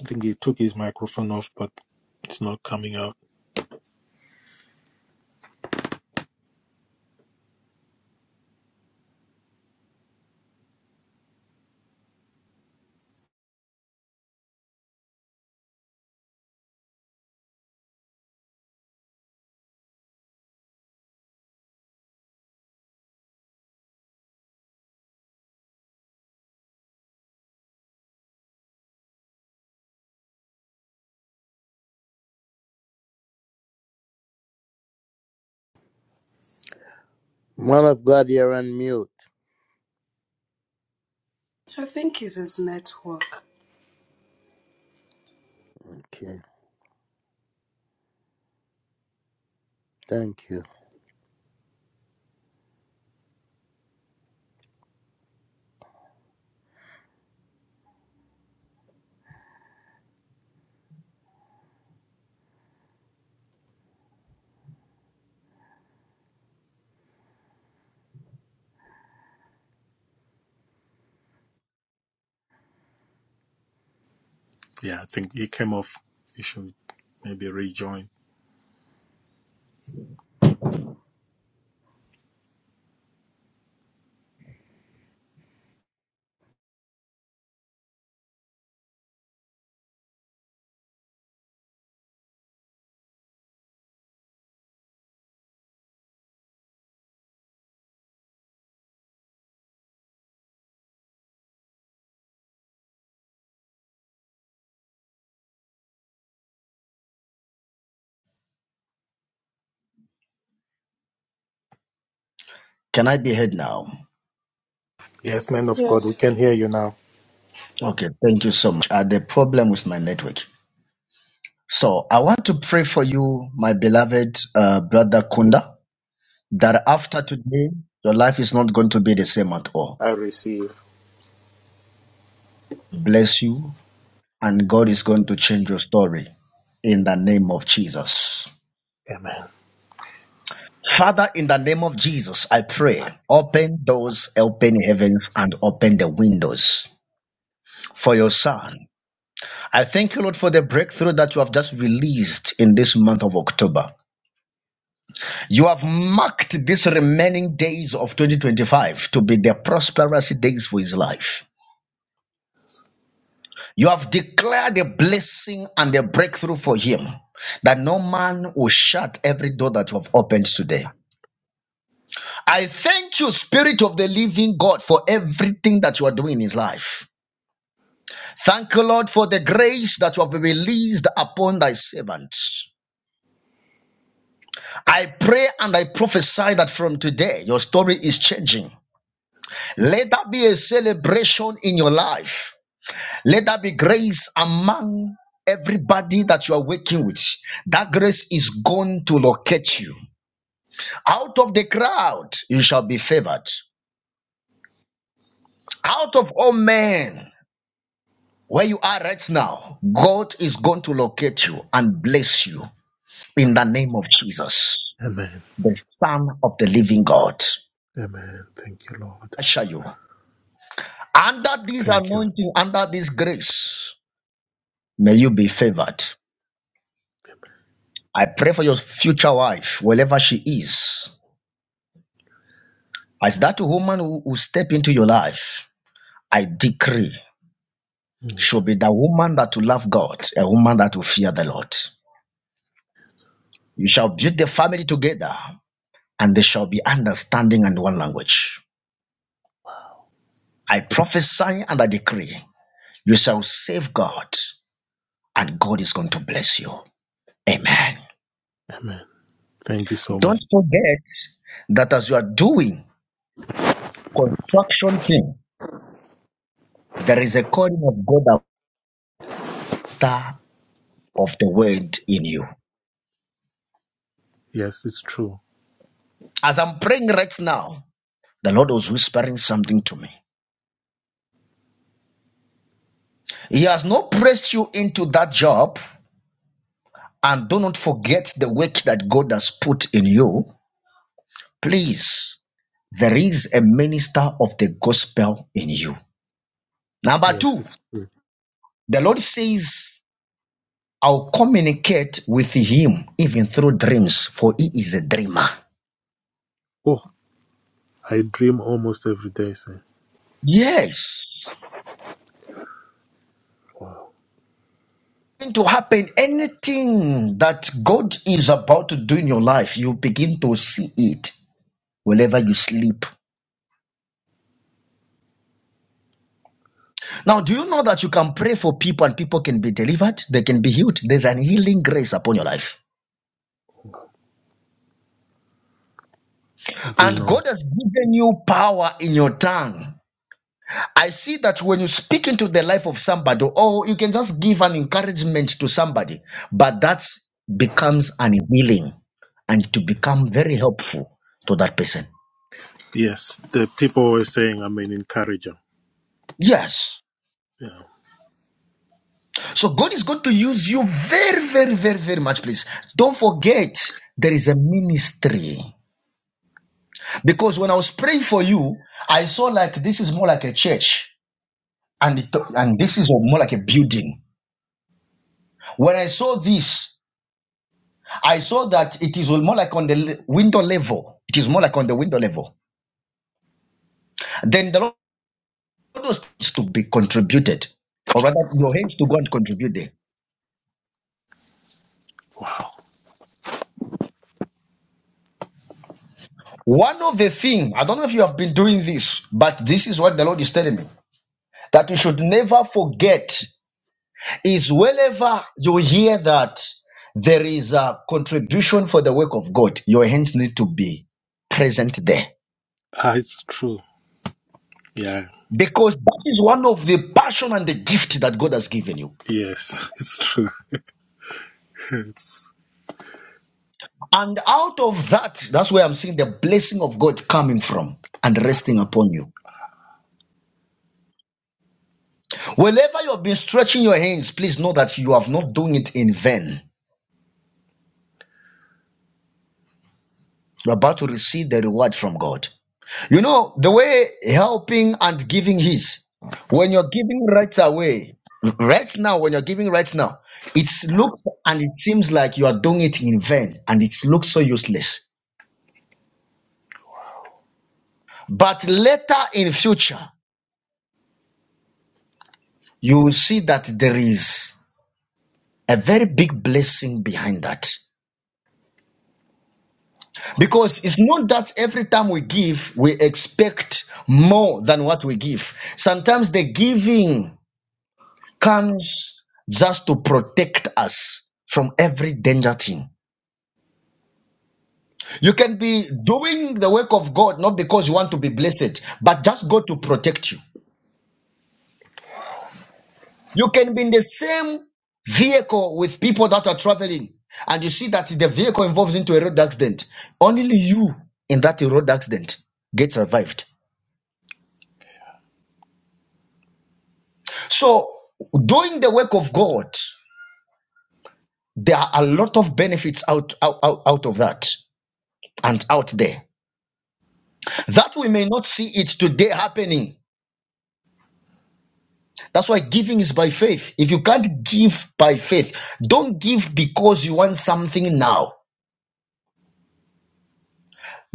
Speaker 10: I think he took his microphone off, but it's not coming out.
Speaker 2: Man of God, you're on mute.
Speaker 8: I think it's his network.
Speaker 2: Okay. Thank you.
Speaker 10: Yeah, I think he came off. He should maybe rejoin.
Speaker 3: Can I be heard now?
Speaker 10: Yes, man of God, we
Speaker 8: Yes.
Speaker 10: can hear you now.
Speaker 3: Okay, thank you so much. I had a problem with my network. So I want to pray for you, my beloved uh, brother Kunda, that after today, your life is not going to be the same at all.
Speaker 10: I receive.
Speaker 3: Bless you, and God is going to change your story in the name of Jesus.
Speaker 10: Amen.
Speaker 3: Father, in the name of Jesus, I pray, open doors, open heavens, and open the windows for your son. I break through in You have marked these remaining days of 2025 to be the prosperous days for his life. You have declared a blessing and a breakthrough for him that no man will shut every door that you have opened today. I thank you, Spirit of the Living God, for everything that you are doing in his life. Thank you, Lord, for the grace that you have released upon thy servants. I pray and I prophesy that from today your story is changing. Let that be a celebration in your life. Let that be grace among everybody that you are working with. That grace is going to locate you. Out of the crowd, you shall be favored. Out of all men, where you are right now, God is going to locate you and bless you in the name of Jesus,
Speaker 10: Amen.
Speaker 3: the Son of the living God.
Speaker 10: Amen. Thank you, Lord.
Speaker 3: I assure you, under this
Speaker 10: Thank you.
Speaker 3: anointing, under this grace, may you be favored I pray for your future wife, wherever she is. As that woman who will step into your life, I decree
Speaker 10: Mm.
Speaker 3: she'll be the woman that will love God, a woman that will fear the Lord. You shall build the family together, and there shall be understanding and one language. I prophesy and I decree you shall save God, and God is going to bless you. Amen.
Speaker 10: Amen. Thank you so much.
Speaker 3: Don't forget that as you are doing construction thing, there is a calling of God after of the word in you.
Speaker 10: Yes, it's true.
Speaker 3: As I'm praying right now, the Lord was whispering something to me. He has not pressed you into that job, and do not forget the work that God has put in you. Please, there is a minister of the gospel in you. Number
Speaker 10: Yes,
Speaker 3: two,
Speaker 10: it's true.
Speaker 3: the Lord says, I'll communicate with him even through dreams, for he is a dreamer.
Speaker 10: Oh, I dream almost every day. So,
Speaker 3: Yes.
Speaker 10: wow,
Speaker 3: going to happen anything that god is about to do in your life you begin to see it wherever you sleep now do you know that you can pray for people and people can be delivered they can be healed there's an healing grace upon your life
Speaker 10: I didn't
Speaker 3: and
Speaker 10: know.
Speaker 3: god has given you power in your tongue i see that when you speak into the life of somebody or you can just give an encouragement to somebody but that becomes an healing and to become very helpful to that person
Speaker 10: Yes, the people were saying I'm an encourager.
Speaker 3: yes
Speaker 10: Yeah,
Speaker 3: So God is going to use you very, very, very, very much, please. Don't forget there is a ministry. Because when I was praying for you, I saw like this is more like a church and, it, and this is more like a building. When I saw this, I saw that it is more like on the le- window level. It is more like on the window level. Then the Lord wants to be contributed, or rather, your hands to go and contribute there.
Speaker 10: wow,
Speaker 3: One of the thing I don't know if you have been doing this, but this is what the Lord is telling me. that we should never forget is whenever you hear that there is a contribution for the work of God, your hands need to be present there.
Speaker 10: ah, it's true. Yeah,
Speaker 3: Because that is one of the passion and the gift that God has given you.
Speaker 10: yes, it's true. It's
Speaker 3: And out of that, that's where I'm seeing the blessing of God coming from and resting upon you. Wherever you have been stretching your hands, please know that you have not doing it in vain. You're about to receive the reward from God. You know, the way helping and giving is, when you're giving right away, right now, when you're giving right now, it looks and it seems like you are doing it in vain and it looks so useless. But later in future, you will see that there is a very big blessing behind that. Because it's not that every time we give, we expect more than what we give. Sometimes the giving comes just to protect us from every danger thing. You can be doing the work of God not because you want to be blessed, but just God to protect you. You can be in the same vehicle with people that are traveling, and you see that the vehicle involves into a road accident. Only you in that road accident get survived. So, doing the work of God, there are a lot of benefits out out, out, out of that and out there. That we may not see it today happening. That's why giving is by faith. If you can't give by faith, don't give because you want something now.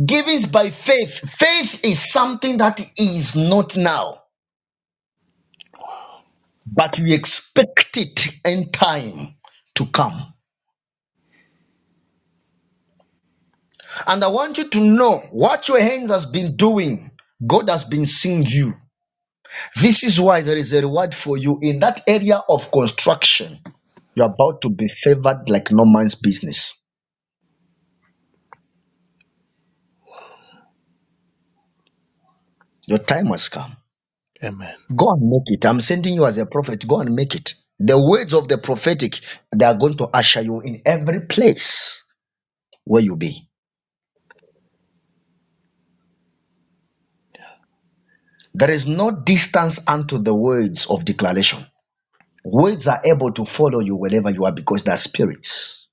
Speaker 3: Giving is by faith. Faith is something that is not now, but you expect it in time to come. And I want you to know what your hands has been doing. God has been seeing you. This is why there is a reward for you in that area of construction. You're about to be favored like no man's business. Your time has come.
Speaker 10: amen.
Speaker 3: Go and make it. I'm sending you as a prophet. Go and make it. The words of the prophetic, they are going to usher you in every place where you be. There is no distance unto the words of declaration. Words are able to follow you wherever you are because they are spirits.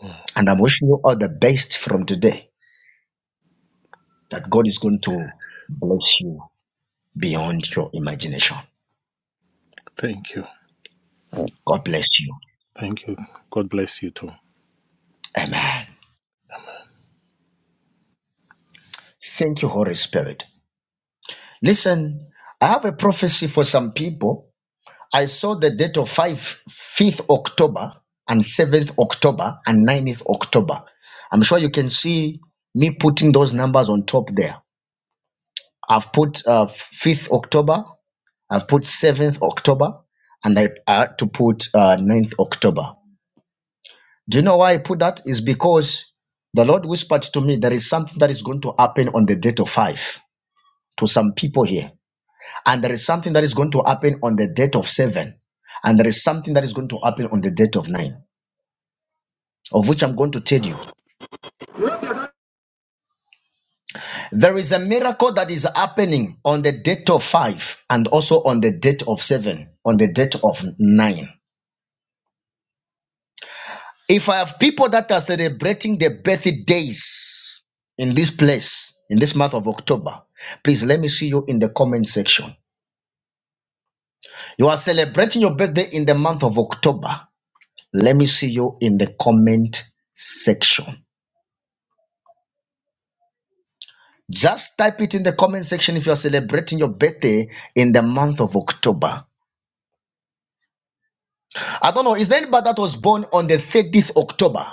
Speaker 10: Mm.
Speaker 3: And I'm wishing you all the best from today that God is going to bless you beyond your imagination.
Speaker 10: Thank you,
Speaker 3: God bless you.
Speaker 10: thank you. God bless you too.
Speaker 3: Amen. Thank you, Holy Spirit. Listen, I have a prophecy for some people I saw the date of 5, fifth October and 7th October and ninth October. I'm sure you can see me putting those numbers on top there. I've put uh, 5th October, I've put 7th October, and I had to put uh, 9th October. Do you know why I put that? Is because the Lord whispered to me there is something that is going to happen on the date of 5 to some people here. And there is something that is going to happen on the date of 7. And there is something that is going to happen on the date of 9 of which I'm going to tell you.
Speaker 11: Look at
Speaker 3: There is a miracle that is happening on the date of five and also on the date of seven, on the date of nine. If I have people that are celebrating their birthdays in this place, in this month of October, please let me see you in the comment section. You are celebrating your birthday in the month of October. Let me see you in the comment section. Just type it in the comment section if you are celebrating your birthday in the month of October. I don't know. Is there anybody that was born on the 30th October?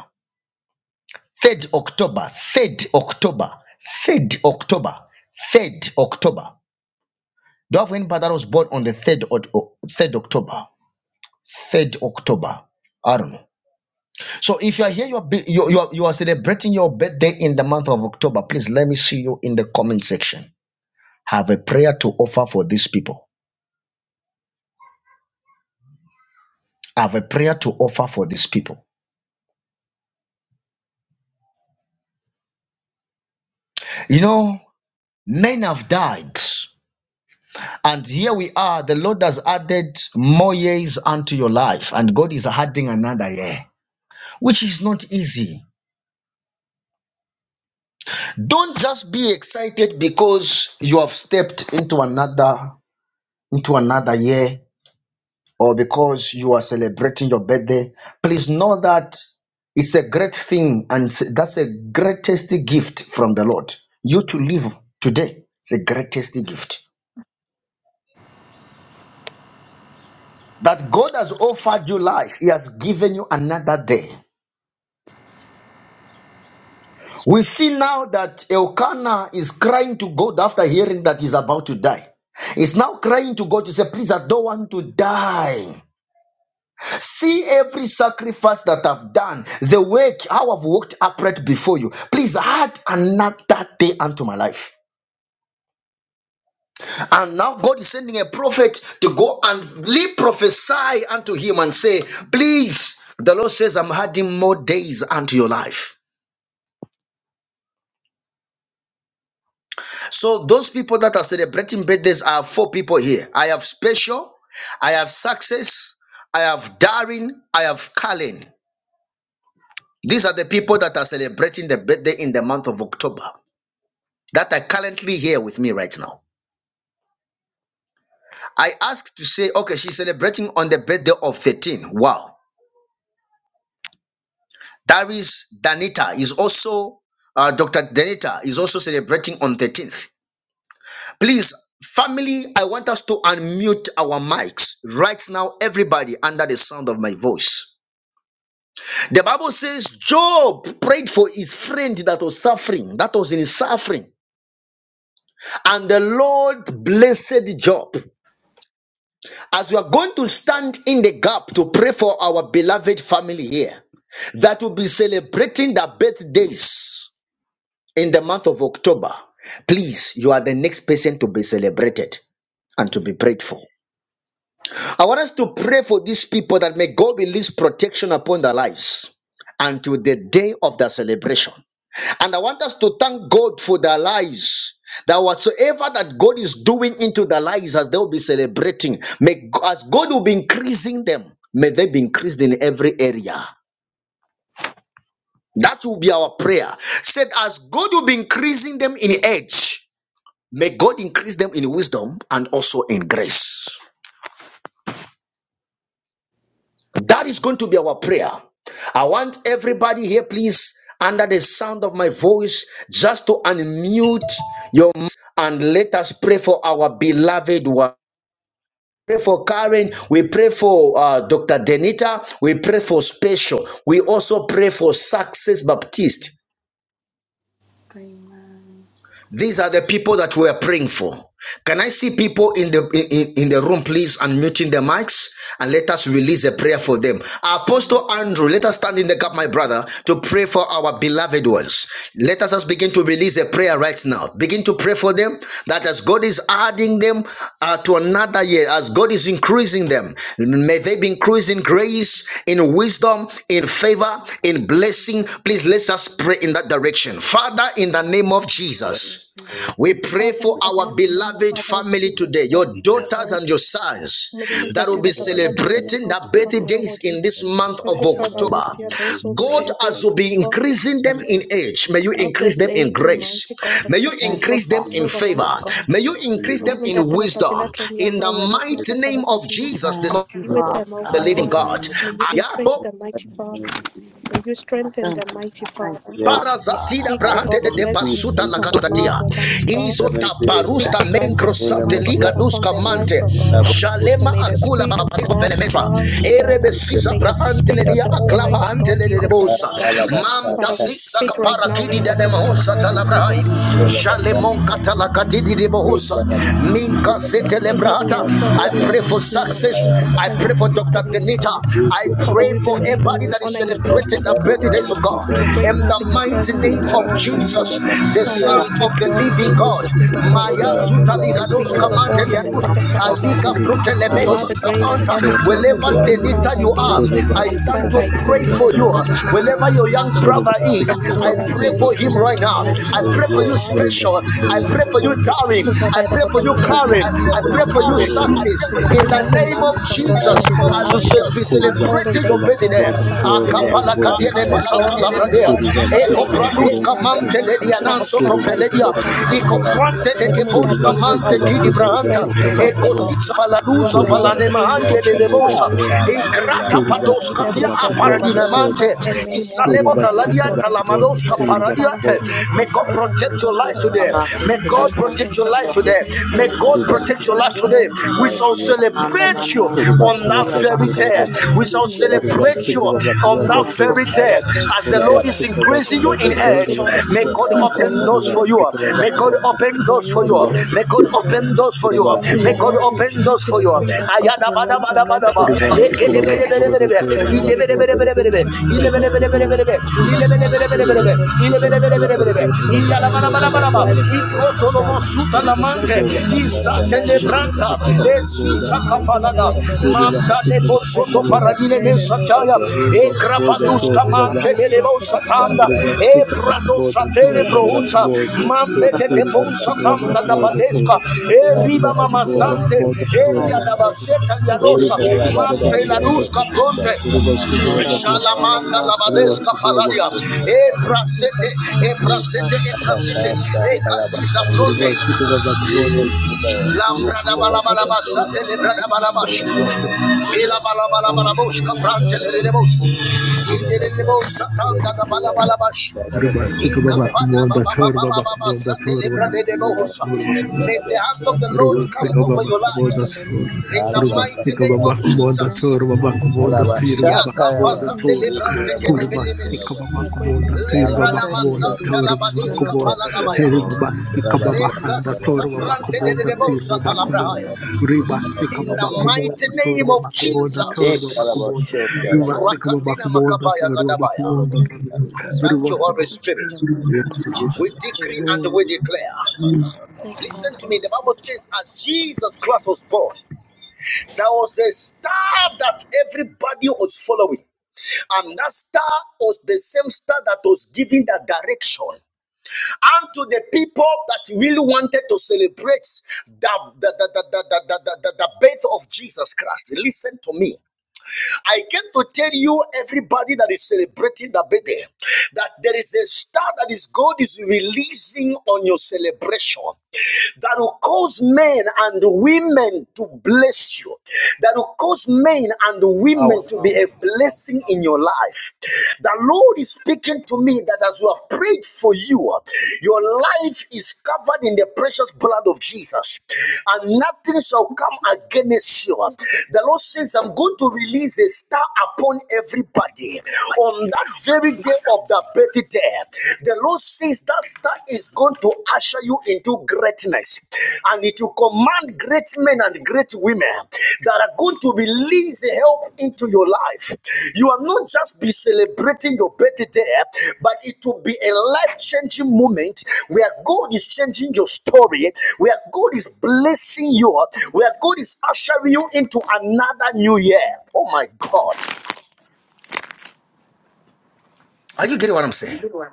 Speaker 3: 3rd October. 3rd October. 3rd October. 3rd October. Do I have anybody that was born on the 3rd, 3rd October? 3rd October. I don't know. So if you are here, you are, you, you, are, you are celebrating your birthday in the month of October, please let me see you in the comment section. I have a prayer to offer for these people. I have a prayer to offer for these people. You know, men have died And here we are. The Lord has added more years unto your life, and God is adding another year, which is not easy. Don't just be excited because you have stepped into another into another year or because you are celebrating your birthday. Please know that it's a great thing, and s- that's a greatest gift from the Lord. You to live today is a greatest gift. That God has offered you life, He has given you another day. We see now that Elkanah is crying to God after hearing that he's about to die. He's now crying to God to say, Please, I don't want to die. See every sacrifice that I've done, the work, how I've walked upright before you. Please add another day unto my life. And now God is sending a prophet to go and prophesy unto him and say, Please, the Lord says, I'm adding more days unto your life. So those people that are celebrating birthdays are four people here. I have special, I have success, I have daring, I have calling. These are the people that are celebrating the birthday in the month of October that are currently here with me right now. I asked to say, okay, she's celebrating on the birthday of 13. Wow. That is Danita is also uh, Dr. Danita is also celebrating on 13th. Please, family, I want us to unmute our mics right now, everybody under the sound of my voice. The Bible says Job prayed for his friend that was suffering, that was in suffering, and the Lord blessed Job. As we are going to stand in the gap to pray for our beloved family here, that will be celebrating their birthdays in the month of October, please, you are the next person to be celebrated and to
Speaker 2: Thank
Speaker 3: be prayed for. I want us to pray for these people that may God release protection upon their lives until the day of their celebration. And I want us to thank God for their lives. That whatsoever that God is doing into their lives as they will be celebrating, may as God will be increasing them, may they be increased in every area. That will be our prayer. Said as God will be increasing them in age, may God increase them in wisdom and also in grace. That is going to be our prayer. I want everybody here, please, under the sound of my voice, just to unmute your mics and let us pray for our beloved one. Pray for Karen. We pray for uh, Dr. Denita. We pray for Special. We also pray for Success Baptist.
Speaker 8: Amen.
Speaker 3: These are the people that we are praying for. Can I see people in the in, in the room, please, unmuting the mics and let us release a prayer for them. Apostle Andrew, let us stand in the gap, my brother, to pray for our beloved ones. Let us just begin to release a prayer right now now. Begin to pray for them that as God is adding them uh, to another year, as God is increasing them, may they be increased in
Speaker 8: Much
Speaker 3: grace, in wisdom, in favor,
Speaker 8: Present
Speaker 3: in
Speaker 8: thank
Speaker 3: blessing.
Speaker 8: you in
Speaker 3: Please
Speaker 8: the
Speaker 3: let us
Speaker 8: name
Speaker 3: pray
Speaker 8: of
Speaker 3: in that
Speaker 8: Jesus.
Speaker 3: direction. Father, in the
Speaker 8: Lord,
Speaker 3: name
Speaker 8: I have
Speaker 3: of
Speaker 8: God for
Speaker 3: Jesus.
Speaker 8: your favor
Speaker 2: you,
Speaker 3: We
Speaker 8: upon
Speaker 3: pray
Speaker 12: Father,
Speaker 3: for
Speaker 12: in the
Speaker 8: us. The
Speaker 3: our
Speaker 12: mighty name of
Speaker 3: beloved
Speaker 12: our Lord
Speaker 3: family
Speaker 12: Jesus
Speaker 3: today, your
Speaker 12: Christ of
Speaker 10: Yes,
Speaker 3: daughters
Speaker 12: Nazareth,
Speaker 10: Lord.
Speaker 3: and your sons
Speaker 12: Mulimu
Speaker 10: yes,
Speaker 3: that
Speaker 10: we
Speaker 3: will be
Speaker 12: Dadere
Speaker 10: pray
Speaker 12: Tabitha
Speaker 10: for them,
Speaker 12: Tronia
Speaker 3: celebrating their
Speaker 12: House,
Speaker 10: Father
Speaker 12: Father's
Speaker 10: God.
Speaker 3: birthdays
Speaker 12: Holy,
Speaker 3: in
Speaker 10: We
Speaker 3: this month
Speaker 10: pray,
Speaker 3: of
Speaker 12: Occupy
Speaker 8: may
Speaker 12: the
Speaker 2: Lord
Speaker 3: October.
Speaker 12: Messiah,
Speaker 2: Jesus.
Speaker 12: those
Speaker 10: we
Speaker 12: who will be
Speaker 3: God,
Speaker 10: pray,
Speaker 3: as
Speaker 10: Father
Speaker 3: will
Speaker 12: celebrating
Speaker 3: be
Speaker 10: God,
Speaker 12: before
Speaker 10: for
Speaker 3: increasing them
Speaker 13: Thank
Speaker 10: their
Speaker 13: you,
Speaker 3: in age, may you
Speaker 2: Yes,
Speaker 12: of
Speaker 3: increase
Speaker 12: this
Speaker 3: them in
Speaker 12: date,
Speaker 3: grace.
Speaker 12: Almighty God of
Speaker 3: May you
Speaker 12: September,
Speaker 13: thank you,
Speaker 12: of
Speaker 3: increase them
Speaker 13: God.
Speaker 3: in
Speaker 12: October,
Speaker 3: favor.
Speaker 12: Mighty
Speaker 8: that
Speaker 12: God.
Speaker 3: May you
Speaker 10: blessings.
Speaker 3: increase them
Speaker 8: bound
Speaker 12: Mulimu
Speaker 3: in
Speaker 12: Dadere Tabitha
Speaker 3: wisdom.
Speaker 12: Tronia
Speaker 3: In the
Speaker 12: House,
Speaker 3: mighty
Speaker 12: Father's
Speaker 3: name of
Speaker 12: Holy,
Speaker 3: Jesus, the
Speaker 13: Thank you,
Speaker 12: be with
Speaker 13: God,
Speaker 12: them, O
Speaker 3: the
Speaker 13: God, in
Speaker 3: living
Speaker 13: the
Speaker 12: God.
Speaker 3: God.
Speaker 13: name of
Speaker 10: Kurubasika
Speaker 12: May
Speaker 13: Jesus.
Speaker 12: you increase
Speaker 3: Ayabo
Speaker 12: them,
Speaker 8: in
Speaker 12: Mighty
Speaker 8: the
Speaker 12: Father.
Speaker 8: name of Jesus.
Speaker 12: May you
Speaker 8: Thank
Speaker 13: I
Speaker 8: you,
Speaker 12: strengthen
Speaker 13: thank
Speaker 8: Lord,
Speaker 12: them,
Speaker 13: you,
Speaker 8: for
Speaker 13: I
Speaker 12: mighty
Speaker 8: your
Speaker 13: thank you,
Speaker 12: Father.
Speaker 8: Jesus,
Speaker 13: God,
Speaker 8: Lord.
Speaker 12: We
Speaker 13: God. I
Speaker 3: Parazatida
Speaker 12: speak,
Speaker 13: thank
Speaker 12: O
Speaker 13: you,
Speaker 3: brahante
Speaker 12: God, the
Speaker 13: Lord
Speaker 3: de
Speaker 2: you
Speaker 13: God,
Speaker 2: sweet
Speaker 3: basuta
Speaker 12: blessings
Speaker 3: la
Speaker 8: The
Speaker 2: lemon
Speaker 12: from
Speaker 8: name
Speaker 2: flavor,
Speaker 12: above,
Speaker 3: katakatia.
Speaker 12: Almighty God.
Speaker 2: lemon
Speaker 3: Izota
Speaker 8: of
Speaker 12: We
Speaker 8: one
Speaker 2: flavor,
Speaker 12: speak
Speaker 13: that
Speaker 3: parusta
Speaker 12: the
Speaker 13: makes
Speaker 3: menkro
Speaker 12: blessings,
Speaker 13: for the
Speaker 3: sate
Speaker 2: lemon
Speaker 12: Almighty
Speaker 3: liga
Speaker 2: well,
Speaker 12: Father, upon
Speaker 3: duska
Speaker 12: their
Speaker 3: mante.
Speaker 12: lives, O God. For
Speaker 3: Shalema
Speaker 12: may the
Speaker 3: akula
Speaker 12: Spirit of
Speaker 3: babazo
Speaker 12: God
Speaker 3: velemetra.
Speaker 12: dwell in
Speaker 13: greatest of
Speaker 12: them.
Speaker 3: Erebe
Speaker 13: all.
Speaker 3: sisa
Speaker 12: May the
Speaker 3: brahante le
Speaker 12: Spirit of
Speaker 3: dia
Speaker 12: the
Speaker 3: aklava
Speaker 12: Almighty
Speaker 3: ante
Speaker 12: God
Speaker 3: le
Speaker 12: be
Speaker 3: de
Speaker 12: with them,
Speaker 3: bosa.
Speaker 12: O
Speaker 2: alabasha, alabasha,
Speaker 12: God.
Speaker 2: alabasha,
Speaker 3: Manta
Speaker 12: Father, we
Speaker 3: sisa
Speaker 12: speak right
Speaker 3: kapara
Speaker 12: now in
Speaker 3: kidi
Speaker 12: the
Speaker 3: de
Speaker 12: authority of
Speaker 3: demosa
Speaker 12: heavens, O
Speaker 3: talabrahai.
Speaker 12: God,
Speaker 2: alabasha,
Speaker 8: I
Speaker 2: alabasha,
Speaker 8: pray,
Speaker 3: Shalemon
Speaker 8: Father, O
Speaker 3: katala
Speaker 8: God,
Speaker 3: katidi de
Speaker 2: Yes,
Speaker 3: bohosa. Minka sete
Speaker 12: believing
Speaker 3: lebrahata.
Speaker 12: and
Speaker 3: I
Speaker 12: trusting in the
Speaker 3: pray for
Speaker 12: mighty name of
Speaker 3: success.
Speaker 8: respect
Speaker 12: Jesus
Speaker 3: I
Speaker 8: you
Speaker 12: Christ,
Speaker 13: I
Speaker 12: the
Speaker 3: pray for
Speaker 13: thank
Speaker 12: Son
Speaker 13: you,
Speaker 12: of the
Speaker 3: Dr.
Speaker 8: in the
Speaker 13: Lord
Speaker 12: living
Speaker 3: Denita.
Speaker 8: name
Speaker 12: God.
Speaker 8: of Jesus.
Speaker 3: I pray
Speaker 12: Father,
Speaker 3: pray
Speaker 12: we
Speaker 3: for
Speaker 8: None
Speaker 12: believe
Speaker 8: of
Speaker 12: and
Speaker 3: everybody
Speaker 8: us
Speaker 12: we
Speaker 3: that is
Speaker 8: shall
Speaker 12: honor your
Speaker 8: lose
Speaker 12: name,
Speaker 3: celebrating
Speaker 12: Holy
Speaker 3: the
Speaker 8: our
Speaker 12: God,
Speaker 8: life.
Speaker 13: God,
Speaker 2: everyone
Speaker 3: birthdays
Speaker 13: that
Speaker 3: of
Speaker 2: that
Speaker 13: makes for the
Speaker 2: you
Speaker 3: God.
Speaker 12: for
Speaker 2: serve,
Speaker 12: your
Speaker 8: Jesus
Speaker 2: you
Speaker 3: In the
Speaker 12: greatness
Speaker 13: greatest
Speaker 12: and your
Speaker 3: mighty
Speaker 8: To
Speaker 12: presence, O
Speaker 8: a
Speaker 3: name
Speaker 8: God,
Speaker 3: of
Speaker 8: for
Speaker 12: Jehovah.
Speaker 8: long
Speaker 3: Jesus,
Speaker 8: life.
Speaker 10: bakumanga
Speaker 8: We
Speaker 3: the
Speaker 8: pray
Speaker 12: Father,
Speaker 13: of
Speaker 3: Son
Speaker 8: for
Speaker 13: all. I
Speaker 2: serve,
Speaker 12: we give
Speaker 3: of
Speaker 8: good
Speaker 3: the
Speaker 8: health.
Speaker 2: you
Speaker 12: glory to
Speaker 3: Living
Speaker 2: serve.
Speaker 12: you,
Speaker 8: We
Speaker 3: God,
Speaker 8: ask,
Speaker 12: Spirit
Speaker 8: O
Speaker 12: of
Speaker 8: God,
Speaker 12: our
Speaker 2: Go
Speaker 13: thank you,
Speaker 3: Maya
Speaker 8: for
Speaker 12: living
Speaker 13: Lord
Speaker 2: live,
Speaker 12: God,
Speaker 2: go
Speaker 8: more
Speaker 2: live, go
Speaker 8: God's
Speaker 12: for
Speaker 3: Sutaligados
Speaker 12: you are the
Speaker 8: grace upon
Speaker 12: author
Speaker 3: Kamantelia,
Speaker 12: and
Speaker 8: our
Speaker 12: the
Speaker 10: tora,
Speaker 8: lives
Speaker 13: God, that makes for the greatest of all. I thank you, Lord God, that makes for
Speaker 12: perfecter
Speaker 8: in the
Speaker 2: live,
Speaker 12: of
Speaker 2: go live,
Speaker 12: our
Speaker 13: the
Speaker 3: Aliga
Speaker 8: name of
Speaker 12: faith.
Speaker 2: go
Speaker 13: greatest
Speaker 8: Jesus.
Speaker 13: of all.
Speaker 12: You
Speaker 10: kurubasika
Speaker 2: live.
Speaker 12: are
Speaker 3: Brutelemetos
Speaker 12: the great
Speaker 10: bakumanga
Speaker 13: I
Speaker 12: I
Speaker 3: Zapanta,
Speaker 12: am,
Speaker 8: No
Speaker 12: I am
Speaker 8: plans
Speaker 12: the
Speaker 8: of
Speaker 3: wherever
Speaker 8: the
Speaker 12: pillar
Speaker 10: tora,
Speaker 2: Watch
Speaker 12: of
Speaker 2: it,
Speaker 8: enemy
Speaker 2: it's
Speaker 12: cloud
Speaker 3: Denita
Speaker 8: over
Speaker 12: by
Speaker 3: you
Speaker 8: our
Speaker 12: day
Speaker 3: are,
Speaker 8: lives
Speaker 2: good,
Speaker 8: shall
Speaker 2: it's
Speaker 8: come
Speaker 3: I
Speaker 8: to
Speaker 2: good,
Speaker 12: and
Speaker 10: Kurubasika
Speaker 3: stand
Speaker 12: fire
Speaker 13: see my
Speaker 8: pass
Speaker 3: to
Speaker 12: by
Speaker 13: own
Speaker 2: it's
Speaker 13: God. thank you, Lord God, that makes for the greatest of all. I thank you, Lord God, that makes
Speaker 12: night,
Speaker 2: good.
Speaker 3: pray
Speaker 8: in
Speaker 10: bakuboza
Speaker 12: in
Speaker 3: for
Speaker 12: the
Speaker 8: the
Speaker 3: you.
Speaker 12: name
Speaker 10: toro
Speaker 12: of
Speaker 8: mighty
Speaker 12: Jesus.
Speaker 8: name of
Speaker 3: Wherever
Speaker 10: bakuboza.
Speaker 3: your young
Speaker 8: Jesus.
Speaker 3: brother
Speaker 2: Uh,
Speaker 10: Kurubasika
Speaker 12: Thank
Speaker 3: is,
Speaker 8: We call
Speaker 3: I pray
Speaker 14: properties.
Speaker 10: bakuboza
Speaker 3: for
Speaker 8: ourselves
Speaker 14: I
Speaker 3: him
Speaker 2: it's
Speaker 10: toro.
Speaker 14: pray
Speaker 3: right
Speaker 8: blessed and
Speaker 3: now.
Speaker 14: for
Speaker 8: blessed
Speaker 14: you
Speaker 12: you,
Speaker 3: I
Speaker 8: shall
Speaker 2: good,
Speaker 8: we
Speaker 14: right
Speaker 3: pray
Speaker 12: Spirit
Speaker 14: now.
Speaker 12: of
Speaker 3: for
Speaker 8: be,
Speaker 2: yeah,
Speaker 3: you
Speaker 8: O
Speaker 12: God,
Speaker 8: God, in the
Speaker 3: special.
Speaker 8: name
Speaker 10: Kurubasika
Speaker 8: of
Speaker 2: it's
Speaker 3: I
Speaker 2: good, it's
Speaker 3: pray for
Speaker 8: Jesus.
Speaker 3: you,
Speaker 10: bakuboza.
Speaker 2: good,
Speaker 3: Darren.
Speaker 12: for
Speaker 3: I
Speaker 12: by the
Speaker 3: pray for you,
Speaker 2: yeah,
Speaker 12: authority
Speaker 2: it's
Speaker 8: Thank
Speaker 14: I
Speaker 12: of
Speaker 8: you,
Speaker 3: Karen.
Speaker 14: pray
Speaker 12: heavens,
Speaker 3: I
Speaker 10: Kurubasika
Speaker 14: for you,
Speaker 8: Jesus,
Speaker 3: pray
Speaker 8: O
Speaker 3: for
Speaker 12: Almighty
Speaker 3: you,
Speaker 12: Father,
Speaker 14: Karen.
Speaker 8: God.
Speaker 10: bakuboza.
Speaker 2: good,
Speaker 14: I
Speaker 3: Success
Speaker 14: pray
Speaker 12: for
Speaker 14: for you,
Speaker 12: your
Speaker 2: it's
Speaker 3: finances in
Speaker 8: I
Speaker 14: Francis.
Speaker 2: good.
Speaker 3: the
Speaker 12: goodness
Speaker 8: ask
Speaker 12: and
Speaker 8: you,
Speaker 14: In
Speaker 3: name
Speaker 8: God,
Speaker 3: of
Speaker 8: that
Speaker 12: mercies,
Speaker 8: your
Speaker 12: O
Speaker 14: the
Speaker 2: And
Speaker 14: name
Speaker 12: God,
Speaker 2: I was
Speaker 12: shall
Speaker 3: Jesus
Speaker 8: blessings over
Speaker 14: of
Speaker 12: follow
Speaker 8: our
Speaker 2: doing
Speaker 3: as
Speaker 2: what
Speaker 3: you
Speaker 8: life
Speaker 12: us
Speaker 3: shall
Speaker 8: shall
Speaker 14: Jesus,
Speaker 8: be
Speaker 3: be
Speaker 14: I just
Speaker 8: permanent.
Speaker 12: all the
Speaker 3: celebrating
Speaker 10: Kurubasika
Speaker 3: your
Speaker 12: days, O
Speaker 8: In
Speaker 3: birthday.
Speaker 8: the
Speaker 2: I
Speaker 12: my
Speaker 10: bakuboza
Speaker 8: mighty
Speaker 12: Father,
Speaker 14: pray
Speaker 12: my
Speaker 8: name
Speaker 10: toro
Speaker 2: was
Speaker 8: of
Speaker 14: there.
Speaker 2: supposed
Speaker 12: Maker.
Speaker 2: to
Speaker 8: Jesus,
Speaker 10: bakuboza
Speaker 3: Akapalakatiene
Speaker 2: do. Yeah,
Speaker 8: the
Speaker 10: toro.
Speaker 12: God
Speaker 8: blessings
Speaker 14: Akapalakatere
Speaker 8: over my
Speaker 3: mesatalabradea.
Speaker 12: Almighty,
Speaker 8: life shall be
Speaker 12: the
Speaker 2: yeah,
Speaker 14: besakalabrade.
Speaker 10: Kurubasika
Speaker 12: great I
Speaker 8: permanent.
Speaker 12: am, I
Speaker 3: Ekopranuska
Speaker 10: bakuboza
Speaker 8: In
Speaker 12: am,
Speaker 2: yeah.
Speaker 8: the
Speaker 10: toro.
Speaker 12: the
Speaker 8: mighty
Speaker 3: manteledia
Speaker 8: name
Speaker 12: pillar
Speaker 8: of
Speaker 12: of cloud
Speaker 8: Jesus,
Speaker 12: by
Speaker 2: It's
Speaker 12: day
Speaker 3: nansotopeledia.
Speaker 10: Kurubasika
Speaker 2: good,
Speaker 12: and
Speaker 2: I'm
Speaker 12: fire
Speaker 8: no
Speaker 2: a
Speaker 12: by
Speaker 2: cat,
Speaker 12: night.
Speaker 2: I'm
Speaker 10: bakuboza.
Speaker 8: prophecy, O
Speaker 3: Ikoprante
Speaker 8: God,
Speaker 3: de
Speaker 8: that
Speaker 2: a cat.
Speaker 8: has
Speaker 12: Modimun
Speaker 8: been
Speaker 3: debonsta
Speaker 8: placed
Speaker 12: Date,
Speaker 8: over
Speaker 12: you
Speaker 8: my
Speaker 10: Kurubasika
Speaker 12: are
Speaker 3: mante
Speaker 8: life
Speaker 12: worthy
Speaker 2: It's
Speaker 12: to be
Speaker 2: good,
Speaker 10: bakuboza
Speaker 8: today,
Speaker 2: I'm
Speaker 3: kidibrahanta.
Speaker 2: a
Speaker 8: O
Speaker 12: praised,
Speaker 10: toro
Speaker 8: God,
Speaker 2: cool
Speaker 8: will be
Speaker 2: shot.
Speaker 12: Almighty
Speaker 10: bakuboza.
Speaker 12: God.
Speaker 3: Ekositsa
Speaker 8: handled.
Speaker 12: You are
Speaker 8: In
Speaker 12: the
Speaker 3: valadusa
Speaker 2: It's
Speaker 8: the
Speaker 12: Lord
Speaker 2: good,
Speaker 12: who's
Speaker 10: Kurubasika
Speaker 12: able
Speaker 2: I'm a
Speaker 8: name
Speaker 12: to
Speaker 3: valanemahante
Speaker 8: of
Speaker 3: de
Speaker 2: cat.
Speaker 12: change
Speaker 10: bakuboza
Speaker 8: Jesus,
Speaker 3: debosa.
Speaker 2: Ah,
Speaker 10: toro.
Speaker 8: every
Speaker 12: situations,
Speaker 2: fala,
Speaker 12: O
Speaker 2: I'm
Speaker 12: God.
Speaker 8: prophecy
Speaker 2: a
Speaker 8: over
Speaker 2: cat,
Speaker 8: my
Speaker 3: Ikrata
Speaker 12: May
Speaker 8: life
Speaker 12: you
Speaker 2: I'm a
Speaker 8: shall
Speaker 12: be
Speaker 3: patoska
Speaker 12: there
Speaker 10: Kurubasika
Speaker 3: dia
Speaker 12: with
Speaker 8: receive,
Speaker 12: them, O
Speaker 8: O
Speaker 2: great
Speaker 12: God,
Speaker 10: bakuboza
Speaker 2: cat.
Speaker 8: God,
Speaker 10: toro.
Speaker 3: aparadinamante.
Speaker 12: success and
Speaker 2: Yeah, I'm a
Speaker 12: many
Speaker 10: Kurubasika
Speaker 12: more
Speaker 3: Isalebo
Speaker 8: in
Speaker 12: upon
Speaker 8: the
Speaker 12: their
Speaker 2: great
Speaker 8: name
Speaker 12: lives, O
Speaker 8: of
Speaker 2: cat,
Speaker 3: taladianta
Speaker 12: God.
Speaker 10: bakuboza
Speaker 8: Jesus,
Speaker 3: lamanoska
Speaker 8: shall
Speaker 2: I'm a
Speaker 10: toro
Speaker 8: come
Speaker 12: Heavenly
Speaker 8: to
Speaker 12: Father,
Speaker 3: paradiate.
Speaker 12: have
Speaker 10: bakuboza.
Speaker 8: pass in my
Speaker 3: May
Speaker 12: mercy,
Speaker 8: life.
Speaker 3: God
Speaker 12: show them your
Speaker 2: great
Speaker 3: protect
Speaker 8: Every
Speaker 3: your
Speaker 2: cat,
Speaker 12: grace,
Speaker 3: life
Speaker 2: I'm
Speaker 12: O
Speaker 2: a
Speaker 8: prophecy
Speaker 3: today.
Speaker 12: God.
Speaker 8: and
Speaker 2: cat.
Speaker 3: May
Speaker 8: every
Speaker 12: May
Speaker 3: God
Speaker 12: your
Speaker 8: heavenly
Speaker 3: protect
Speaker 12: presence,
Speaker 3: your
Speaker 12: O
Speaker 3: life
Speaker 8: provision
Speaker 12: God,
Speaker 3: today.
Speaker 12: be with
Speaker 3: May
Speaker 8: shall
Speaker 12: them, O God.
Speaker 3: God
Speaker 12: May it
Speaker 3: protect
Speaker 10: Urubasik,
Speaker 8: be,
Speaker 3: your
Speaker 8: O
Speaker 3: life
Speaker 12: dwell
Speaker 8: God,
Speaker 3: today.
Speaker 12: amongst them, O
Speaker 3: We
Speaker 2: My
Speaker 12: God.
Speaker 3: shall
Speaker 2: dear,
Speaker 8: answers. In
Speaker 3: celebrate
Speaker 8: the
Speaker 3: you
Speaker 8: mighty
Speaker 3: on
Speaker 2: my
Speaker 8: name
Speaker 3: that
Speaker 8: of
Speaker 2: dear.
Speaker 13: for
Speaker 3: very
Speaker 10: Urbakumandator,
Speaker 13: the
Speaker 8: Jesus,
Speaker 3: day.
Speaker 12: In the
Speaker 10: Urbaku,
Speaker 8: Lord,
Speaker 3: We
Speaker 13: greatest of all.
Speaker 12: mighty
Speaker 2: Thank
Speaker 3: shall
Speaker 8: I
Speaker 12: name of
Speaker 8: pray, God,
Speaker 3: celebrate
Speaker 8: that
Speaker 10: Urbasik,
Speaker 12: Jesus
Speaker 3: you
Speaker 8: this
Speaker 12: Christ.
Speaker 8: baby of
Speaker 3: on that
Speaker 13: Akona
Speaker 8: mine
Speaker 10: Urbakumandator,
Speaker 8: shall
Speaker 3: very
Speaker 8: be
Speaker 13: kona
Speaker 3: day.
Speaker 8: the
Speaker 13: na
Speaker 8: best
Speaker 3: As
Speaker 8: of
Speaker 3: the
Speaker 8: its
Speaker 3: Lord is
Speaker 8: kind.
Speaker 10: Urbasik,
Speaker 3: increasing
Speaker 8: In
Speaker 3: you
Speaker 8: the
Speaker 3: in
Speaker 8: mighty
Speaker 10: Urbakumandator,
Speaker 12: Thank
Speaker 3: age,
Speaker 12: you,
Speaker 8: name of
Speaker 12: Holy
Speaker 3: may
Speaker 8: Jesus,
Speaker 12: Spirit,
Speaker 10: Urbakuman,
Speaker 3: God
Speaker 12: for your
Speaker 3: open
Speaker 8: from one
Speaker 12: greatness.
Speaker 3: doors for you.
Speaker 8: blessing
Speaker 10: Urbasik,
Speaker 8: to
Speaker 3: May God
Speaker 8: another,
Speaker 10: Urbakumandator,
Speaker 3: open doors
Speaker 8: from
Speaker 3: for you.
Speaker 8: one
Speaker 10: Urbasik,
Speaker 8: blessing
Speaker 3: May God
Speaker 8: to
Speaker 3: open
Speaker 8: another,
Speaker 3: doors for you.
Speaker 8: from one
Speaker 10: Urbasik,
Speaker 12: and
Speaker 3: May
Speaker 12: your
Speaker 3: God open
Speaker 12: mercies.
Speaker 8: congratulations
Speaker 3: doors
Speaker 12: Thank you,
Speaker 8: to
Speaker 3: for you.
Speaker 8: another,
Speaker 12: Spirit of God.
Speaker 8: from one
Speaker 3: Ayadabadabadabadaba.
Speaker 8: connection to
Speaker 10: Urbasik,
Speaker 12: Thank
Speaker 8: another
Speaker 12: you, Jesus.
Speaker 3: Ekedebedebedebedebe.
Speaker 10: Urbakumandator,
Speaker 8: from one
Speaker 10: Urbakumandator,
Speaker 3: Ilebedebedebedebedebe.
Speaker 8: recommendation to
Speaker 10: Urbasik, Urbakumandator, Urbasik,
Speaker 8: another.
Speaker 3: Ilebelebelebelebelebe.
Speaker 8: In
Speaker 10: Urbakumandator,
Speaker 8: the mighty
Speaker 10: Urbakumandator,
Speaker 3: Ilebelebelebelebelebe berebe
Speaker 8: name of
Speaker 10: Urbasik,
Speaker 3: Ile
Speaker 8: Jesus,
Speaker 10: Urbasik,
Speaker 3: berebe
Speaker 8: the
Speaker 3: berebe
Speaker 8: plans of the
Speaker 3: iya
Speaker 13: ya
Speaker 10: Urbakumandator,
Speaker 3: la
Speaker 8: enemy
Speaker 3: mala
Speaker 8: over
Speaker 3: mala
Speaker 10: Urbasik,
Speaker 8: my
Speaker 3: mala I belebelebe, ilebelebelebelebe,
Speaker 13: kona
Speaker 3: iyalabalabalabalaba,
Speaker 13: na
Speaker 8: life
Speaker 13: na
Speaker 8: shall
Speaker 13: na
Speaker 10: Urbakumandator,
Speaker 8: not
Speaker 13: ya
Speaker 8: stand. The
Speaker 10: Urbasik,
Speaker 8: plans
Speaker 3: iprotolomosukalamante,
Speaker 8: of the enemy over our life shall not
Speaker 3: izatelebranta,
Speaker 8: stand. In the mighty
Speaker 3: ezizakapalada,
Speaker 8: name of Jesus, I shall be the
Speaker 3: mantalebotsotoparadile
Speaker 8: head and not the
Speaker 3: mensataya,
Speaker 8: tail. Lord, O God, no
Speaker 10: Urbakumandator,
Speaker 13: parasha
Speaker 8: plans of the enemy
Speaker 3: ekrabaduskamantelelebosatanda,
Speaker 8: over my life shall
Speaker 10: Kurvasika
Speaker 13: kona
Speaker 8: stand.
Speaker 13: na
Speaker 10: vakuvoda tova
Speaker 8: In the
Speaker 3: epradosatereprounta,
Speaker 8: mighty
Speaker 10: vakuvoda.
Speaker 8: name of
Speaker 13: parasha
Speaker 8: Jesus.
Speaker 10: Kurvasika
Speaker 3: mambetetebonsatanda
Speaker 8: Lord, I
Speaker 13: kona
Speaker 10: vakuvoda
Speaker 8: ask you
Speaker 10: tova.
Speaker 3: dabadeska,
Speaker 8: God, that your
Speaker 3: eriba
Speaker 8: blessings over
Speaker 10: Kurvasika
Speaker 8: my life,
Speaker 3: mamasante,
Speaker 8: O
Speaker 10: vakuvoda
Speaker 8: God, shall be
Speaker 10: tova
Speaker 13: kona
Speaker 8: permanent.
Speaker 10: vakuvoda.
Speaker 3: Mante
Speaker 8: It shall stay
Speaker 13: kona
Speaker 10: Kurvasika
Speaker 13: na
Speaker 8: in the
Speaker 3: la
Speaker 8: name
Speaker 10: vakuvoda
Speaker 8: of
Speaker 3: manteladusca
Speaker 10: tova.
Speaker 3: pronte,
Speaker 8: Jesus.
Speaker 2: you.
Speaker 10: Kurvasika
Speaker 8: No
Speaker 13: parasha
Speaker 8: plans of
Speaker 10: vakuvoda.
Speaker 13: kona na
Speaker 3: Shalamanda
Speaker 8: the
Speaker 2: Alabashata,
Speaker 8: enemy
Speaker 13: shiari
Speaker 3: Labadesca
Speaker 10: Kurvasika
Speaker 3: Paladia,
Speaker 10: vakuvoda.
Speaker 13: kona
Speaker 8: over my life, O God, shall In
Speaker 3: Ebrasete,
Speaker 8: the mighty name
Speaker 13: na
Speaker 3: Ebrasete,
Speaker 13: parasha kona
Speaker 3: Ebrasete,
Speaker 13: na shiari
Speaker 2: Alabashata,
Speaker 3: Ecasisa
Speaker 8: of
Speaker 13: kona
Speaker 3: Pronte,
Speaker 13: na
Speaker 8: Jesus.
Speaker 13: na
Speaker 10: Kurvasika
Speaker 13: ya
Speaker 10: vakuvoda.
Speaker 13: kona
Speaker 3: Lambrada
Speaker 13: analog
Speaker 8: Yes, and
Speaker 3: Balabalaba,
Speaker 8: so,
Speaker 3: Satelebra
Speaker 8: we thank
Speaker 3: Balabash,
Speaker 8: you, Lord, for
Speaker 10: Kurvasika
Speaker 13: kona
Speaker 8: Jesus.
Speaker 3: Elabalabalabalabosh,
Speaker 13: kona na
Speaker 3: Caprante
Speaker 8: Lord, I
Speaker 13: shiari
Speaker 8: give you
Speaker 3: Lerebos,
Speaker 13: kona
Speaker 8: thanks
Speaker 13: na na
Speaker 3: Inderebos, Satanda Balabalabash,
Speaker 13: na kona
Speaker 10: kurvasika
Speaker 13: shiari
Speaker 3: Icapana
Speaker 10: vakuvoda tova
Speaker 3: Baba
Speaker 10: vakuvoda tova
Speaker 3: Satelebra de
Speaker 10: vakuvoda tova.
Speaker 13: kona na
Speaker 3: May the hand of
Speaker 13: shiari
Speaker 3: the Lord
Speaker 10: Urubasiga
Speaker 3: come over your
Speaker 10: mamakumonda
Speaker 8: in
Speaker 3: lives.
Speaker 8: the
Speaker 10: tor.
Speaker 8: name of
Speaker 3: In the
Speaker 8: Jesus.
Speaker 3: mighty
Speaker 10: Urubasiga
Speaker 3: name of
Speaker 10: mamakumonda
Speaker 8: Thank you,
Speaker 10: tor.
Speaker 3: Jesus.
Speaker 13: In the mighty
Speaker 8: Jesus,
Speaker 10: Mamakumonda
Speaker 13: name
Speaker 8: God,
Speaker 13: of
Speaker 10: tor.
Speaker 13: Jesus, Lord
Speaker 8: for
Speaker 10: Mamakumonda
Speaker 3: Yakapasa
Speaker 8: in
Speaker 13: God.
Speaker 12: Thank
Speaker 10: tor.
Speaker 12: you,
Speaker 8: Jesus'
Speaker 3: Telebrante
Speaker 12: Spirit of
Speaker 8: mighty
Speaker 12: God,
Speaker 8: name we pray.
Speaker 10: Kurubasika
Speaker 3: Kedebelemes.
Speaker 12: for your
Speaker 10: mamakumonda
Speaker 12: greatness and
Speaker 13: In the
Speaker 12: your
Speaker 10: tor.
Speaker 13: mighty
Speaker 8: Lord, I
Speaker 3: Limbranama
Speaker 12: presence.
Speaker 8: give
Speaker 13: name of
Speaker 8: you
Speaker 10: Mamakumonda
Speaker 8: praise.
Speaker 3: Santa
Speaker 10: tor.
Speaker 13: Jesus, I
Speaker 3: Labadis
Speaker 8: None
Speaker 13: praise
Speaker 8: of
Speaker 13: you,
Speaker 8: us,
Speaker 10: Mamakumonda.
Speaker 13: Lord
Speaker 12: Yes,
Speaker 8: O
Speaker 13: God.
Speaker 10: Heri
Speaker 12: Lord.
Speaker 3: Kapaladabaya.
Speaker 8: God,
Speaker 2: Yes,
Speaker 10: mamasika
Speaker 8: shall be
Speaker 3: Linkas
Speaker 8: caught,
Speaker 2: Lord.
Speaker 10: tor.
Speaker 8: shall be
Speaker 13: Lord
Speaker 3: Safrante
Speaker 13: God,
Speaker 3: de
Speaker 10: Mamakumonda
Speaker 8: protected
Speaker 13: I
Speaker 10: tor.
Speaker 3: Debosa
Speaker 8: in the name
Speaker 10: Mamakumonda.
Speaker 8: of
Speaker 3: Talabrahaya.
Speaker 8: Jesus.
Speaker 10: Ribasika
Speaker 3: In
Speaker 8: No
Speaker 3: the
Speaker 8: domestic
Speaker 3: mighty
Speaker 10: mamakumonda tor.
Speaker 3: name
Speaker 8: incident,
Speaker 3: of
Speaker 13: thank
Speaker 10: Mamakumonda
Speaker 8: no
Speaker 10: tor.
Speaker 8: one shall
Speaker 2: Ékalaba,
Speaker 3: Jesus.
Speaker 8: lose
Speaker 10: Mamakumonda.
Speaker 8: their life in
Speaker 2: sokalaba,
Speaker 8: the
Speaker 10: Ribasika
Speaker 8: mighty name
Speaker 3: Brakatina
Speaker 8: of
Speaker 12: Amen.
Speaker 10: mamakumonda
Speaker 8: Jesus.
Speaker 3: Makabaya
Speaker 10: tor.
Speaker 3: Gadabaya.
Speaker 2: kolaba,
Speaker 10: Mamakumonda
Speaker 8: Thank
Speaker 10: tor.
Speaker 8: you, precious
Speaker 3: Thank you,
Speaker 8: Father,
Speaker 10: Ribasika.
Speaker 3: Holy
Speaker 12: Thank you, Jesus.
Speaker 3: Spirit.
Speaker 8: in the mighty
Speaker 10: Yes,
Speaker 8: name of
Speaker 10: Lord.
Speaker 3: We
Speaker 8: Jesus.
Speaker 13: you.
Speaker 3: decree
Speaker 14: Ekupra-
Speaker 3: and
Speaker 13: Amen.
Speaker 3: we declare.
Speaker 12: Yes, Lord.
Speaker 3: Listen to
Speaker 12: In the
Speaker 3: me. The
Speaker 12: name
Speaker 3: Bible
Speaker 12: of
Speaker 3: says, as Jesus Christ was born, there was a star that everybody was following. And that star was the same star that was giving the direction. unto the people that really wanted to celebrate the, the, the, the, the, the, the, the the birth of Jesus Christ. Listen to me. I came to tell you, everybody that is celebrating the birthday, that there is a star that is God is releasing on your celebration that will cause men and women to bless you, that will cause men and
Speaker 15: Power,
Speaker 3: women to be
Speaker 15: power.
Speaker 3: a blessing in your life. The Lord is speaking to me that as we have prayed for you, your life is covered in the precious blood of Jesus, and nothing shall come against you. The Lord says, I'm going to release release a star upon everybody on that very day of the birthday. The Lord says that star is going to usher you into greatness and it will command great men and great women that are going to release help into your life. You are not just be celebrating your birthday, but it will be a life changing moment where God is changing your story, where God is blessing you, where God is ushering you into another new year. Oh my God. Are you getting what I'm
Speaker 16: This is a
Speaker 3: saying?
Speaker 16: big one.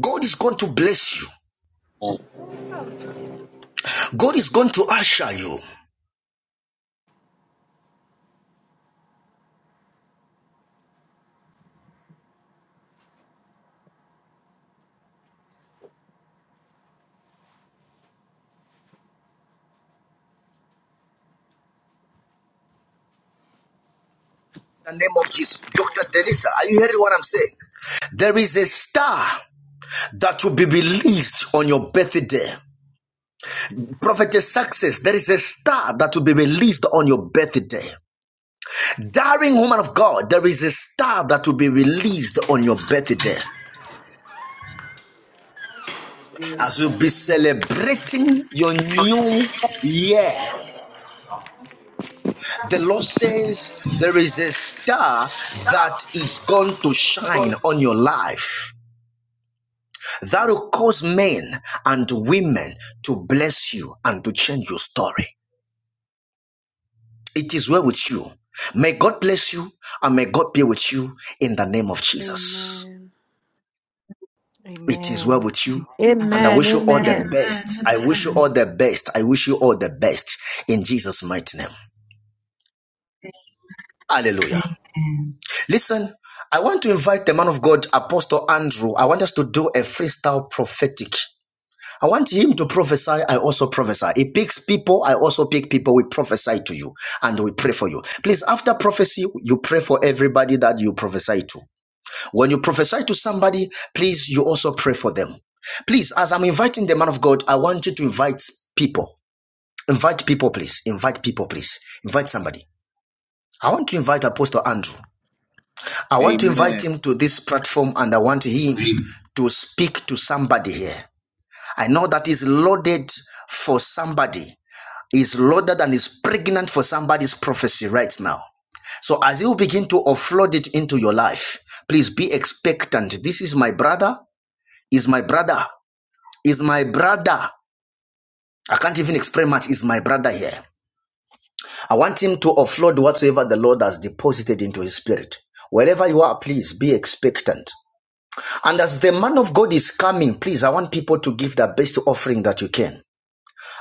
Speaker 3: God is going to bless you. God is going to usher you. Star that will be released on your birthday. Prophetess success, there is a star that will be released on your birthday. Daring woman of God, there is a star on your birthday. As you'll be celebrating your new year, the Lord says there is a star that is going to shine on your life. that will cause men and women to bless you and to change your story. It is well with you. May God bless you and may God be with you in the name of Jesus.
Speaker 8: Amen.
Speaker 3: It is
Speaker 13: Amen.
Speaker 3: well with you. And I
Speaker 17: Amen.
Speaker 3: wish you all the
Speaker 17: Amen.
Speaker 3: best. I wish you all the best. I wish you all the best in Jesus' mighty name. Hallelujah. Listen, I want to invite the man of God, Apostle Andrew. I want us to do a freestyle prophetic. I want him to prophesy. I also prophesy. He picks people. I also pick people. We prophesy to you and we pray for you. Please, after prophecy, you pray for everybody that you prophesy to. When you prophesy to somebody, please, you also pray for them. Please, as I'm inviting the man of God, I want you to invite people. Invite people, please. Invite people, please. Invite somebody. I want to invite Apostle Andrew. I want to
Speaker 9: Amen.
Speaker 3: invite him to this platform and I want him to speak to somebody here. I know that is loaded for somebody. Is loaded and is pregnant for somebody's prophecy right now. So as you begin to offload it into your life, please be expectant. This is my brother. Is my brother. Is my brother. I can't even explain much. Is my brother here? I want him to offload whatsoever the Lord has deposited into his spirit. Wherever you are, please be expectant. And as the man of God is coming, please, I want people to give their best offering that you can.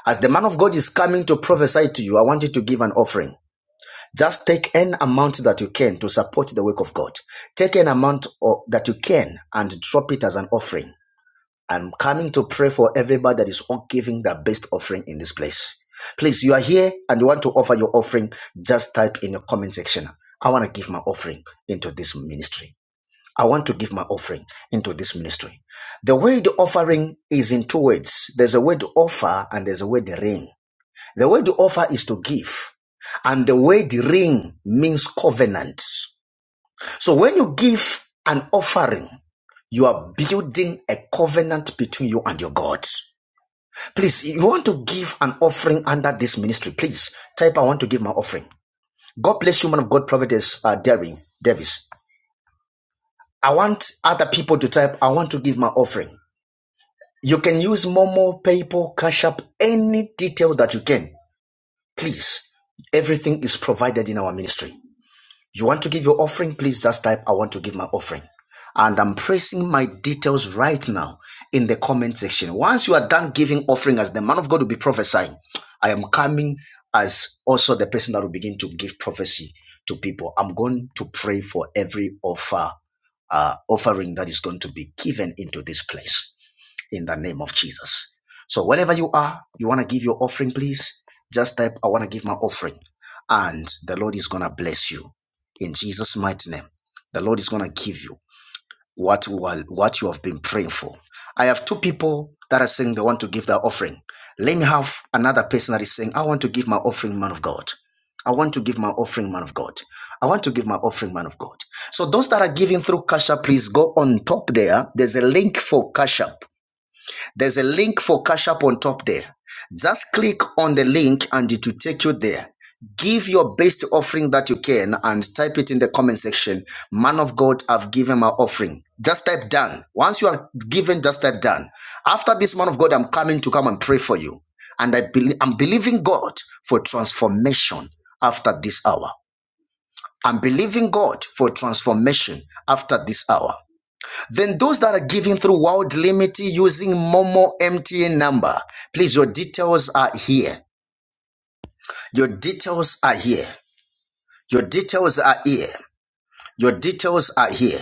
Speaker 3: As the man of God is coming to prophesy to you, I want you to give an offering. Just take an amount that you can to support the work of God. Take an amount of, that you can and drop it as an offering. I'm coming to pray for everybody that is all giving their best offering in this place. Please, you are here and you want to offer your offering, just type in the comment section. I want to give my offering into this ministry. I want to give my offering into this ministry. The word offering is in two words. There's a word offer and there's a word ring. The way to offer is to give. And the way the ring means covenant. So when you give an offering, you are building a covenant between you and your God. Please, you want to give an offering under this ministry, please type I want to give my offering. God bless you, man of God, Providence uh, Daring Davis. I want other people to type I want to give my offering. You can use Momo, PayPal, Cash App, any detail that you can. Please, everything is provided in our ministry. You want to give your offering? Please just type, I want to give my offering. And I'm pressing my details right now in the comment section. Once you are done giving offering as the man of God will be prophesying, I am coming as also the person that will begin to give prophecy to people. I'm going to pray for every offer, uh, offering that is going to be given into this place in the name of Jesus. So wherever you are, you want to give your offering, please just type, I want to give my offering. And the Lord is going to bless you in Jesus' mighty name. The Lord is going to give you what, you what you have been praying for. I have two people that are saying they want to give their offering. Let me have another person that is saying, I want to give my offering, man of God. I want to give my offering, man of God. I want to give my offering, man of God. So those that are giving through Cash App, please go on top there. There's a link for Cash App. There's a link for Cash App on top there. Just click on the link and it will take you there. Give your best offering that you can and type it in the comment section. Man of God, I've given my offering. Just type done. Once you are given, just type done. After this man of God, I'm coming to come and pray for you. And I believe I'm believing God for transformation after this hour. I'm believing God for transformation after this hour. Then those that are giving through World Limity using Momo MTN number, please, your details are here. Your details are here. Your details are here. Your details are here.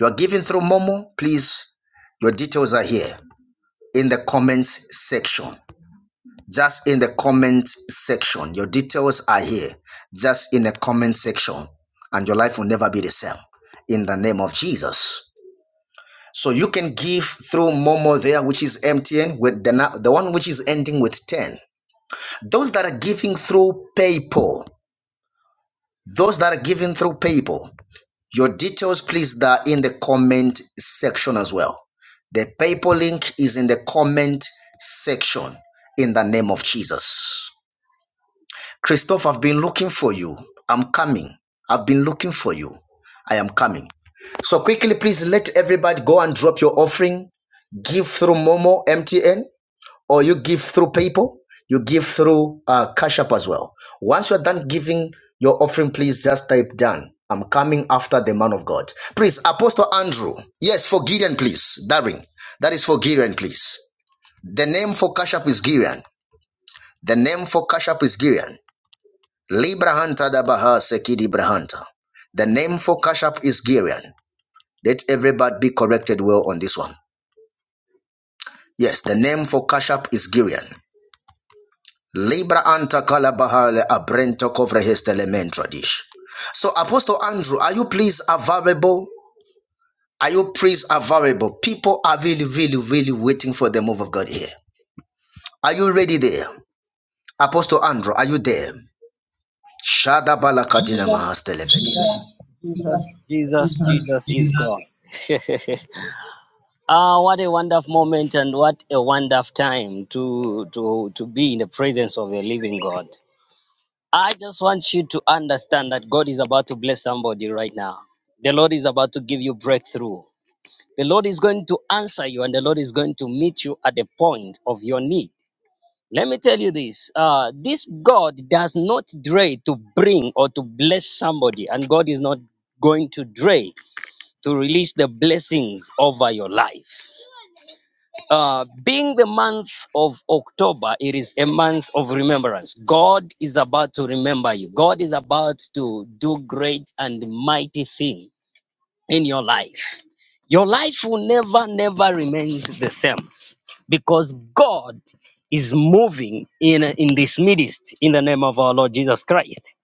Speaker 3: You are giving through Momo, please, your details are here in the comments section. Just in the comments section. Your details are here. Just in the comment section. And your life will never be the same. In the name of Jesus. So you can give through Momo there, which is MTN, with the, the one which is ending with 10. Those that are giving through PayPal, those that are giving through PayPal, your details, please, that are in the comment section as well. The PayPal link is in the comment section in the name of Jesus. Christoph, I've been looking for you. I'm coming. I've been looking for you. I am coming. So quickly, please let everybody go and drop your offering. Give through Momo MTN, or you give through PayPal. You give through uh, Cash App as well. Once you're done giving your offering, please just type done. I'm coming after the man of God. Please, Apostle Andrew. Yes, for Gideon, please. Daring. That is for Gideon, please. The name for Cash App is Gideon. The name for Cash App is Gideon. Libra Hunter Dabaha Sekidi Brahanta. The name for Cash App is Gideon. Let everybody be corrected well on this one. Yes, the name for Cash App is Gurian. Libra anta kalabahale abrento kovrehestelementro tradish. So Apostle Andrew, are you please available? Are you please available? People are really, really, really waiting for the move of God here. Are you ready there? Apostle Andrew there. Shada balakadina
Speaker 15: Jesus,
Speaker 3: mahastelevedina.
Speaker 15: Jesus, Jesus, Jesus, Jesus is God. ah, what a wonderful moment and what a wonderful time to to to be in the presence of the living God. I just want you to understand that God is about to bless somebody right now. The Lord is about to give you breakthrough. The Lord is going to answer you and the Lord is going to meet you at the point of your need. Let me tell you this. Uh, this God does not delay to bring or to bless somebody, and God is not going to delay to release the blessings over your life. Uh, being the month of October, it is a month of remembrance. God is about to remember you. God is about to do great and mighty things in your life. Your life will never, never remain the same because God is moving in in this midst in the name of our Lord Jesus Christ.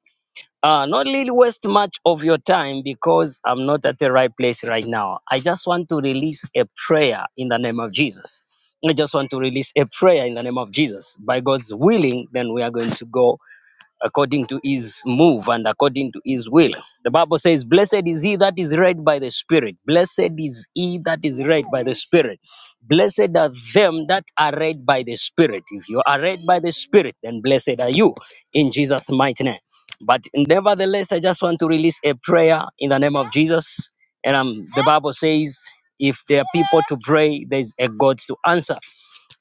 Speaker 15: Uh, not really waste much of your time because I'm not at the right place right now. I just want to release a prayer in the name of Jesus. I just want to release a prayer in the name of Jesus. By God's willing, then we are going to go according to his move and according to his will. The Bible says, Blessed is he that is led by the Spirit. Blessed is he that is led by the Spirit. Blessed are them that are led by the Spirit. If you are led by the Spirit, then blessed are you in Jesus' mighty name. But nevertheless, I just want to release a prayer in the name of Jesus. And um, the Bible says, if there are people to pray, there's a God to answer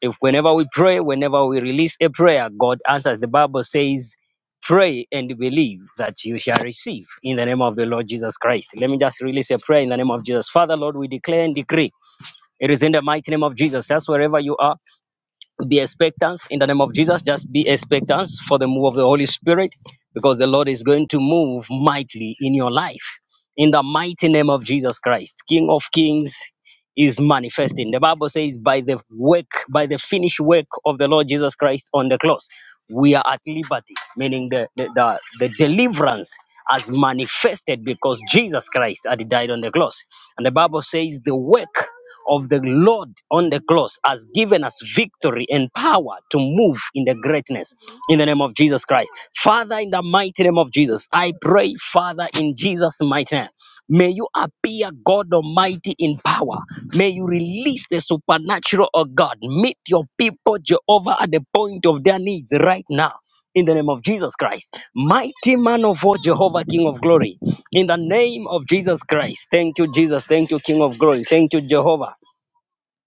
Speaker 15: if whenever we pray, whenever we release a prayer, God answers. The Bible says, Pray and believe that you shall receive in the name of the Lord Jesus Christ. Let me just release a prayer in the name of Jesus. Father, Lord, we declare and decree. It is in the mighty name of Jesus. Just wherever you are, be expectant in the name of Jesus. Just be expectant for the move of the Holy Spirit because the Lord is going to move mightily in your life. In the mighty name of Jesus Christ, King of kings, is manifesting. The Bible says, by the work, by the finished work of the Lord Jesus Christ on the cross, we are at liberty, meaning the, the, the, the deliverance has manifested because Jesus Christ had died on the cross. And the Bible says, the work of the Lord on the cross has given us victory and power to move in the greatness in the name of Jesus Christ. Father, in the mighty name of Jesus, I pray, Father, in Jesus' mighty name. May you appear God Almighty in power. May you release the supernatural of God. Meet your people, Jehovah, at the point of their needs right now. In the name of Jesus Christ, mighty man of war, Jehovah, King of glory. In the name of Jesus Christ, thank you, Jesus. Thank you, King of glory. Thank you, Jehovah.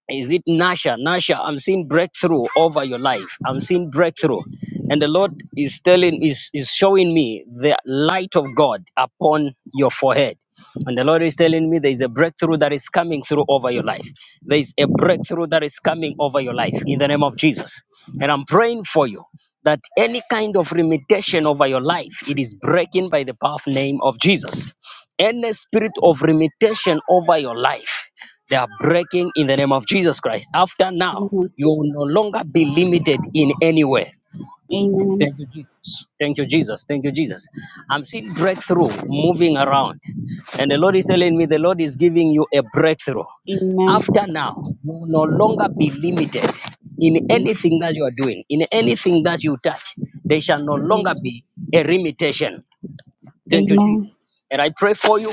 Speaker 15: Is it Nasha? Nasha, I'm seeing breakthrough over your life. I'm seeing breakthrough. And the Lord is telling, is, is showing me the light of God upon your forehead. And the Lord is telling me there is a breakthrough that is coming through over your life. There is a breakthrough that is coming over your life in the name of Jesus. And I'm praying for you that any kind of limitation over your life, it is breaking by the powerful name of Jesus. Any spirit of limitation over your life. They are breaking in the name of Jesus Christ. After now, you will no longer be limited in any way.
Speaker 6: Amen.
Speaker 15: Thank you, Jesus. Thank you, Jesus. Thank you, Jesus. I'm seeing breakthrough moving around. And the Lord is telling me the Lord is giving you a breakthrough.
Speaker 6: Amen.
Speaker 15: After now, you will no longer be limited in
Speaker 6: Amen.
Speaker 15: anything that you are doing, in anything that you touch. There shall no longer
Speaker 6: Amen.
Speaker 15: be a limitation. Thank you,
Speaker 6: Amen.
Speaker 15: Jesus. And I pray for you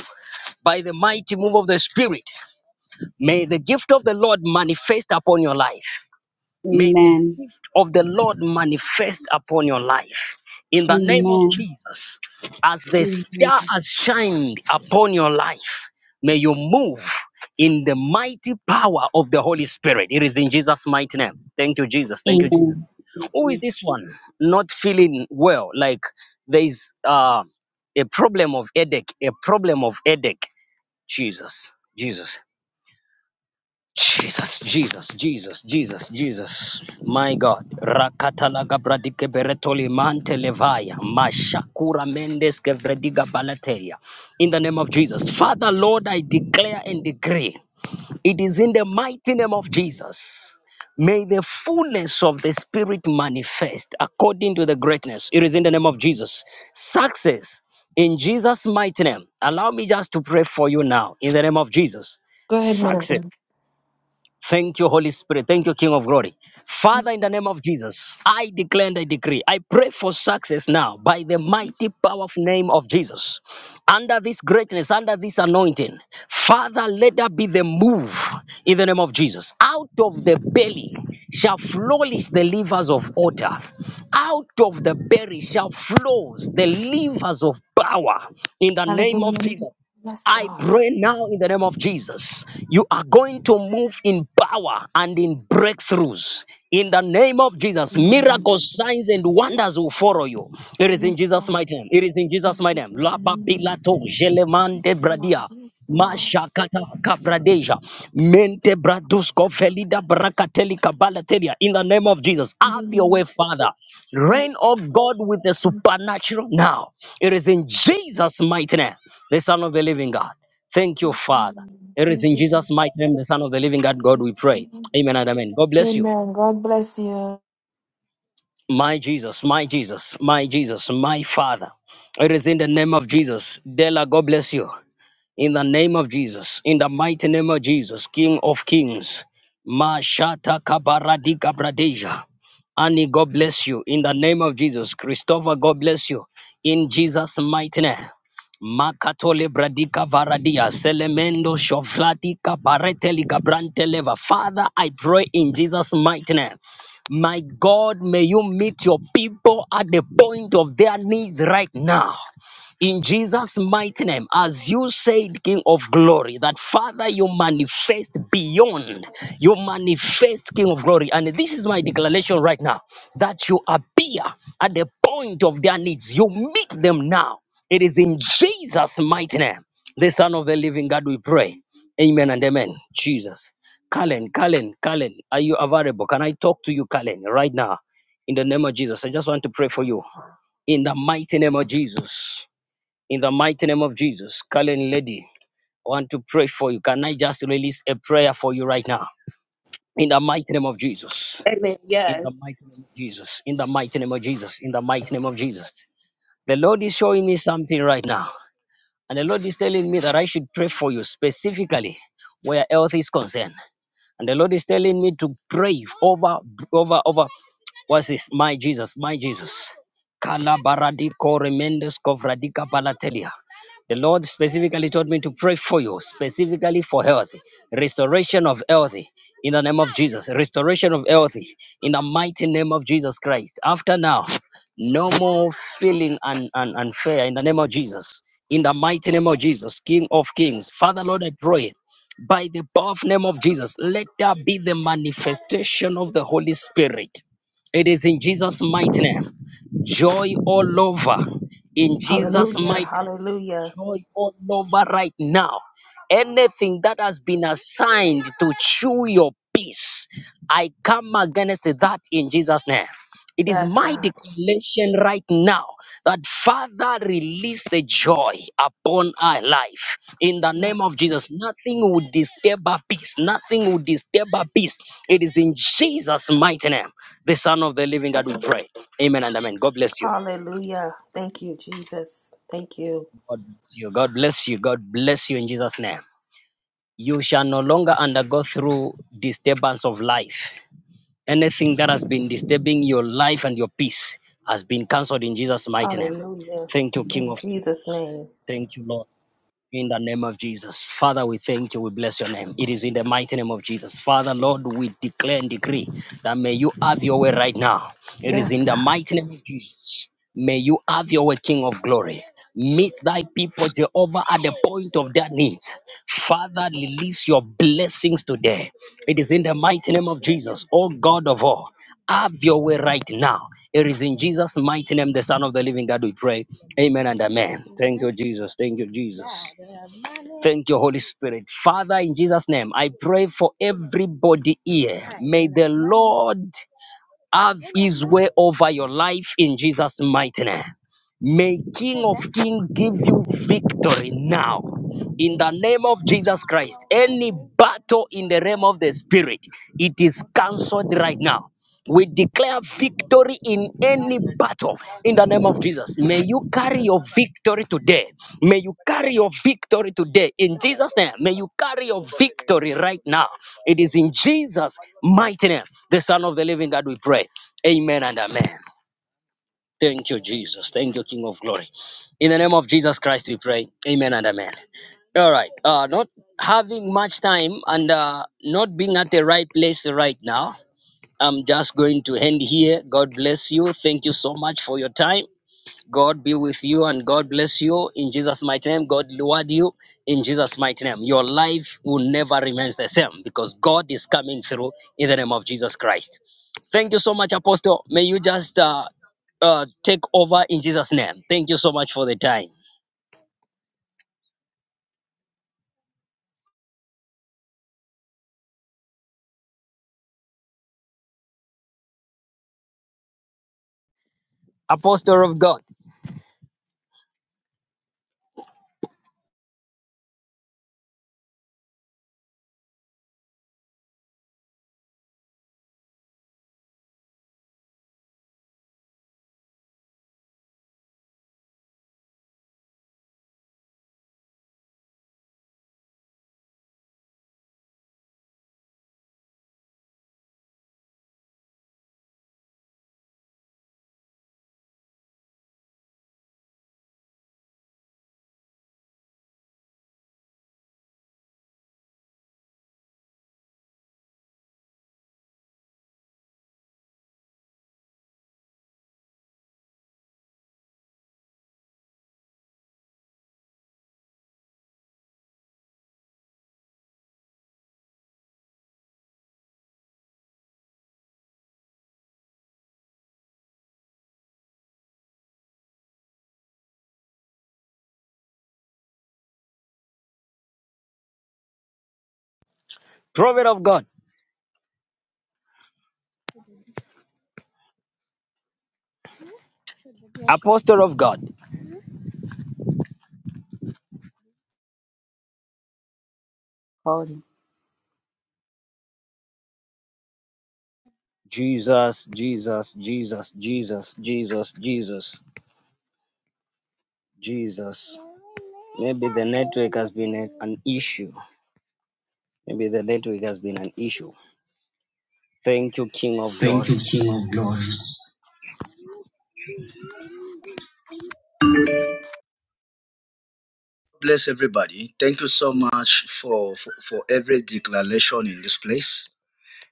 Speaker 15: by the mighty move of the Spirit. May the gift of the Lord manifest upon your life. May the
Speaker 6: Amen.
Speaker 15: gift of the Lord manifest upon your life. In the name of
Speaker 6: Amen.
Speaker 15: Jesus, as the
Speaker 6: Amen.
Speaker 15: star has shined upon your life, may you move in the mighty power of the Holy Spirit. It is in Jesus' mighty name. Thank you, Jesus. Thank you,
Speaker 6: Amen.
Speaker 15: Jesus. Who is
Speaker 6: Amen.
Speaker 15: this one not feeling well? Like there is uh, a problem of headache, a problem of headache. Jesus, Jesus. Jesus, Jesus, Jesus, Jesus, Jesus, my God. Rakatalaga gabradike beretoli mante levaya, mashakura mendes kevrediga balateria. In the name of Jesus. Father, Lord, I declare and decree. It is in the mighty name of Jesus. May the fullness of the Spirit manifest according to the greatness. It is in the name of Jesus. Success in Jesus' mighty name. Allow me just to pray for you now in the name of Jesus.
Speaker 17: Go ahead, man of
Speaker 15: Success
Speaker 17: God.
Speaker 15: Thank you, Holy Spirit. Thank you, King of Glory. Father, in
Speaker 17: Yes.
Speaker 15: the name of Jesus, I declare and I decree. I pray for success now by the mighty,
Speaker 17: Yes.
Speaker 15: powerful name of Jesus. Under this greatness, under this anointing, Father, let that be the move in the name of Jesus. Out of the
Speaker 17: Yes.
Speaker 15: belly shall flourish the livers of water. Out of the belly shall flows the livers of power in the name of
Speaker 17: Hallelujah.
Speaker 15: Jesus.
Speaker 17: Yes,
Speaker 15: I
Speaker 17: Lord.
Speaker 15: pray now in the name of Jesus. You are going to move in power and in breakthroughs. In the name of Jesus, miracles, signs, and wonders will follow you. It is in
Speaker 17: Yes,
Speaker 15: Jesus'
Speaker 17: Lord.
Speaker 15: mighty name. It is in Jesus'
Speaker 17: In
Speaker 15: mighty name.
Speaker 17: Jesus'
Speaker 15: Laba
Speaker 17: name.
Speaker 15: bilato jelemande
Speaker 17: Yes, Lord.
Speaker 15: bradia.
Speaker 17: Yes, Lord.
Speaker 15: Mashakata kavradeja. Mente bradusko felida brakateli
Speaker 17: Yes.
Speaker 15: kabalateria. In the name of Jesus,
Speaker 17: In the
Speaker 15: have your
Speaker 17: name
Speaker 15: way,
Speaker 17: of Jesus.
Speaker 15: Father. Reign
Speaker 17: Yes,
Speaker 15: of God with the
Speaker 17: Lord.
Speaker 15: supernatural now. It is in Jesus' mighty name the Son of the Living God. Thank you, Father. It is
Speaker 17: Thank
Speaker 15: in
Speaker 17: you.
Speaker 15: Jesus' mighty name, the Son of the Living God, God, we pray. Amen and amen. God bless you.
Speaker 17: Amen. God bless you.
Speaker 15: My Jesus, my Jesus, my Jesus, my Father. It is in the name of Jesus. Dela, God bless you. In the name of Jesus, in the mighty name of Jesus, King of Kings, Mashata Kabaradika Bradeja. Annie, God bless you. In the name of Jesus, Christopher, God bless you. In Jesus' mighty name. Makatole Bradika Varadia, Selemendo Shovlatika Bareteli Gabranteleva. Father, I pray in Jesus' mighty name. My God, may you meet your people at the point of their needs right now. In Jesus' mighty name, as you said, King of Glory, that Father, you manifest beyond, you manifest, King of Glory. And this is my declaration right now that you appear at the point of their needs, you meet them now. It is in Jesus' mighty name, the Son of the Living God, we pray. Amen and amen. Jesus. Kalen, Kalen, Kalen, are you available? Can I talk to you, Kalen, right now? In the name of Jesus, I just want to pray for you. In the mighty name of Jesus in the mighty name of Jesus. Calling lady, I want to pray for you. Can I just release a prayer for you right now? In the mighty name of Jesus.
Speaker 18: Amen.
Speaker 15: In
Speaker 18: Yes.
Speaker 15: the mighty name of Jesus. In the mighty name of Jesus. In the mighty name of Jesus. The Lord is showing me something right now. And the Lord is telling me that I should pray for you specifically where health is concerned. And the Lord is telling me to pray over over over What's this? My Jesus, my Jesus. Kalabaradiko remendes kovradika palatelia. The Lord specifically told me to pray for you, specifically for health, restoration of health in the name of Jesus, restoration of health in the mighty name of Jesus Christ. After now, no more feeling un, un, unfair in the name of Jesus, in the mighty name of Jesus, King of Kings. Father, Lord, I pray by the powerful name of Jesus, let there be the manifestation of the Holy Spirit it is in Jesus' mighty name. Joy all over. In Jesus'
Speaker 18: Hallelujah.
Speaker 15: mighty name
Speaker 18: Hallelujah.
Speaker 15: joy all over right now. Anything that has been assigned to chew your peace, I come against that in Jesus' name. It is
Speaker 18: Yes,
Speaker 15: my
Speaker 18: God.
Speaker 15: declaration right now that Father release the joy upon our life in the name of
Speaker 18: Yes.
Speaker 15: Jesus. Nothing will disturb our peace. Nothing will disturb our peace. It is in Jesus' mighty name, the Son of the Living God, we pray. Amen and amen. God bless you.
Speaker 18: Hallelujah. Thank you, Jesus. Thank you.
Speaker 15: God bless you. God bless you. God bless you in Jesus' name. you shall no longer undergo through disturbance of life. Anything that has been disturbing your life and your peace has been cancelled in Jesus' mighty name.
Speaker 18: Hallelujah.
Speaker 15: Thank you, King
Speaker 18: In
Speaker 15: of Kings.
Speaker 18: Jesus' name.
Speaker 15: Thank you, Lord. In the name of Jesus. Father, we thank you. We bless your name. It is in the mighty name of Jesus. Father, Lord, we declare and decree that may you have your way right now. It is
Speaker 18: Yes,
Speaker 15: in the
Speaker 18: God.
Speaker 15: mighty name of Jesus. May you have your way, King of glory. Meet thy people, Jehovah, at the point of their needs. Father, release your blessings today. It is in the mighty name of Jesus, O God of all. Have your way right now. It is in Jesus' mighty name, the Son of the Living God, we pray. Amen and amen. Thank you, Jesus. Thank you, Jesus. Thank you, Holy Spirit. Father, in Jesus' name, I pray for everybody here. May the Lord have his way over your life in Jesus' mighty name. May King of Kings give you victory now in the name of Jesus Christ. Any battle in the realm of the spirit, it is cancelled right now. We declare victory in any battle in the name of Jesus. May you carry your victory today. May you carry your victory today in Jesus' name. May you carry your victory right now. It is in Jesus' mighty name, the Son of the Living God, we pray. Amen and amen. Thank you, Jesus. Thank you, King of Glory. In the name of Jesus Christ, we pray. Amen and amen. All right. Uh, not having much time and uh, not being at the right place right now. I'm just going to end here. God bless you. Thank you so much for your time. God be with you and God bless you in Jesus' mighty name. God reward you in Jesus' mighty name. Your life will never remain the same because God is coming through in the name of Jesus Christ. Thank you so much, Apostle. May you just uh, uh, take over in Jesus' name. Thank you so much for the time. Apostle of God, prophet of God, apostle of God.
Speaker 6: Amen.
Speaker 15: Jesus, Jesus, Jesus, Jesus, Jesus, Jesus, Jesus. Maybe the network has been a- an issue. Maybe the late week has been an issue. Thank you, King of
Speaker 3: Thank
Speaker 15: Glory.
Speaker 3: you, King of Glory. Bless everybody. Thank you so much for, for, for every declaration in this place.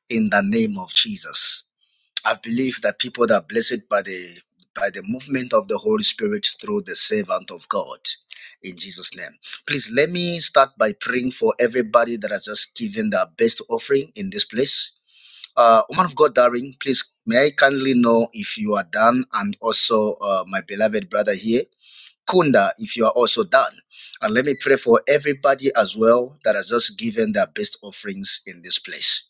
Speaker 3: In the name of Jesus. I believe that people that are blessed by the by the movement of the Holy Spirit through the servant of God in Jesus' name. Please let me start by praying for everybody that has just given their best offering in this place. Uh, woman of God, Darling, please may I kindly know if you are done, and also uh, my beloved brother here, Kunda, if you are also done. And let me pray for everybody as well that has just given their best offerings in this place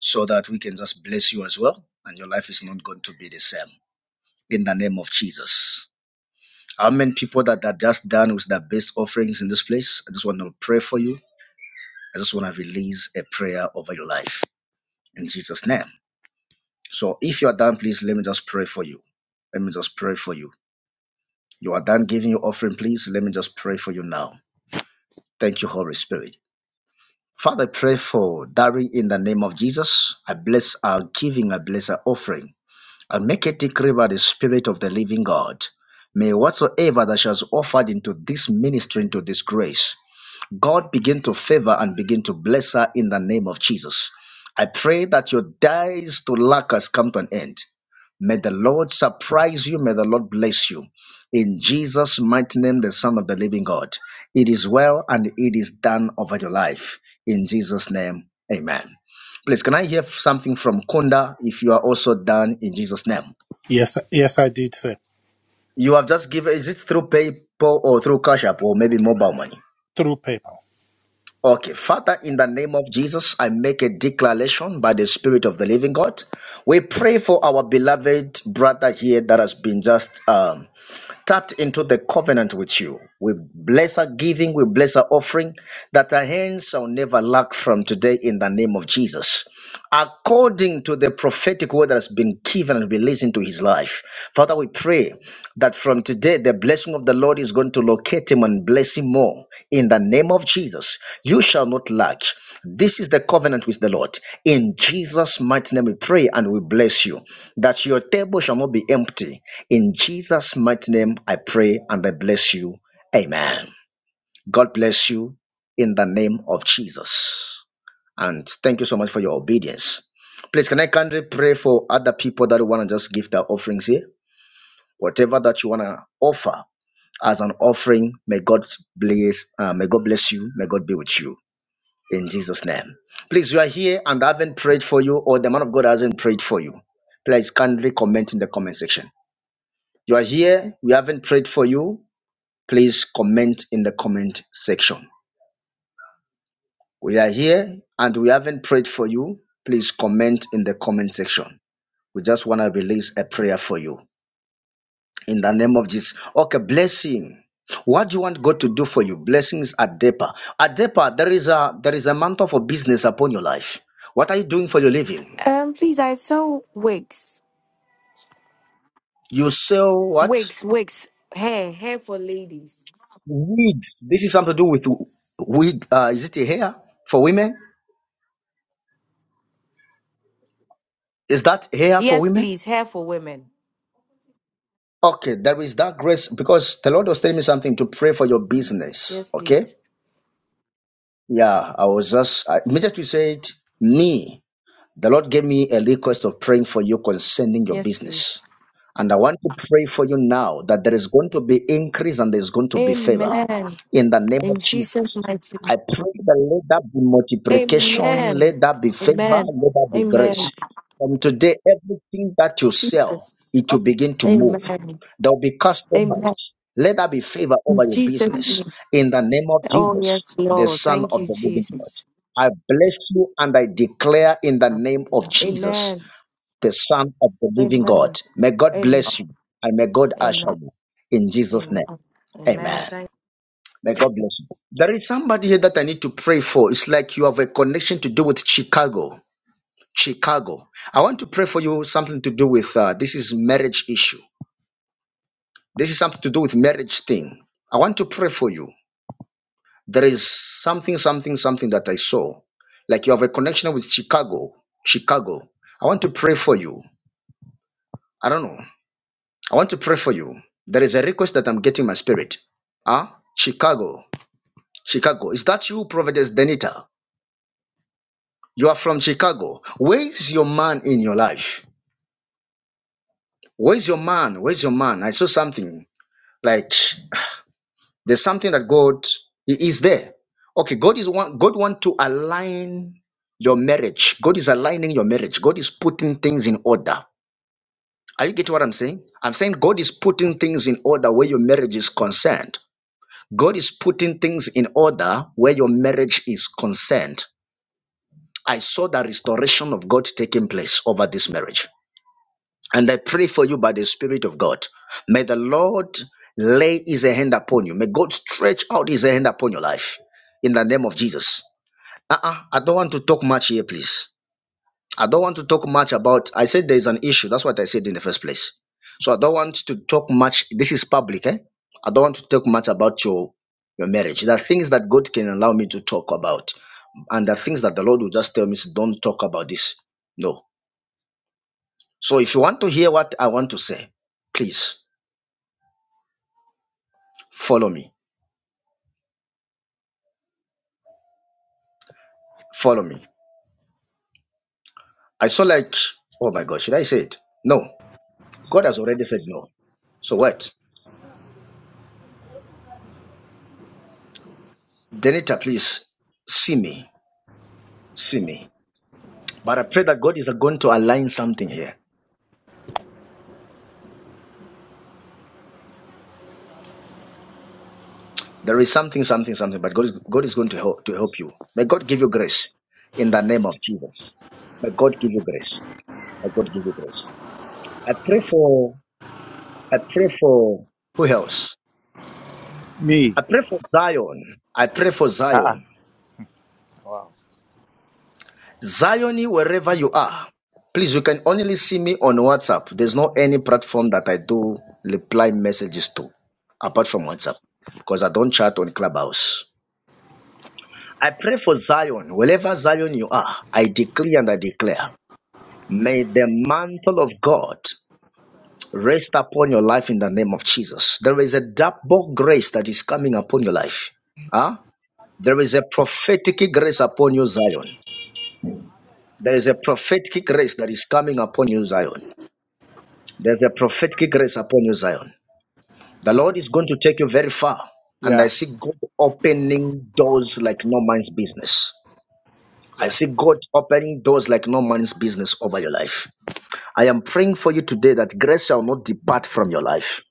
Speaker 3: so that we can just bless you as well, and your life is not going to be the same. In the name of Jesus. How many people that are just done with their best offerings in this place? I just want to pray for you. I just want to release a prayer over your life in Jesus' name. So if you are done, please let me just pray for you. Let me just pray for you. You are done giving your offering, please. Let me just pray for you now. Thank you, Holy Spirit. Father, I pray for Dari in the name of Jesus. I bless our giving, I bless our offering. and make it take river the spirit of the living God. May whatsoever that shall be offered into this ministry, into this grace, God begin to favor and begin to bless her in the name of Jesus. I pray that your days to lack has come to an end. May the Lord surprise you. May the Lord bless you. In Jesus' mighty name, the Son of the Living God. It is well and it is done over your life. In Jesus' name, amen. Please, can I hear something from Kunda if you are also done in Jesus' name?
Speaker 10: Yes, yes, I did, say
Speaker 3: You have just given, is it through PayPal or through Cash App or maybe mobile money?
Speaker 10: Through paper.
Speaker 3: Okay, Father, in the name of Jesus, I make a declaration by the Spirit of the Living God. We pray for our beloved brother here that has been just um, tapped into the covenant with you. We bless our giving, we bless our offering, that our hands shall never lack from today in the name of Jesus. According to the prophetic word that has been given and released into his life, Father, we pray that from today the blessing of the Lord is going to locate him and bless him more in the name of Jesus. You shall not lack. This is the covenant with the Lord. In Jesus' mighty name, we pray and we bless you that your table shall not be empty. In Jesus' mighty name, I pray and I bless you. Amen. God bless you in the name of Jesus. And thank you so much for your obedience. Please, can I kindly pray for other people that want to just give their offerings here? Whatever that you want to offer as an offering, may God bless. Uh, may God bless you. May God be with you in Jesus' name. Please, you are here and I haven't prayed for you, or the man of God hasn't prayed for you. Please kindly comment in the comment section. You are here, we haven't prayed for you. Please comment in the comment section. We are here and we haven't prayed for you. Please comment in the comment section. We just want to release a prayer for you in the name of Jesus. Okay, blessing. What do you want God to do for you? Blessings at Depa. At Depa, there is a there is a mantle for business upon your life. What are you doing for your living?
Speaker 4: Um, please, I saw wigs,
Speaker 3: You sell what?
Speaker 4: wigs, wigs, hair, hair for ladies.
Speaker 3: Weeds. This is something to do with wig. Uh, is it a hair for women? Is that hair for
Speaker 4: Yes,
Speaker 3: women?
Speaker 4: please, hair for women.
Speaker 3: Okay, there is that grace because the Lord was telling me something to pray for your
Speaker 4: Mhm.
Speaker 3: business.
Speaker 4: Yes,
Speaker 3: Okay.
Speaker 4: please.
Speaker 3: Yeah, I was just I immediately said me. The Lord gave me a request of praying for you concerning your
Speaker 4: Yes, please.
Speaker 3: business. And I want to pray for you now that there is going to be increase and there's going to be favor
Speaker 4: Amen.
Speaker 3: in the name of
Speaker 4: In
Speaker 3: Jesus.
Speaker 4: Jesus' mighty name.
Speaker 3: I pray that let that be multiplication,
Speaker 4: Amen.
Speaker 3: let that be favor,
Speaker 4: Amen.
Speaker 3: let that be grace.
Speaker 4: Amen.
Speaker 3: From today, everything that you sell,
Speaker 4: Jesus.
Speaker 3: it will begin to move.
Speaker 4: Amen.
Speaker 3: There will be
Speaker 4: Amen.
Speaker 3: customers. Let that be favor
Speaker 4: In
Speaker 3: over your
Speaker 4: Jesus'
Speaker 3: business
Speaker 4: name.
Speaker 3: in the name of
Speaker 4: Oh,
Speaker 3: Jesus,
Speaker 4: yes,
Speaker 3: the
Speaker 4: Lord.
Speaker 3: Son
Speaker 4: Thank
Speaker 3: of
Speaker 4: you,
Speaker 3: the Living God.
Speaker 4: Jesus.
Speaker 3: I bless you and I declare in the name of Jesus,
Speaker 4: Amen. Amen.
Speaker 3: the Son of the living God.
Speaker 4: Amen.
Speaker 3: May God bless you and may God
Speaker 4: Amen.
Speaker 3: usher you in Jesus'
Speaker 4: Amen.
Speaker 3: name.
Speaker 4: Amen.
Speaker 3: Amen.
Speaker 4: Thank
Speaker 3: May God bless you. There is somebody here that I need to pray for. It's like you have a connection to do with Chicago. Chicago. I want to pray for you something to do with uh, this is marriage issue. This is something to do with marriage thing. I want to pray for you. There is something, something, something that I saw. Like you have a connection with Chicago. Chicago. I want to pray for you. I don't know. I want to pray for you. There is a request that I'm getting in my spirit. Huh? Chicago. Chicago. Is that you, Providence Denita? You are from Chicago. Where is your man in your life? Where's your man? Where's your man? I saw something like There's something that God He is there. Okay, God is one. God want to align your marriage. God is aligning your marriage. God is putting things in order. Are you getting what I'm saying? I'm saying God is putting things in order where your marriage is concerned. God is putting things in order where your marriage is concerned. I saw the restoration of God taking place over this marriage. And I pray for you by the Spirit of God. May the Lord lay his hand upon you. May God stretch out his hand upon your life in the name of Jesus. Uh-uh, I don't want to talk much here, please. I don't want to talk much about. I said there's an issue. That's what I said in the first place. So I don't want to talk much. This is public, eh? I don't want to talk much about your your marriage. There are things that God can allow me to talk about, and there are things that the Lord will just tell me, don't talk about this. No, so if you want to hear what I want to say, please follow me. Follow me. I saw like, oh my God, should I say it? No. God has already said no. So what? Denita, please see me. See me. But I pray that God is going to align something here. There is something, something, something, but God is, God is going to help, to help you. May God give you grace in the name of Jesus. May God give you grace. May God give you grace. I pray for, I pray for, who else?
Speaker 9: Me.
Speaker 3: I pray for Zion. I pray for
Speaker 9: Uh-uh.
Speaker 3: Zion.
Speaker 9: Wow.
Speaker 3: Zion, wherever you are, please, you can only see me on WhatsApp. There's no any platform that I do reply messages to apart from WhatsApp because I don't chat on Clubhouse. I pray for Zion. Wherever Zion you are, I decree and I declare, may the mantle of God rest upon your life in the name of Jesus. There is a double grace that is coming upon your life. Huh? There is a prophetic grace upon you, Zion. There is a prophetic grace that is coming upon you, Zion. There's a prophetic grace upon you, Zion. The Lord is going to take you very far. And I
Speaker 9: Yeah.
Speaker 3: see God opening doors like no man's business. I
Speaker 9: Yeah.
Speaker 3: see God opening doors like no man's business over your life. I am praying for you today that grace shall not depart from your life.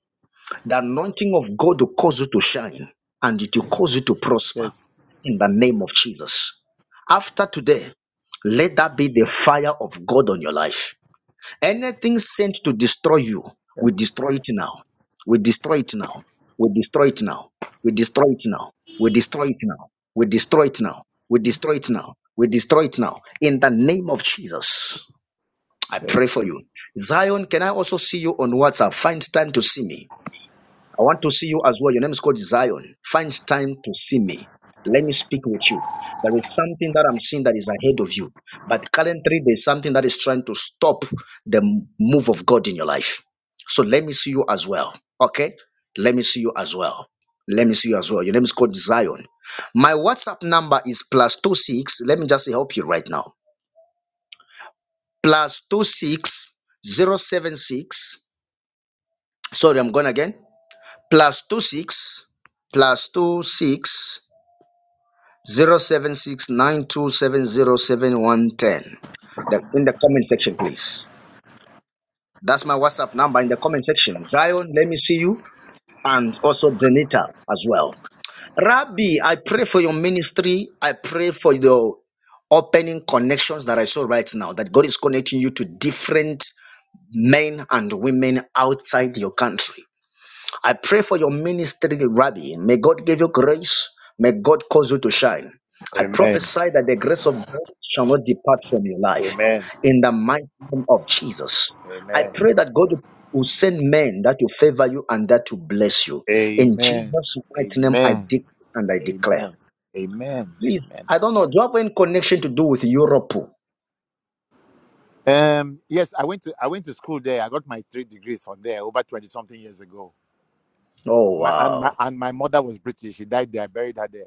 Speaker 3: The anointing of God will cause you to shine and it will cause you to prosper
Speaker 9: Yes.
Speaker 3: in the name of Jesus. After today, let that be the fire of God on your life. Anything sent to destroy you, we
Speaker 9: Yes.
Speaker 3: destroy it now. We destroy it now. We destroy it now. We destroy it now. We destroy it now. We destroy it now. We destroy it now. We destroy it now. In the name of Jesus, I pray
Speaker 9: Yes.
Speaker 3: for you. Zion, can I also see you on WhatsApp? Find time to see me. I want to see you as well. Your name is called Zion. Find time to see me. Let me speak with you. There is something that I'm seeing that is ahead of you. But currently, there's something that is trying to stop the m- move of God in your life. So let me see you as well. Okay? Let me see you as well. Let me see you as well. Your name is called Zion. My WhatsApp number is plus two six. Let me just help you right now. Plus two six zero seven six. Sorry, I'm going again. plus two six plus two six zero seven six nine two seven zero seven one ten. The, in the comment section, please. That's my WhatsApp number in the comment section. Zion, let me see you, and also Denita as well. Rabbi, I pray for your ministry. I pray for your opening connections that I saw right now. That God is connecting you to different men and women outside your country. I pray for your ministry, Rabbi. May God give you grace. May God cause you to shine. I
Speaker 9: Amen.
Speaker 3: prophesy that the grace of God shall not depart from your life.
Speaker 9: Amen.
Speaker 3: In the mighty name of Jesus. I
Speaker 9: Amen.
Speaker 3: pray that God will send men that will favor you and that will bless you. In
Speaker 9: Amen.
Speaker 3: Jesus' mighty name, I
Speaker 9: Amen.
Speaker 3: declare and I declare.
Speaker 9: Amen. Amen.
Speaker 3: Please,
Speaker 9: Amen.
Speaker 3: I don't know. Do you have any connection to do with Europe?
Speaker 9: Um, yes, I went to I went to school there. I got my three degrees from there over twenty something years ago.
Speaker 3: Oh,
Speaker 9: My and my
Speaker 3: wow.
Speaker 9: and my mother was British. She died there. I buried her there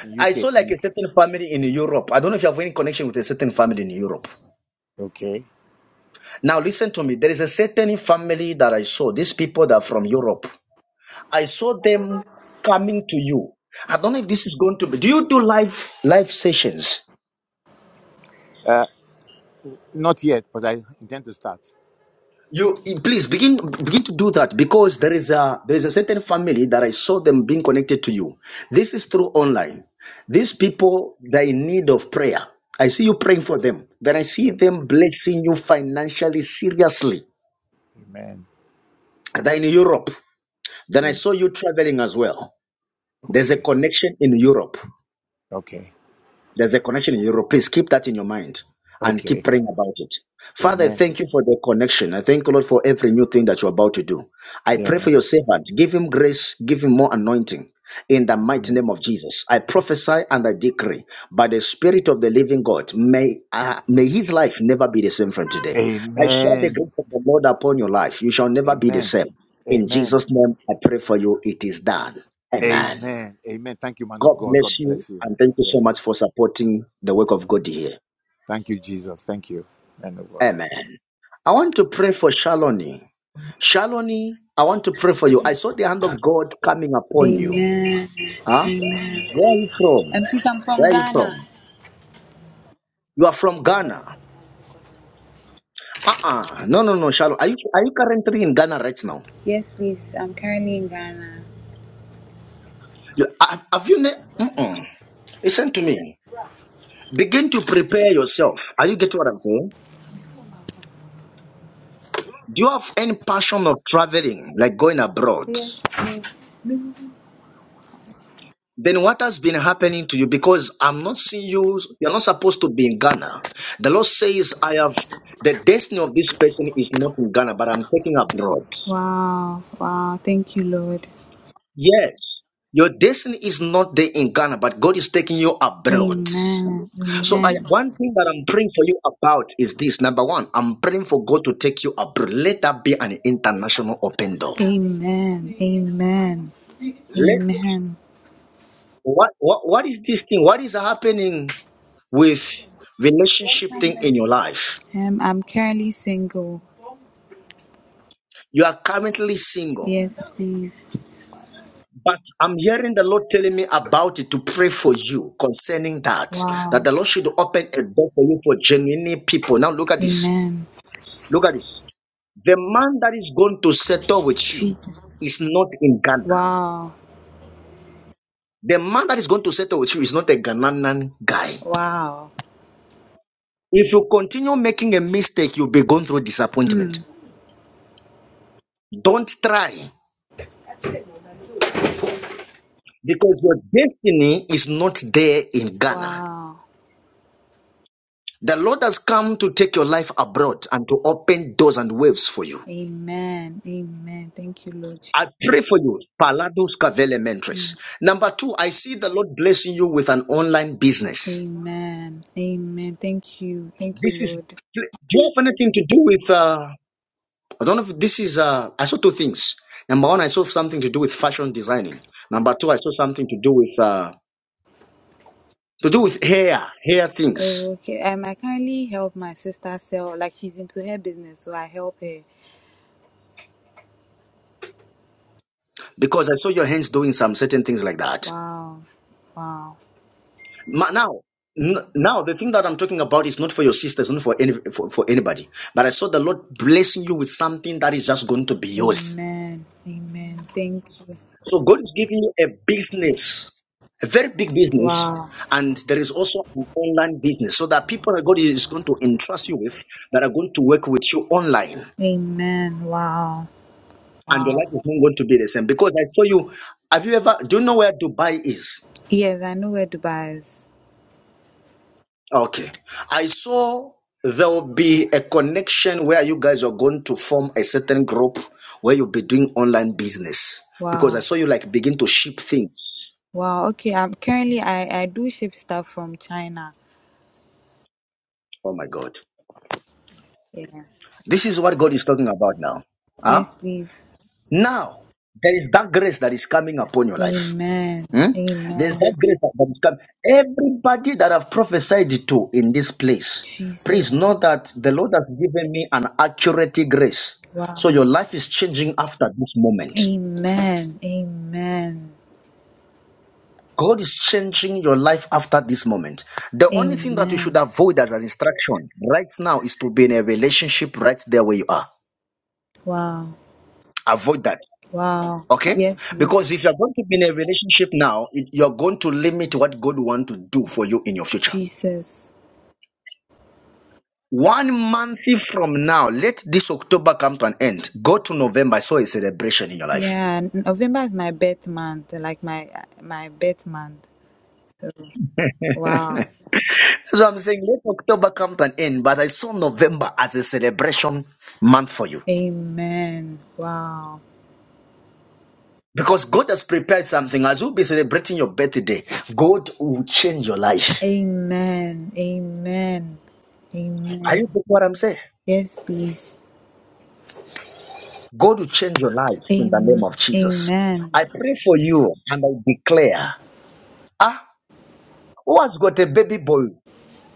Speaker 9: in
Speaker 3: I
Speaker 9: UK.
Speaker 3: saw like
Speaker 9: In
Speaker 3: a
Speaker 9: UK.
Speaker 3: certain family in Europe. I don't know if you have any connection with a certain family in Europe.
Speaker 9: Okay.
Speaker 3: Now listen to me. There is a certain family that I saw. These people that are from Europe. I saw them coming to you. I don't know if this is going to be. Do you do live live sessions?
Speaker 9: Uh, not yet, but I intend to start.
Speaker 3: You eh, please begin begin to do that because there is a there is a certain family that I saw them being connected to you. This is through online. These people they are in need of prayer. I see you praying for them. Then I see
Speaker 9: Yeah.
Speaker 3: them blessing you financially seriously.
Speaker 9: Amen.
Speaker 3: They're in Europe. Then I
Speaker 9: Amen.
Speaker 3: saw you traveling as well. There's a
Speaker 9: Okay.
Speaker 3: connection in Europe.
Speaker 9: Okay.
Speaker 3: There's a connection in Europe. Please keep that in your mind and keep
Speaker 9: Okay.
Speaker 3: praying about it. Father, I
Speaker 9: Amen.
Speaker 3: thank you for the connection. I thank you, Lord, for every new thing that you're about to do. I pray for
Speaker 9: Amen.
Speaker 3: your servant. Give him grace, give him more anointing in the mighty
Speaker 9: Amen.
Speaker 3: name of Jesus. I prophesy and I decree by the Spirit of the living God, may, uh, may his life never be the same from today. I share the
Speaker 9: Amen.
Speaker 3: grace of the Lord upon your life. You shall never be the same. In
Speaker 9: Amen.
Speaker 3: Jesus' name, I pray for you. It is done. Amen.
Speaker 9: Amen. Amen. Thank you, man of
Speaker 3: God
Speaker 9: God. God
Speaker 3: bless you
Speaker 9: bless you.
Speaker 3: and thank you so
Speaker 9: Yes.
Speaker 3: much for supporting the work of God here.
Speaker 9: Thank you, Jesus. Thank you, man of God.
Speaker 3: Amen. I want to pray for Shaloni. Shaloni, I want to pray for you. I saw the hand of God coming upon you.
Speaker 19: Amen.
Speaker 3: Huh?
Speaker 19: Amen.
Speaker 3: Where are you from?
Speaker 19: And please, I'm from
Speaker 3: Where are you
Speaker 19: Ghana.
Speaker 3: from? You are from Ghana. Uh-uh. No, no, no, Shaloni. Are you, are you currently in Ghana right now?
Speaker 19: Yes, please. I'm currently in Ghana.
Speaker 3: You, uh, have, have you... Ne- Mm-mm. Listen to me. Begin to prepare yourself. Are you getting what I'm saying? Do you have any passion of traveling, like going abroad?
Speaker 19: Yes, please.
Speaker 3: then what has been happening to you? Because I'm not seeing you, you're not supposed to be in Ghana. The Lord says, I have the destiny of this person is not in Ghana, but I'm taking abroad.
Speaker 19: Wow. Wow. Thank you, Lord.
Speaker 3: Yes, your destiny is not there in Ghana, but God is taking you abroad.
Speaker 19: Amen.
Speaker 3: So I
Speaker 19: Amen.
Speaker 3: one thing that I'm praying for you about is this. Number one, I'm praying for God to take you abroad. Let that be an international open door.
Speaker 19: Amen. Amen.
Speaker 3: Let
Speaker 19: Amen.
Speaker 3: what what, what is this thing? What is happening with relationship thing in your life?
Speaker 19: Um, I'm currently single.
Speaker 3: You are currently single,
Speaker 19: Yes, please.
Speaker 3: but I'm hearing the Lord telling me about it to pray for you concerning that. That
Speaker 19: Wow.
Speaker 3: the Lord should open a door for you for genuine people. Now look at this.
Speaker 19: Amen.
Speaker 3: Look at this. The man that is going to settle with you
Speaker 19: Jesus.
Speaker 3: is not in Ghana.
Speaker 19: Wow.
Speaker 3: The man that is going to settle with you is not a Ghanaian guy.
Speaker 19: Wow.
Speaker 3: If you continue making a mistake, you'll be going through disappointment.
Speaker 19: Hmm.
Speaker 3: Don't try because your destiny is not there in Ghana.
Speaker 19: Wow.
Speaker 3: The Lord has come to take your life abroad and to open doors and waves for you.
Speaker 19: Amen. Amen. Thank you, Lord.
Speaker 3: I
Speaker 19: Jesus.
Speaker 3: pray for you, Palados Cavele
Speaker 19: Hmm.
Speaker 3: Mentres. Number two, I see the Lord blessing you with an online business.
Speaker 19: Amen. Amen. Thank you. Thank you,
Speaker 3: This is,
Speaker 19: Lord.
Speaker 3: do you have anything to do with, uh, I don't know if this is, uh, I saw two things. Number one, I saw something to do with fashion designing. Number two, I saw something to do with, uh, to do with hair, hair things.
Speaker 19: Okay. Um, I currently help my sister sell, like she's into her business, so I help her.
Speaker 3: Because I saw your hands doing some certain things like that.
Speaker 19: Wow. Wow.
Speaker 3: Ma- Now, n- now the thing that I'm talking about is not for your sisters, not for any for, for anybody. But I saw the Lord blessing you with something that is just going to be yours.
Speaker 19: Amen. Amen. Thank you.
Speaker 3: So God is giving you a business, a very big business,
Speaker 19: Wow.
Speaker 3: and there is also an online business. So that people that God is going to entrust you with that are going to work with you online,
Speaker 19: Amen. Wow.
Speaker 3: and your life
Speaker 19: Wow.
Speaker 3: is not going to be the same. Because I saw you. Have you ever? Do you know where Dubai is?
Speaker 19: Yes, I know where Dubai is.
Speaker 3: Okay. I saw there will be a connection where you guys are going to form a certain group where you'll be doing online business because I
Speaker 19: Wow.
Speaker 3: saw you like begin to ship things.
Speaker 19: Wow. Okay. I'm currently I I do ship stuff from China.
Speaker 3: Oh my God.
Speaker 19: Yeah.
Speaker 3: This is what God is talking about now. Huh?
Speaker 19: Yes, please.
Speaker 3: Now, there is that grace that is coming upon your life.
Speaker 19: Amen.
Speaker 3: Hmm? There's that
Speaker 19: Amen.
Speaker 3: grace that that is coming. Everybody that I've prophesied to in this place,
Speaker 19: Jesus.
Speaker 3: please know that the Lord has given me an accurate grace.
Speaker 19: Wow.
Speaker 3: So your life is changing after this moment.
Speaker 19: Amen. Amen.
Speaker 3: God is changing your life after this moment. The only thing that you should
Speaker 19: Amen.
Speaker 3: avoid as an instruction right now is to be in a relationship right there where you are.
Speaker 19: Wow.
Speaker 3: Avoid that.
Speaker 19: Wow.
Speaker 3: Okay?
Speaker 19: Yes, this
Speaker 3: Because if you're going to be in a relationship now, it- you're going to limit what God wants to do for you in your future.
Speaker 19: Jesus.
Speaker 3: One month from now, let this October come to an end. Go to November. I saw a celebration in your life.
Speaker 19: Yeah, n- November is my birth month, like my uh, my birth month. So, wow.
Speaker 3: That's what I'm saying. October, end, but I saw November as a celebration month for you.
Speaker 19: Amen. Wow.
Speaker 3: Because go on your birthday, God will change your life.
Speaker 19: Amen. Amen.
Speaker 3: Are
Speaker 19: Amen.
Speaker 3: you getting what I'm saying?
Speaker 19: Yes, please.
Speaker 3: God will change life in the name
Speaker 19: Amen.
Speaker 3: of Jesus.
Speaker 19: Amen.
Speaker 3: I pray and I declare, ah, who has got a baby boy?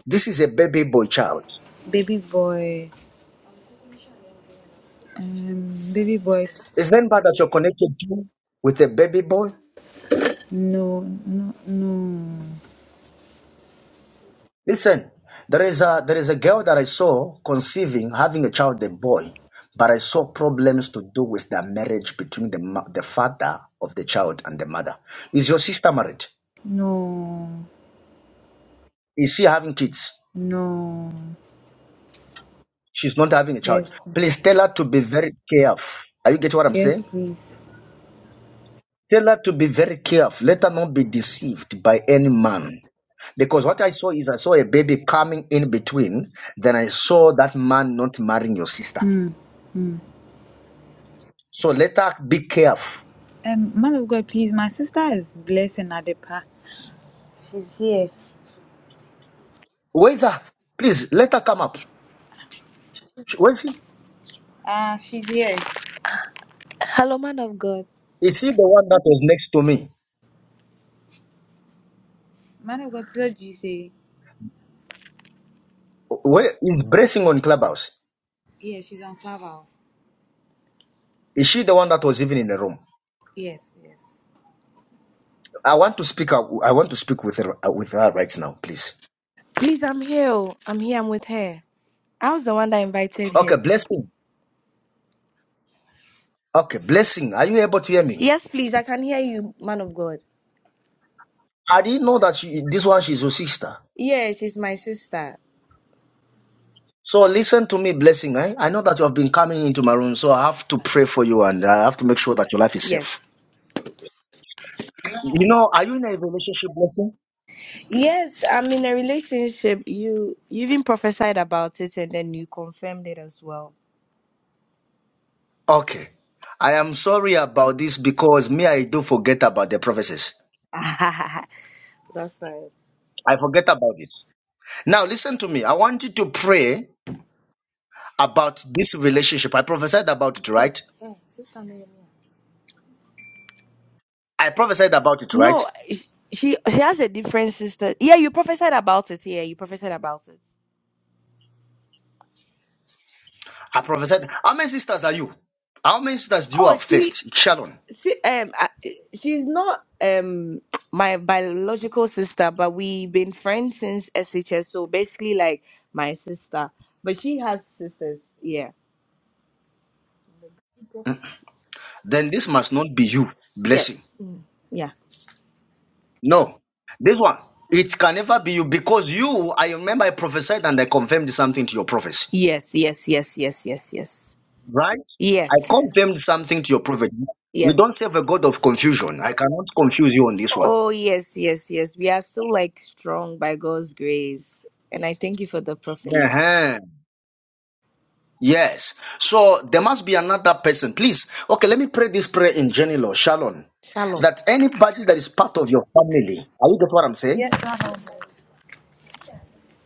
Speaker 3: This is a baby boy child.
Speaker 19: Baby boy. Um, baby boy.
Speaker 3: Is there anybody that you're connected to with a baby boy?
Speaker 19: No, no, no,
Speaker 3: Listen, there is a there is a girl that I saw conceiving, having a child, a boy, but I saw problems to do with the marriage between the ma- the father of the child and the mother. Is your sister married?
Speaker 19: no.
Speaker 3: Is she having kids?
Speaker 19: No.
Speaker 3: She's not having a child.
Speaker 19: Yes.
Speaker 3: Please tell her to be very careful. Are you getting what I'm
Speaker 19: Yes,
Speaker 3: saying?
Speaker 19: please.
Speaker 3: Tell her to be very careful. Let her not be deceived by any man. Because what I saw is I saw a baby coming in between. Then I saw that man not marrying your sister.
Speaker 19: Hmm.
Speaker 3: So let her be careful.
Speaker 19: Um, man of God, please. My sister is blessing Adepa. She's here.
Speaker 3: Where is her? Please let her come up. She- Where is she?
Speaker 19: Ah, she's here. Hello, man of God.
Speaker 3: Is she the one that was next to me?
Speaker 19: Man of God, please what do you say?
Speaker 3: Where is bracing on clubhouse?
Speaker 19: Yeah, she's on Clubhouse.
Speaker 3: Is she the one that was even in the room?
Speaker 19: Yes, yes.
Speaker 3: I want to speak. out- I want to speak with her uh, with now, please.
Speaker 19: Please, I'm here. oh. I'm here. I'm with her. I was the one that invited
Speaker 3: Okay,
Speaker 19: her.
Speaker 3: blessing. Okay, blessing. Are you able to hear me?
Speaker 19: Yes, please. I can hear you, man of God.
Speaker 3: I didn't know that she, this one she's your sister.
Speaker 19: Yeah, she's my sister.
Speaker 3: So listen to me, blessing. Eh? I know that you have been coming into my room, so I have to pray for you and I have to make sure that your life is safe.
Speaker 19: Yes.
Speaker 3: You know, are you in a relationship, blessing?
Speaker 19: Yes, I'm in a relationship. You you even prophesied about it and then you confirmed it as well.
Speaker 3: Okay. I am sorry about this because me, I do forget about the prophecies.
Speaker 19: That's right.
Speaker 3: I forget about it. Now listen to me. I want you to pray about this relationship. I prophesied about it,
Speaker 19: Hey,
Speaker 3: right?
Speaker 19: hey, sister Nehemiah.
Speaker 3: I prophesied about it, right?
Speaker 19: no, she, she she has a different sister. Yeah, you prophesied about it. Yeah, you prophesied about it.
Speaker 3: I prophesied. How many sisters are you? How many sisters do you
Speaker 19: Oh,
Speaker 3: have
Speaker 19: she,
Speaker 3: first? Sharon.
Speaker 19: she um I, she's not um my biological sister, but we've been friends since SHS. So basically, like my sister, but she has sisters. Yeah.
Speaker 3: Then this must not be you.
Speaker 19: Yeah.
Speaker 3: Blessing.
Speaker 19: Yeah.
Speaker 3: No. This one. It can never be you because you, I remember I prophesied and I confirmed something to your prophecy.
Speaker 19: Yes. Yes. Yes. Yes. Yes. Yes.
Speaker 3: Right? I
Speaker 19: Yes.
Speaker 3: confirmed something to your prophecy. We
Speaker 19: Yes.
Speaker 3: don't serve a God of confusion. I cannot confuse you on this one.
Speaker 19: Oh, yes, yes, yes. We are still like strong by God's grace. And I thank you for the prophet.
Speaker 3: Uh-huh. Yes. So there must be another person. Please. Okay, let me pray this prayer in general, Shalom.
Speaker 19: Shalom.
Speaker 3: That anybody that is part of your family, are you get what I'm saying?
Speaker 19: Yes, Lord.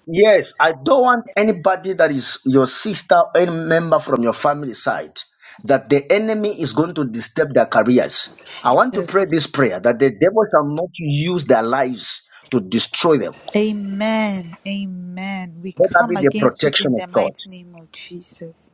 Speaker 3: Yes, I don't want anybody that is your sister, or any member from your family side, that the enemy is going to disturb their careers. I want to pray
Speaker 19: Yes.
Speaker 3: this prayer that the devil shall not use their lives to destroy them.
Speaker 19: Amen. Amen. We
Speaker 3: Let that
Speaker 19: come
Speaker 3: be the
Speaker 19: against it
Speaker 3: protection
Speaker 19: in
Speaker 3: of
Speaker 19: the
Speaker 3: God.
Speaker 19: mighty name of Jesus.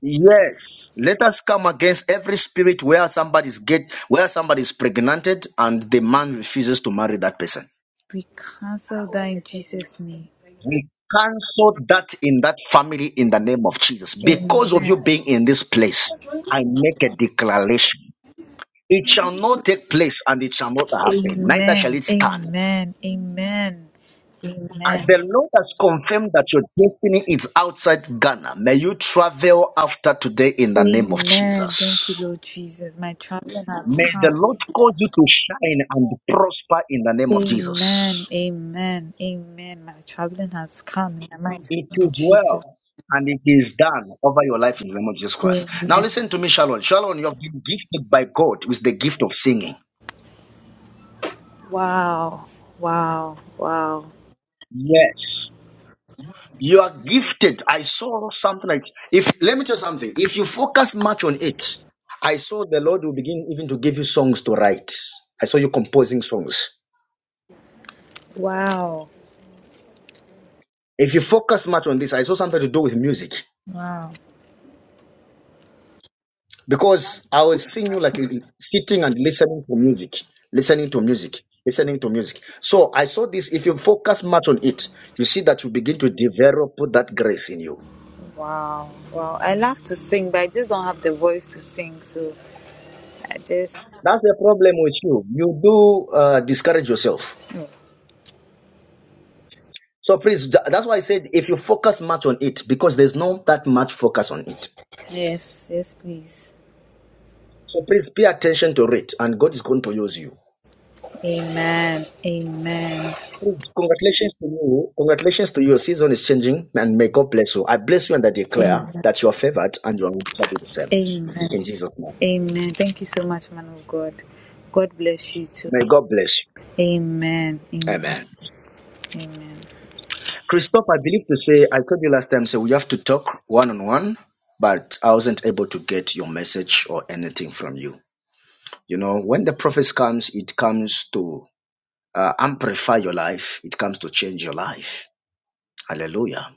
Speaker 3: Yes, let us come against every spirit where somebody's get where somebody's pregnant and the man refuses to marry that person.
Speaker 19: We cancel that in Jesus' name.
Speaker 3: We cancel that in that family in the name of Jesus. Because of you
Speaker 19: Amen.
Speaker 3: being in this place, I make a declaration. It shall not take place and it shall not happen, neither shall
Speaker 19: Amen.
Speaker 3: it stand.
Speaker 19: Amen. Amen. Amen.
Speaker 3: As the Lord has confirmed that your destiny is outside Ghana, may you travel after today in the name of
Speaker 19: Amen. Thank you,
Speaker 3: Jesus.
Speaker 19: Lord Jesus. My champion has
Speaker 3: May the
Speaker 19: come.
Speaker 3: Lord cause you to shine and prosper in the name of Jesus.
Speaker 19: Amen. Amen. Amen. My traveling has come in the mighty
Speaker 3: It
Speaker 19: name of
Speaker 3: is
Speaker 19: Jesus.
Speaker 3: well and it is done over your life in the name of Jesus Christ. Now
Speaker 19: Amen.
Speaker 3: listen to me, Shalom. Shalom, you have been gifted by God with the gift of singing.
Speaker 19: Wow. Wow. Wow.
Speaker 3: Yes. You are gifted. I saw something like if let me tell you something. If you focus much on it, I saw the Lord will begin even to give you songs to write. I saw you composing songs.
Speaker 19: Wow.
Speaker 3: If you focus much on this, I saw something to do with music.
Speaker 19: Wow.
Speaker 3: because I was seeing you like sitting and listening to music, listening to music, listening to music. So I saw this. If you focus much on it, you see that you begin to develop that grace in you.
Speaker 19: Wow. Wow. I love to sing, but I just don't have the voice to sing. So I just
Speaker 3: That's the problem with you. You do uh, discourage yourself. So please, tha- that's why I said if you focus much on it, because there's not that much focus on it.
Speaker 19: Yes, yes, please.
Speaker 3: So please pay attention to it, and God is going to use you.
Speaker 19: Amen. Amen.
Speaker 3: Please, Congratulations to you. Congratulations to you. Your season is changing, and may God bless you. I bless you and I declare
Speaker 19: Amen.
Speaker 3: that you are favored and you are never be the same.
Speaker 19: Amen.
Speaker 3: In Jesus' name.
Speaker 19: Amen. Thank you so much, man of God. God bless you too.
Speaker 3: May God bless you.
Speaker 19: Amen. Amen.
Speaker 3: Amen.
Speaker 19: Amen.
Speaker 3: Christoph, I believe to say, I told you last time, so we have to talk one on one, but I wasn't able to get your message or anything from you. You know, when the prophets comes, it comes to uh, amplify your life. It comes to change your life. Hallelujah.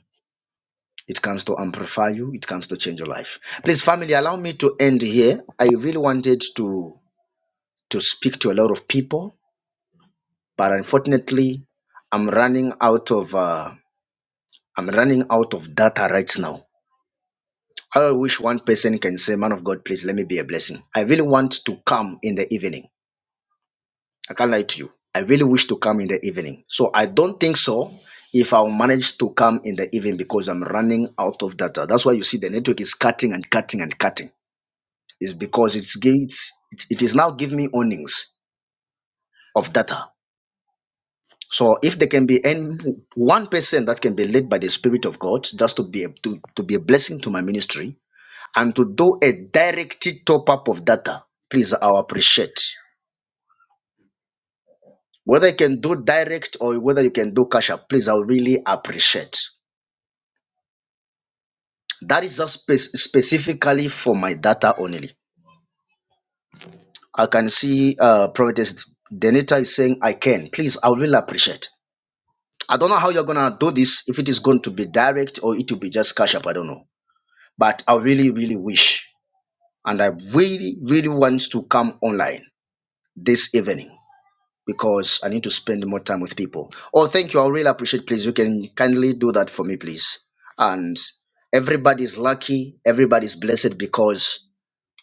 Speaker 3: It comes to amplify you. It comes to change your life. Please, family, allow me to end here. I really wanted to to speak to a lot of people, but unfortunately, I'm running out of uh, I'm running out of data right now. I wish one person can say, "Man of God, please let me be a blessing." I really want to come in the evening. I can't lie to you. I really wish to come in the evening. So I don't think so if I'll manage to come in the evening because I'm running out of data. That's why you see the network is cutting and cutting and cutting. is because it's gates it, it is now giving me earnings of data so if there can be any one person that can be led by the spirit of god just to be a, to, to be a blessing to my ministry and to do a direct top up of data please i'll appreciate whether you can do direct or whether you can do cash up please i'll really appreciate that is just spe- specifically for my data only i can see uh prophetess denita is saying i can please i will really appreciate I don't know how you're gonna do this, if it is going to be direct or it will be just cash up, I don't know. But I really, really wish and I really, really want to come online this evening because I need to spend more time with people. Oh, thank you. I really appreciate please. You can kindly do that for me, please. And everybody's lucky, everybody's blessed because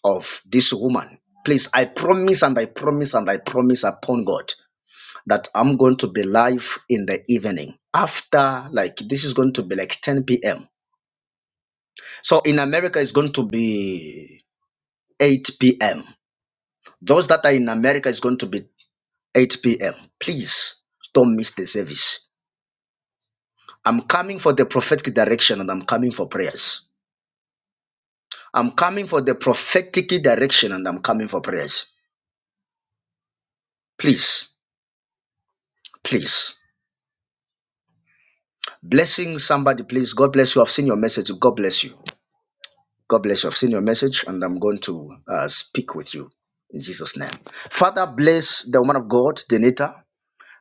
Speaker 3: of this woman. Please, I promise and I promise and I promise upon God that I'm going to be live in the evening after like this is going to be like 10 p.m. So in America it's going to be 8 p.m. Those that are in America is going to be 8 p.m. Please don't miss the service. I'm coming for the prophetic direction and I'm coming for prayers. I'm coming for the prophetic direction and I'm coming for prayers. Please, please. Blessing somebody, please. God bless you. I've seen your message. God bless you. God bless you. I've seen your message and I'm going to uh, speak with you in Jesus' name. Father, bless the woman of God, Denita,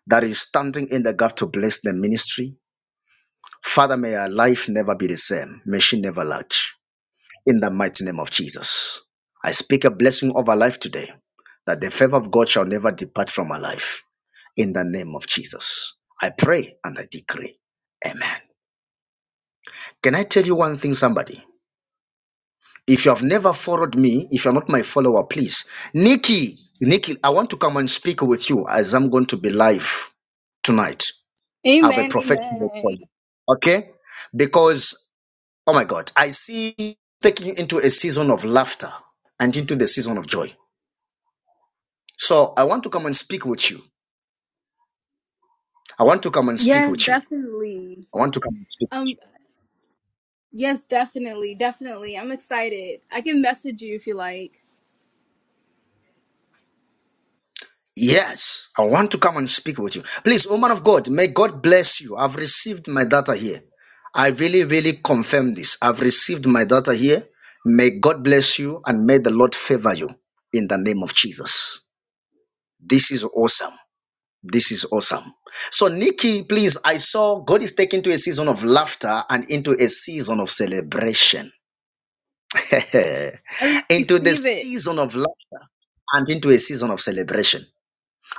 Speaker 3: that is standing in the gap to bless the ministry. Father, may her life never be the same. May she never lack. In the mighty name of Jesus. I speak a blessing over life today that the favor of God shall never depart from her life. In the name of Jesus. I pray and I decree. Amen. Can I tell you one thing, somebody? If you have never followed me, if you're not my follower, please. Nikki, Nikki, I want to come and speak with you as I'm going to be live tonight. I have a
Speaker 20: Amen,
Speaker 3: prophetic word for
Speaker 20: amen.
Speaker 3: you. Okay? Because, oh my God, I see taking into a season of laughter and into the season of joy. So I want to come and speak with you. I want to come and speak
Speaker 20: Yes,
Speaker 3: with you.
Speaker 20: definitely.
Speaker 3: I want to come and speak with you.
Speaker 20: Um, yes, definitely, definitely. I'm excited. I can message you if you like.
Speaker 3: Yes, I want to come and speak with you. Please, woman of God, may God bless you. I've received my data here. I really, really confirm this. I've received my data here. May God bless you and may the Lord favor you in the name of Jesus. This is awesome. This is awesome. So, Nikki, please, I saw God is taking to a season of laughter and into a season of celebration.
Speaker 20: I re-
Speaker 3: into the
Speaker 20: receive it.
Speaker 3: season of laughter and into a season of celebration.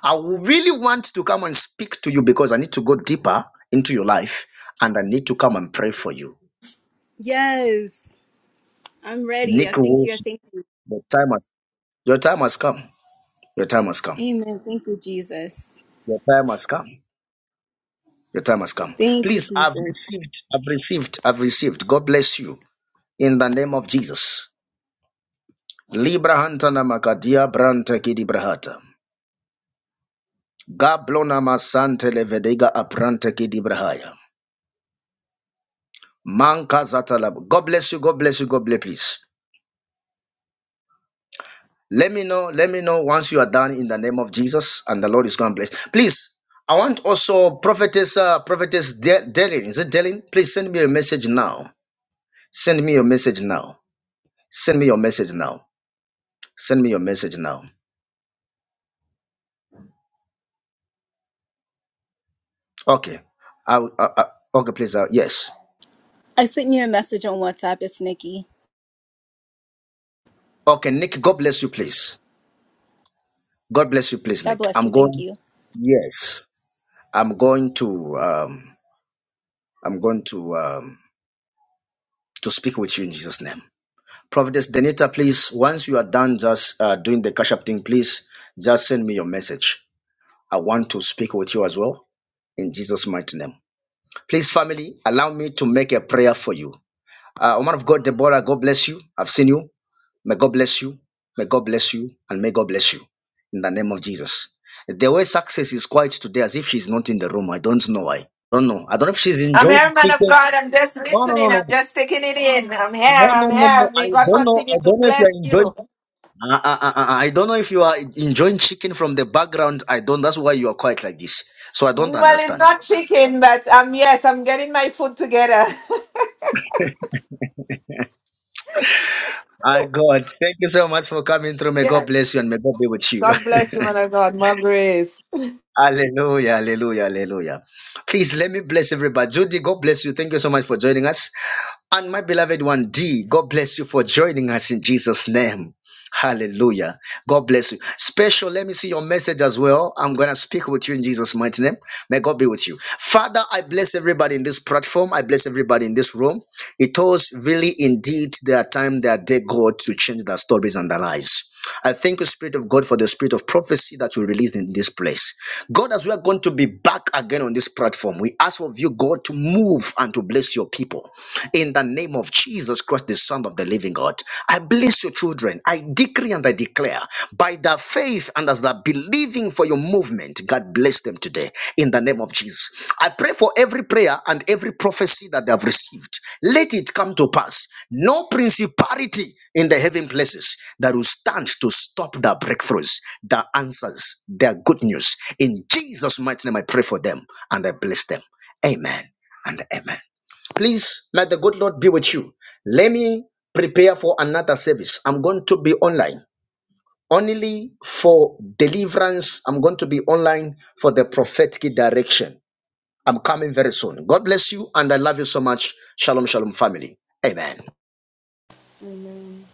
Speaker 3: I really want to come and speak to you because I need to go deeper into your life and I need to come and pray for you.
Speaker 20: Yes, I'm ready. I
Speaker 3: Nick
Speaker 20: thank you. I
Speaker 3: Wilson,
Speaker 20: thank
Speaker 3: your time has, your time has come. Your time has come.
Speaker 20: you. Amen. Thank you, Jesus.
Speaker 3: Your time has come. Your time has come.
Speaker 20: Thank you,
Speaker 3: Please, I've
Speaker 20: Jesus.
Speaker 3: received, I've received, I've received. God bless you in the name of Jesus. Libra hantana makadia branta kidibrahata. Gablona masante levedega apranta kidibrahaya. Manka zatalab. God bless you, God bless you, God bless you. Please. Let me know. Let me know once you are done in the name of Jesus, and the Lord is going to bless. Please, I want also prophetess, uh, prophetess De- Delin. Is it Delin? Please send me a message now. Send me your message now. Send me your message now. Send me your message now. Okay. I, will- I, I okay. Please. Uh, yes.
Speaker 20: I sent you a message on WhatsApp. It's Nikki.
Speaker 3: Okay, Nick. God bless you, please. God bless you, please,
Speaker 20: God
Speaker 3: Nick.
Speaker 20: bless
Speaker 3: I'm
Speaker 20: you. Thank
Speaker 3: going.
Speaker 20: you.
Speaker 3: Yes, I'm going to. Um, I'm going to um, to speak with you in Jesus' name. Prophetess Denita, please, once you are done just uh, doing the cash up thing, please just send me your message. I want to speak with you as well in Jesus' mighty name. Please, family, allow me to make a prayer for you. Uh, woman of God, Deborah, God bless you. I've seen you. May God bless you. May God bless you. And may God bless you in the name of Jesus. The way success is quiet today, as if she's not in the room. I don't know why. don't know. I don't know if she's
Speaker 17: I'm
Speaker 3: enjoying
Speaker 17: here,
Speaker 3: the
Speaker 17: man of
Speaker 3: chicken.
Speaker 17: God. I'm just
Speaker 3: No, no, no,
Speaker 17: listening.
Speaker 3: no.
Speaker 17: I'm just taking it in. I'm here.
Speaker 3: No, no,
Speaker 17: I'm
Speaker 3: no, no.
Speaker 17: here.
Speaker 3: I
Speaker 17: May God
Speaker 3: don't know. I
Speaker 17: continue to
Speaker 3: don't know if
Speaker 17: bless
Speaker 3: you're enjoying.
Speaker 17: you.
Speaker 3: I, I, I I don't know if you are enjoying chicken from the background. I don't. That's why you are quiet like this. So I don't
Speaker 17: Well, it's
Speaker 3: understand.
Speaker 17: not chicken, but um, yes, I'm getting my food together.
Speaker 3: My God, thank you so much for coming through. May God
Speaker 17: yes.
Speaker 3: bless you and may God be with you.
Speaker 17: God bless you, man of God. More grace.
Speaker 3: Hallelujah, hallelujah, hallelujah. Please let me bless everybody. Judy, God bless you. Thank you so much for joining us. And my beloved one, D, God bless you for joining us in Jesus' name. Hallelujah. God bless you. Special, let me see your message as well. I'm going to speak with you in Jesus' mighty name. May God be with you. Father, I bless everybody in this platform. I bless everybody in this room. It was really indeed their time, their day, God, to change their stories and their lives. I thank you, Spirit of God, for the spirit of prophecy that you released in this place. God, as we are going to be back again on this platform, we ask of you, God, to move and to bless your people. In the name of Jesus Christ, the Son of the living God, I bless your children. I decree and I declare by their faith and as they're believing for your movement, God bless them today. In the name of Jesus. I pray for every prayer and every prophecy that they have received. Let it come to pass. No principality in the heaven places that will stand to stop their breakthroughs, their answers, their good news. In Jesus' mighty name, I pray for them and I bless them. Amen and amen. Please, may the good Lord be with you. Let me prepare for another service. I'm going to be online only for deliverance. I'm going to be online for the prophetic direction. I'm coming very soon. God bless you and I love you so much. Shalom, shalom, family. Amen.
Speaker 8: Amen.